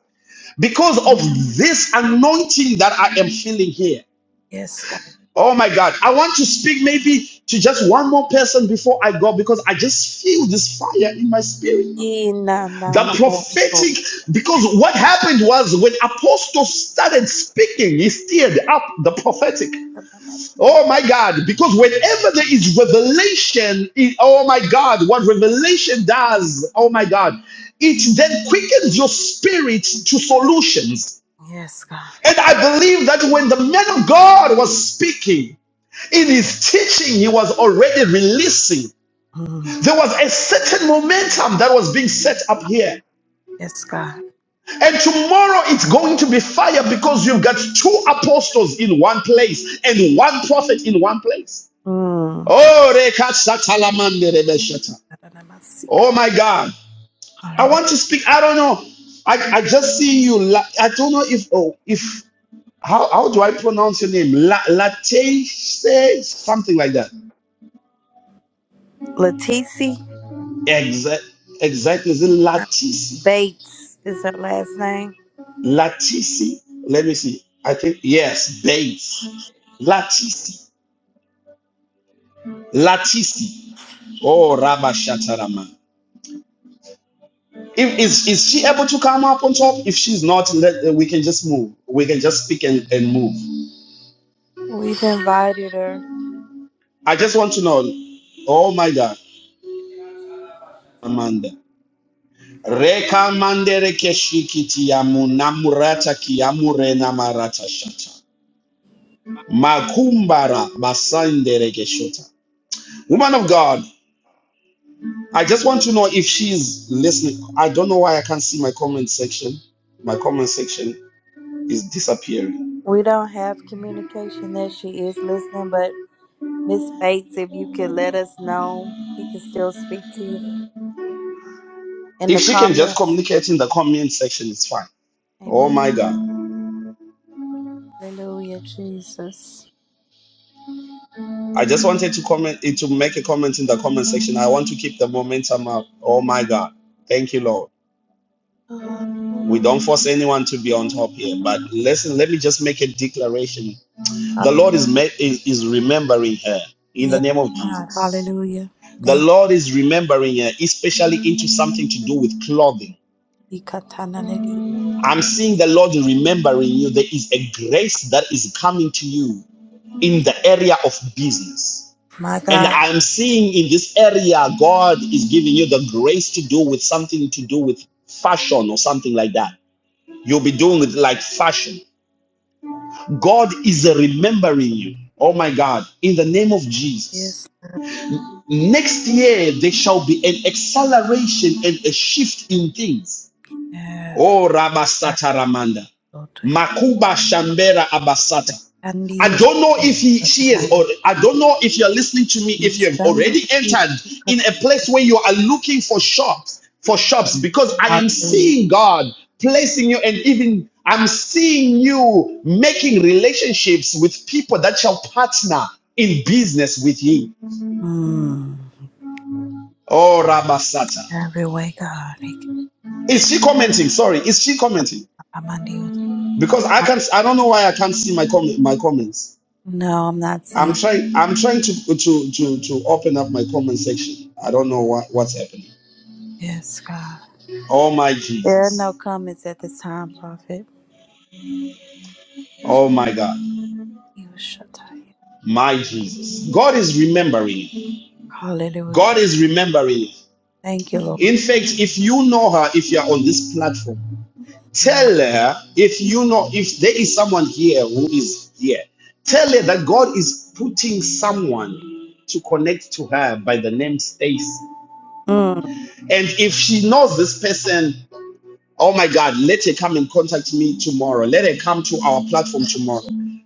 B: Because of this anointing that I am feeling here.
A: yes,
B: Oh my God. I want to speak maybe to just one more person before I go because I just feel this fire in my spirit.
A: Yee, na, na,
B: The
A: na, mo, so.
B: prophetic, because what happened was when apostles started speaking, he stirred up the prophetic. Oh my God. Because whenever there is revelation, it, oh my God, what revelation does, oh my God, it then quickens your spirit to solutions.
A: Yes, God.
B: And I believe that when the man of God was speaking, in his teaching, he was already releasing.
A: Mm.
B: There was a certain momentum that was being set up here.
A: Yes, God.
B: And tomorrow it's going to be fire because you've got two apostles in one place and one prophet in one place.
A: Mm.
B: Oh,
A: da
B: oh my God. I
A: Hallelujah.
B: want to speak. I don't know. I, I just see you. I don't know if, oh, if, how, how do I pronounce your name? La, Latte, something like that.
A: Letici
B: Exact, exactly. Is it Latisse?
A: Bates is her last name.
B: Latisi. Let me see. I think yes, Bates. Latisi. Latisi. Oh, Rabba Shatarama. If is is she able to come up on top? If she's not, let, uh, we can just move. We can just speak and, and move.
A: We've invited her.
B: I just want to know. Oh my God, Amanda. Reka mandere keshikiti yamunamurata kiyamurena namarata shata. Makumbara basandere keshota. Woman of God. I just want to know if she's listening. I don't know why I can't see my comment section. My comment section is disappearing.
A: We don't have communication that she is listening, but Miss Bates, if you could let us know, we can still speak to you in
B: If
A: the
B: she can just
A: comments.
B: communicate in the comment section, it's fine. Oh
A: Amen.
B: my God.
A: Hallelujah, Jesus.
B: I just wanted to comment eh, to make a comment in the comment section. I want to keep the momentum up. Oh my God. Thank you, Lord.
A: Uh,
B: We don't force anyone to be on top here, but listen, let me just make a declaration. The Lord is, is, is remembering her in the
A: Yes,
B: name of
A: God.
B: Jesus.
A: Hallelujah.
B: The
A: Thank
B: Lord is remembering you, especially into something to do with clothing.
A: you. Ikatananedi.
B: I'm seeing the Lord remembering you. There is a grace that is coming to you in
A: Mm.
B: the area of business.
A: My
B: And
A: God.
B: I'm seeing in this area, God is giving you the grace to do with something to do with fashion or something like that. You'll be doing it like fashion. God is remembering you. Oh my God, in the name of Jesus.
A: Yes.
B: Next year, there shall be an acceleration and a shift in things
A: Yes.
B: Oh,
A: That's
B: Rabasata Ramanda.
A: so to you.
B: Makuba Shambera Abasata.
A: And
B: I
A: you.
B: don't know if he, she is, or I don't know if you're listening to me, if
A: You
B: you have
A: stand with
B: already
A: the truth,
B: entered
A: God.
B: in a place where you are looking for shops, for shops, because I am
A: Hallelujah.
B: seeing God placing you and even I'm seeing you making relationships with people that shall partner in business with you.
A: Mm.
B: Oh, Rabasata.
A: Every way, God. Thank you.
B: Is she commenting? Sorry, is she commenting?
A: I'm under you.
B: because I can't. I don't know why I can't see my com My comments.
A: No, I'm not
B: I'm
A: seeing.
B: trying. I'm trying to to to to open up my comment section. I don't know what what's happening.
A: Yes, God.
B: Oh my
A: There are no
B: Jesus.
A: comments at this time, Prophet.
B: Oh my God.
A: You shall tell you.
B: My Jesus. God is remembering. you.
A: Hallelujah.
B: God is remembering. you.
A: Thank you,
B: In
A: Lord.
B: fact, if you know her, if you are on this platform,
A: Mm.
B: tell her if you know if there is someone here who is here, tell her that God is putting someone to connect to her by the name Stacy.
A: Mm.
B: And if she knows this person, oh my God, let her come and contact me tomorrow. Let her come to our platform tomorrow.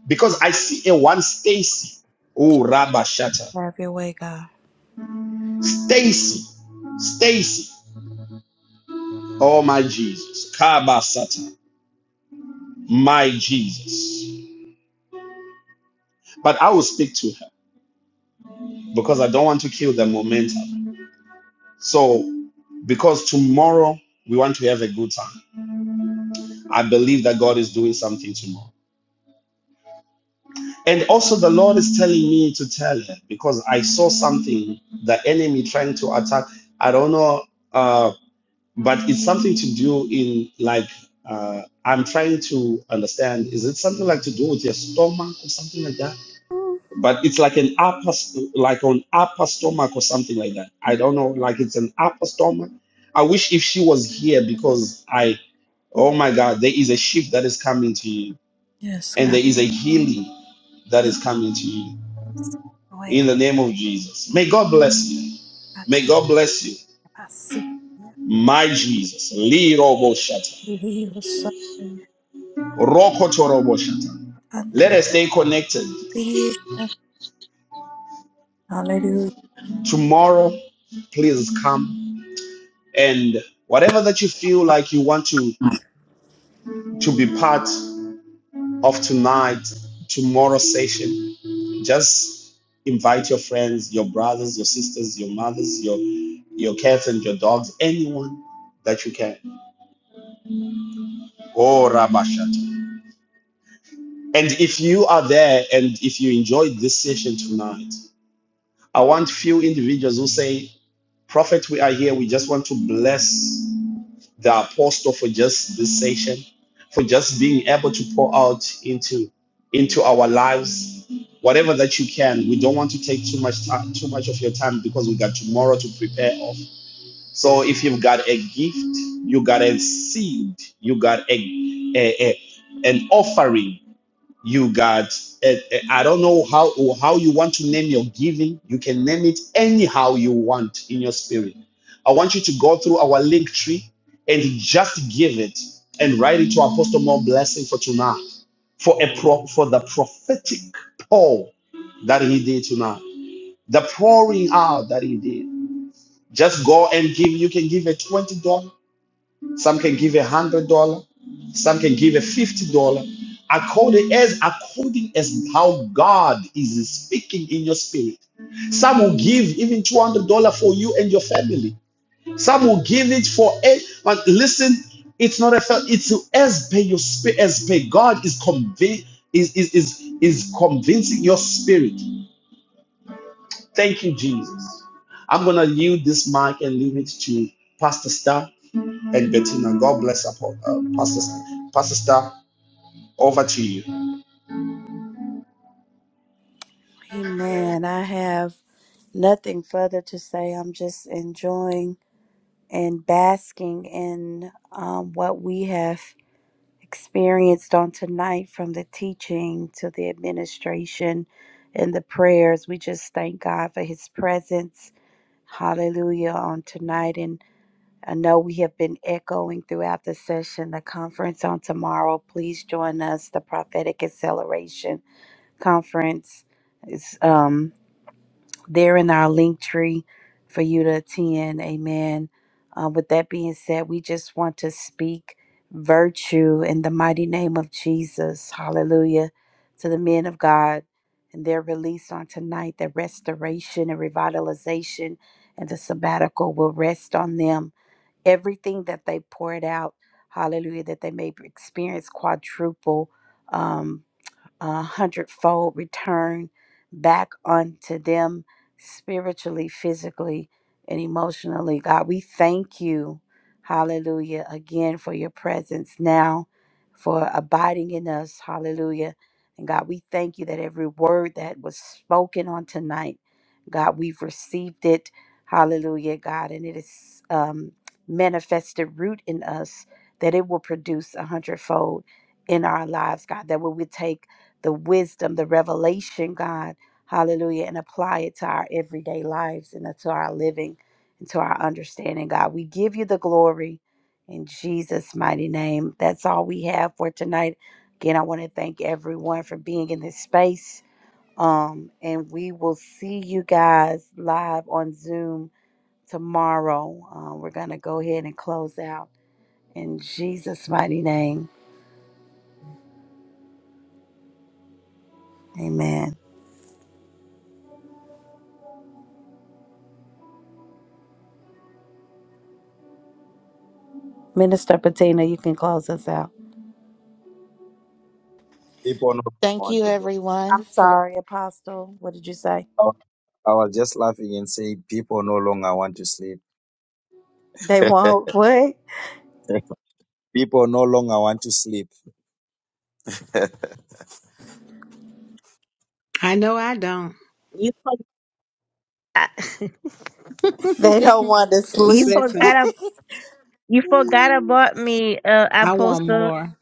B: Because I see a one Stacy. Oh, Rabba Shatter.
A: Have your way, God.
B: Stacy. Stacy. Oh my Jesus. Kaba Sata. My Jesus. But I will speak to her because I don't want to kill the momentum. So, because tomorrow we want to have a good time. I believe that God is doing something tomorrow. And also, the Lord is telling me to tell her because I saw something the enemy trying to attack. I don't know, uh, but it's something to do in like uh, I'm trying to understand. Is it something like to do with your stomach or something like that? But it's like an upper, like on upper stomach or something like that. I don't know. Like it's an upper stomach. I wish if she was here because I Oh my God, there is a shift that is coming to you,
A: Yes,
B: and
A: God.
B: there is a healing that
A: Yes.
B: is coming to you
A: Have your way,
B: in
A: God.
B: the name of Jesus. May God bless you.
A: I
B: May
A: take
B: God bless you.
A: my seat.
B: My Jesus. Lirobo Shata.
A: Hallelujah.
B: Rokotorobo Shata. Let us stay connected. Tomorrow, please come. And whatever that you feel like you want to, to be part of tonight, tomorrow session, just invite your friends, your brothers, your sisters, your mothers, your your cats and your dogs, anyone that you can. Oh Rabashata. And if you are there and if you enjoyed this session tonight, I want few individuals who say, Prophet, we are here. We just want to bless the apostle for just this session, for just being able to pour out into, into our lives, whatever that you can. We don't want to take too much time, too much of your time because we got tomorrow to prepare of. So if you've got a gift, you got a seed, you got a, a, a an offering you got eh, eh, i don't know how how you want to name your giving you can name it anyhow you want in your spirit i want you to go through our link tree and just give it and write it to apostle more blessing for tonight for a pro, for the prophetic pour that he did tonight the pouring out that he did just go and give you can give a $20 some can give a hundred dollar. Some can give a fifty dollar. According as according as how God is speaking in your spirit. Some will give even two hundred dollar for you and your family. Some will give it for a. But listen, it's not a. It's as per your spirit. As per God is convinced is is is is convincing your spirit. Thank you, Jesus. I'm going to yield this mic and leave it to Pastor Star and Bettina. God bless upon uh, Pastor Star. Pastor Star, over to you.
A: Amen. I have nothing further to say. I'm just enjoying and basking in um, what we have experienced on tonight from the teaching to the administration and the prayers. We just thank God for his presence. Hallelujah on tonight. I know we have been echoing throughout the session the conference on tomorrow. Please join us. The Prophetic Acceleration Conference is um, there in our link tree for you to attend. Amen. Uh, with that being said, we just want to speak virtue in the mighty name of Jesus. Hallelujah. To the men of God and their release on tonight, their restoration and revitalization and the sabbatical will rest on them everything that they poured out, hallelujah, that they may experience quadruple, um, a hundredfold return back unto them spiritually, physically, and emotionally. God, we thank you, hallelujah, again for your presence now, for abiding in us, hallelujah. And God, we thank you that every word that was spoken on tonight. God, we've received it. Hallelujah, God. And it is um, manifested root in us that it will produce a hundredfold in our lives, God, that we would take the wisdom, the revelation, God, hallelujah, and apply it to our everyday lives and to our living and to our understanding, God. We give you the glory in Jesus' mighty name. That's all we have for tonight. Again, I want to thank everyone for being in this space. Um, and we will see you guys live on Zoom tomorrow. Um, we're going to go ahead and close out in Jesus' mighty name. Amen. Minister Patina, you can close us out.
E: People no longer
F: Thank
E: want
F: you,
E: to go.
F: everyone,
A: I'm
F: for
A: sorry, Apostle. What did you say?
E: I I was just laughing and saying, people no longer want to sleep.
A: They won't what?
E: People no longer want to sleep.
C: I know I don't.
A: They don't want to
D: You
A: sleep.
C: Listen,
D: forgot. ab- You forgot about me, uh,
C: I want
D: Apostle.
C: more.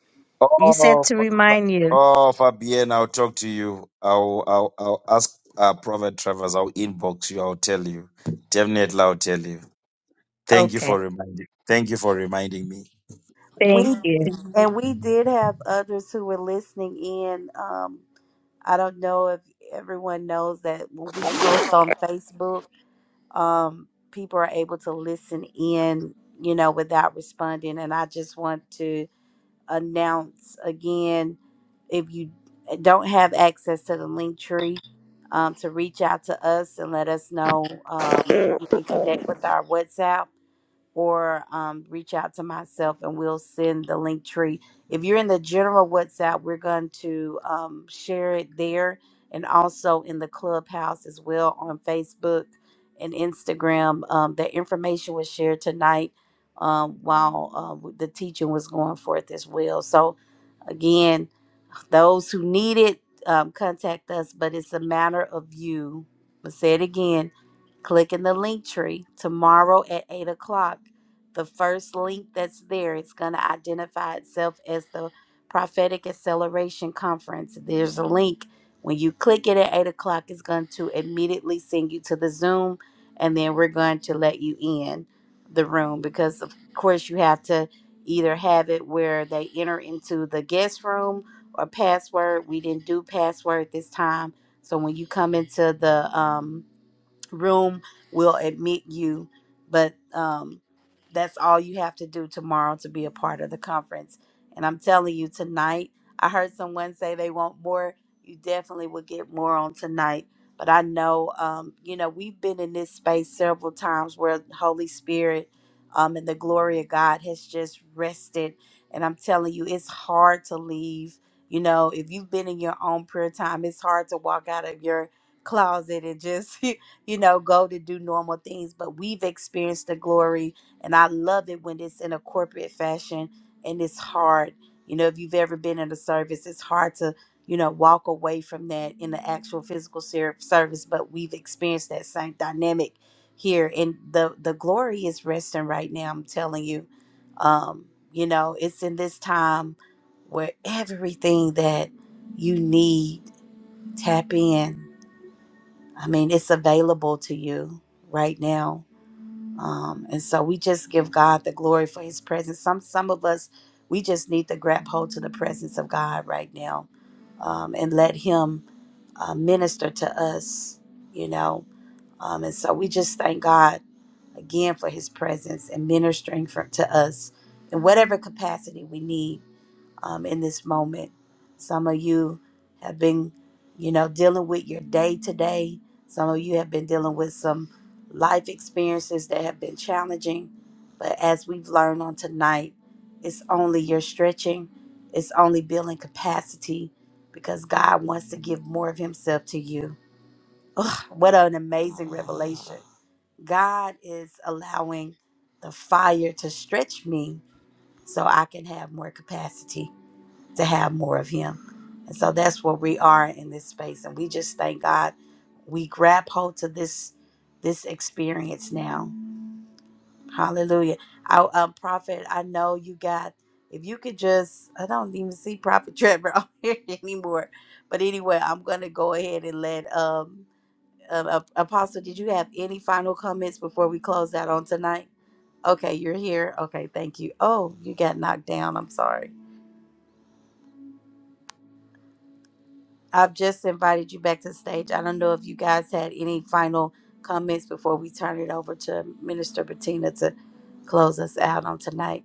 D: You said
E: Oh,
D: to
E: Fa- Fa-
D: remind you.
E: oh, Fabienne, I'll talk to you. I'll, I'll, I'll ask uh, Prophet Travers. I'll inbox you. I'll tell you. Definitely, I'll tell you. Thank you
D: Okay.
E: for reminding. Thank you for reminding me.
D: Thank
A: we
D: you.
C: Mhm.
A: and we did have others who were listening in. Um, I don't know if everyone knows that when we post on Facebook. um, people are able to listen in, you know, without responding. And I just want to announce again if you don't have access to the link tree, um, to reach out to us and let us know. Um, you can connect with our WhatsApp or um, reach out to myself and we'll send the link tree. If you're in the general WhatsApp, we're going to um, share it there and also in the clubhouse as well on Facebook and Instagram. Um, the information was shared tonight um, while uh, the teaching was going forth as well. So, again, those who need it, um, contact us, but it's a matter of you. I'll say it again Click in the link tree tomorrow at 8 o'clock. The first link that's there, it's going to identify itself as the Prophetic Acceleration Conference. There's a link. When you click it at 8 o'clock, it's going to immediately send you to the Zoom, and then we're going to let you in the room because, of course, you have to either have it where they enter into the guest room or password. We didn't do password this time. So when you come into the um, room will admit you, but um, that's all you have to do tomorrow to be a part of the conference. And I'm telling you, tonight, I heard someone say they want more. You definitely will get more on tonight. But I know, um, you know, we've been in this space several times where the Holy Spirit um, and the glory of God has just rested. And I'm telling you, it's hard to leave. You know, if you've been in your own prayer time, it's hard to walk out of your closet and just you know, go to do normal things, but we've experienced the glory. And I love it when it's in a corporate fashion and it's hard. You know, if you've ever been in a service, it's hard to, you know, walk away from that in the actual physical ser- service, but we've experienced that same dynamic here. And the, the glory is resting right now, I'm telling you. Um, you know, it's in this time where everything that you need tap in I mean, it's available to you right now. Um, and so we just give God the glory for his presence. Some some of us we just need to grab hold to the presence of God right now um, and let him uh, minister to us, you know. Um, and so we just thank God again for his presence and ministering for, to us in whatever capacity we need um, in this moment. Some of you have been, you know, dealing with your day to day. Some of you have been dealing with some life experiences that have been challenging. But as we've learned on tonight, it's only your stretching, it's only building capacity because God wants to give more of Himself to you. What an amazing revelation! God is allowing the fire to stretch me so I can have more capacity to have more of him. And so that's where we are in this space. And we just thank God we grab hold to this this experience now. Hallelujah. I um prophet, I know you got if you could just I don't even see Prophet Trevor on here anymore. But anyway, I'm gonna go ahead and let um uh, uh, Apostle, did you have any final comments before we close out on tonight? Okay, you're here. Okay, thank you. Oh, you got knocked down. I'm sorry. I've just invited you back to the stage. I don't know if you guys had any final comments before we turn it over to Minister Bettina to close us out on tonight.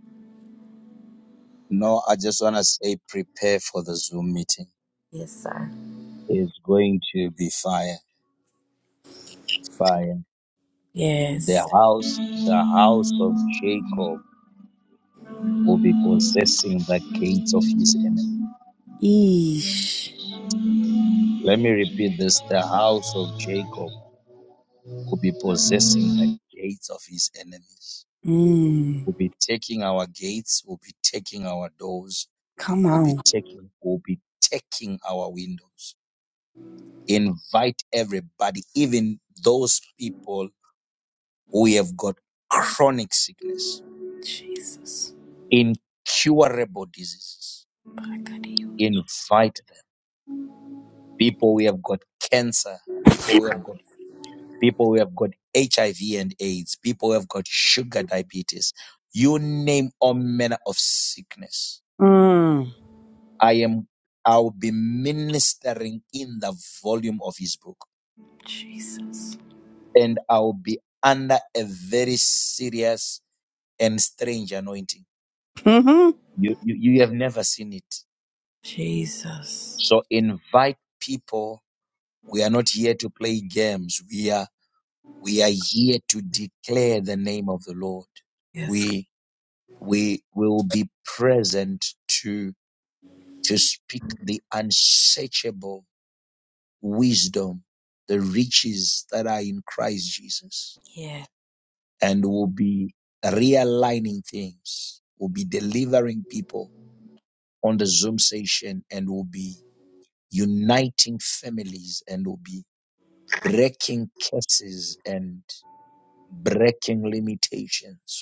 E: No, I just want to say, prepare for the Zoom meeting.
A: Yes, sir.
E: It's going to be fire, fire. The
A: Yes.
E: house, the house of Jacob will be possessing the gates of his enemy.
A: Eesh.
E: Let me repeat this: the house of Jacob We'll be possessing the gates of his enemies.
A: Mm.
E: We'll be taking our gates. We'll be taking our doors.
A: Come
E: We'll be
A: on.
E: taking, we'll be taking our windows. Invite everybody, even those people who have got chronic sickness,
A: Jesus.
E: incurable diseases.
A: I could you.
E: Invite them. people who have got cancer, people who have got people who have got HIV and AIDS, people who have got sugar diabetes. You name all manner of sickness I am I'll be ministering in the volume of his book
A: Jesus.
E: and I'll be under a very serious and strange anointing.
A: hmm
E: You, you you have never seen it.
A: Jesus.
E: So invite people. We are not here to play games. We are we are here to declare the name of the Lord.
A: Yes.
E: We we will be
A: Yes.
E: and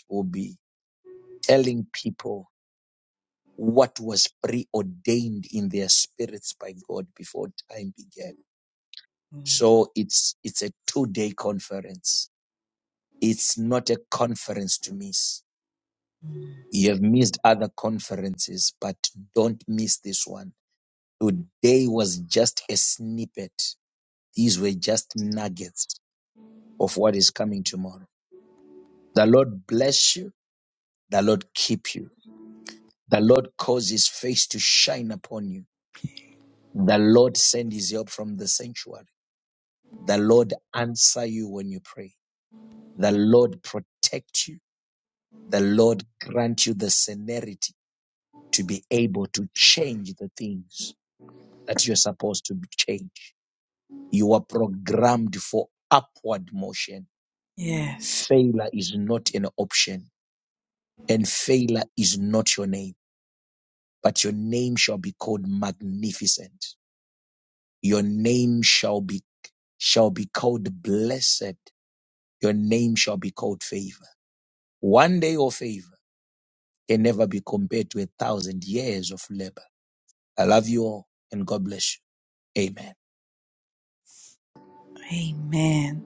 E: will be telling people what was preordained in their spirits by God before time began. So it's it's a two-day conference. It's not a conference to miss. You have missed other conferences, but don't miss this one. Today was just a snippet. These were just nuggets of what is coming tomorrow. The Lord bless you. The Lord keep you. The Lord cause his face to shine upon you. The Lord send his help from the sanctuary The Lord answer you when you pray. The Lord protect you. The Lord grant you the severity to be able to change the things that you're supposed to change. You are programmed for upward motion.
A: Yes.
E: Failure is not an option and failure is not your name, but your name shall be called magnificent. Your name shall be, shall be called blessed. Your name shall be called favor. One day of favor can never be compared to a thousand years of labor. I love you all and God bless you. Amen.
A: Amen.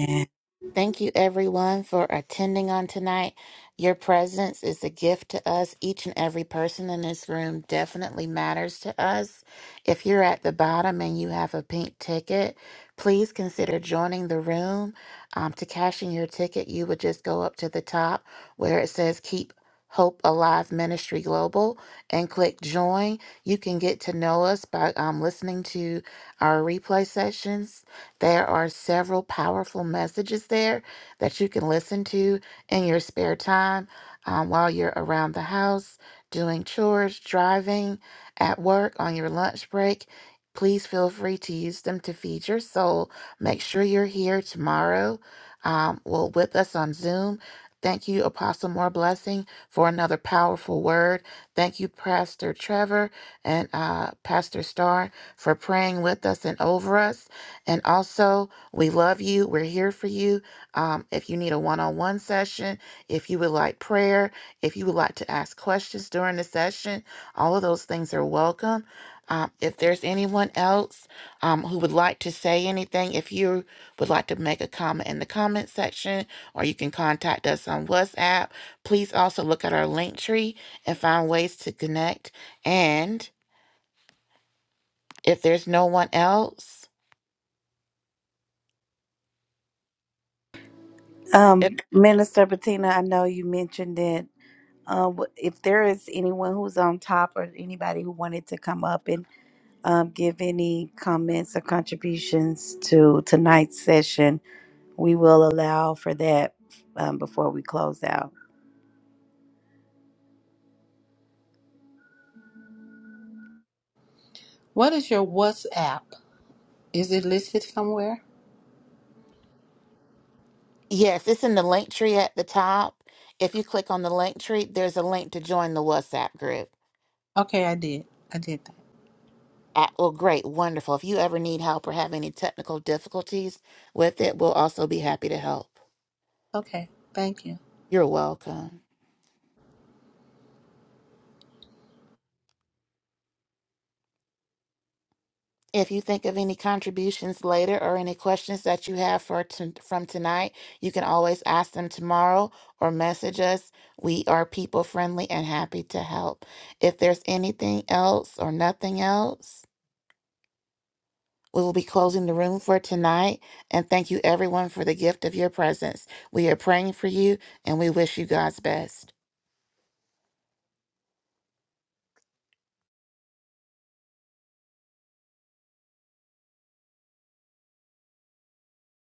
A: Amen.
F: Thank you, everyone, for attending on tonight. Your presence is a gift to us. Each and every person in this room definitely matters to us. If you're at the bottom and you have a pink ticket, please consider joining the room. Um, to cashing your ticket, you would just go up to the top where it says Keep Hope Alive Ministry Global and click Join. You can get to know us by um, listening to our replay sessions there are several powerful messages there that you can listen to in your spare time um, while you're around the house, doing chores, driving, at work, on your lunch break. Please feel free to use them to feed your soul. Make sure you're here tomorrow. Um, well, with us on Zoom. Thank you, Apostle More Blessing, for another powerful word. Thank you, Pastor Trevor and uh, Pastor Starr, for praying with us and over us. And also, we love you. We're here for you. Um, if you need a one on one session, if you would like prayer, if you would like to ask questions during the session, all of those things are welcome. Um, if there's anyone else um, who would like to say anything, if you would like to make a comment in the comment section, or you can contact us on WhatsApp, please also look at our link tree and find ways to connect. And if there's no one else,
A: Um, Minister Bettina, I know you mentioned it. uh, wh- if there is anyone who's on top or anybody who wanted to come up and um, give any comments or contributions to tonight's session, we will allow for that um, before we close out.
C: What is your WhatsApp? Is it listed somewhere?
F: Yes, it's in the link tree at the top. If you click on the link tree, there's a link to join the WhatsApp group.
C: Okay, I did. I did that.
F: Uh, well, great, wonderful. If you ever need help or have any technical difficulties with it, we'll also be happy to help.
C: Okay, thank you.
F: You're welcome. If you think of any contributions later or any questions that you have for t- from tonight, you can always ask them tomorrow or message us. We are people friendly and happy to help. If there's anything else or nothing else, We will be closing the room for tonight and thank you everyone for the gift of your presence. We are praying for you and we wish you God's best.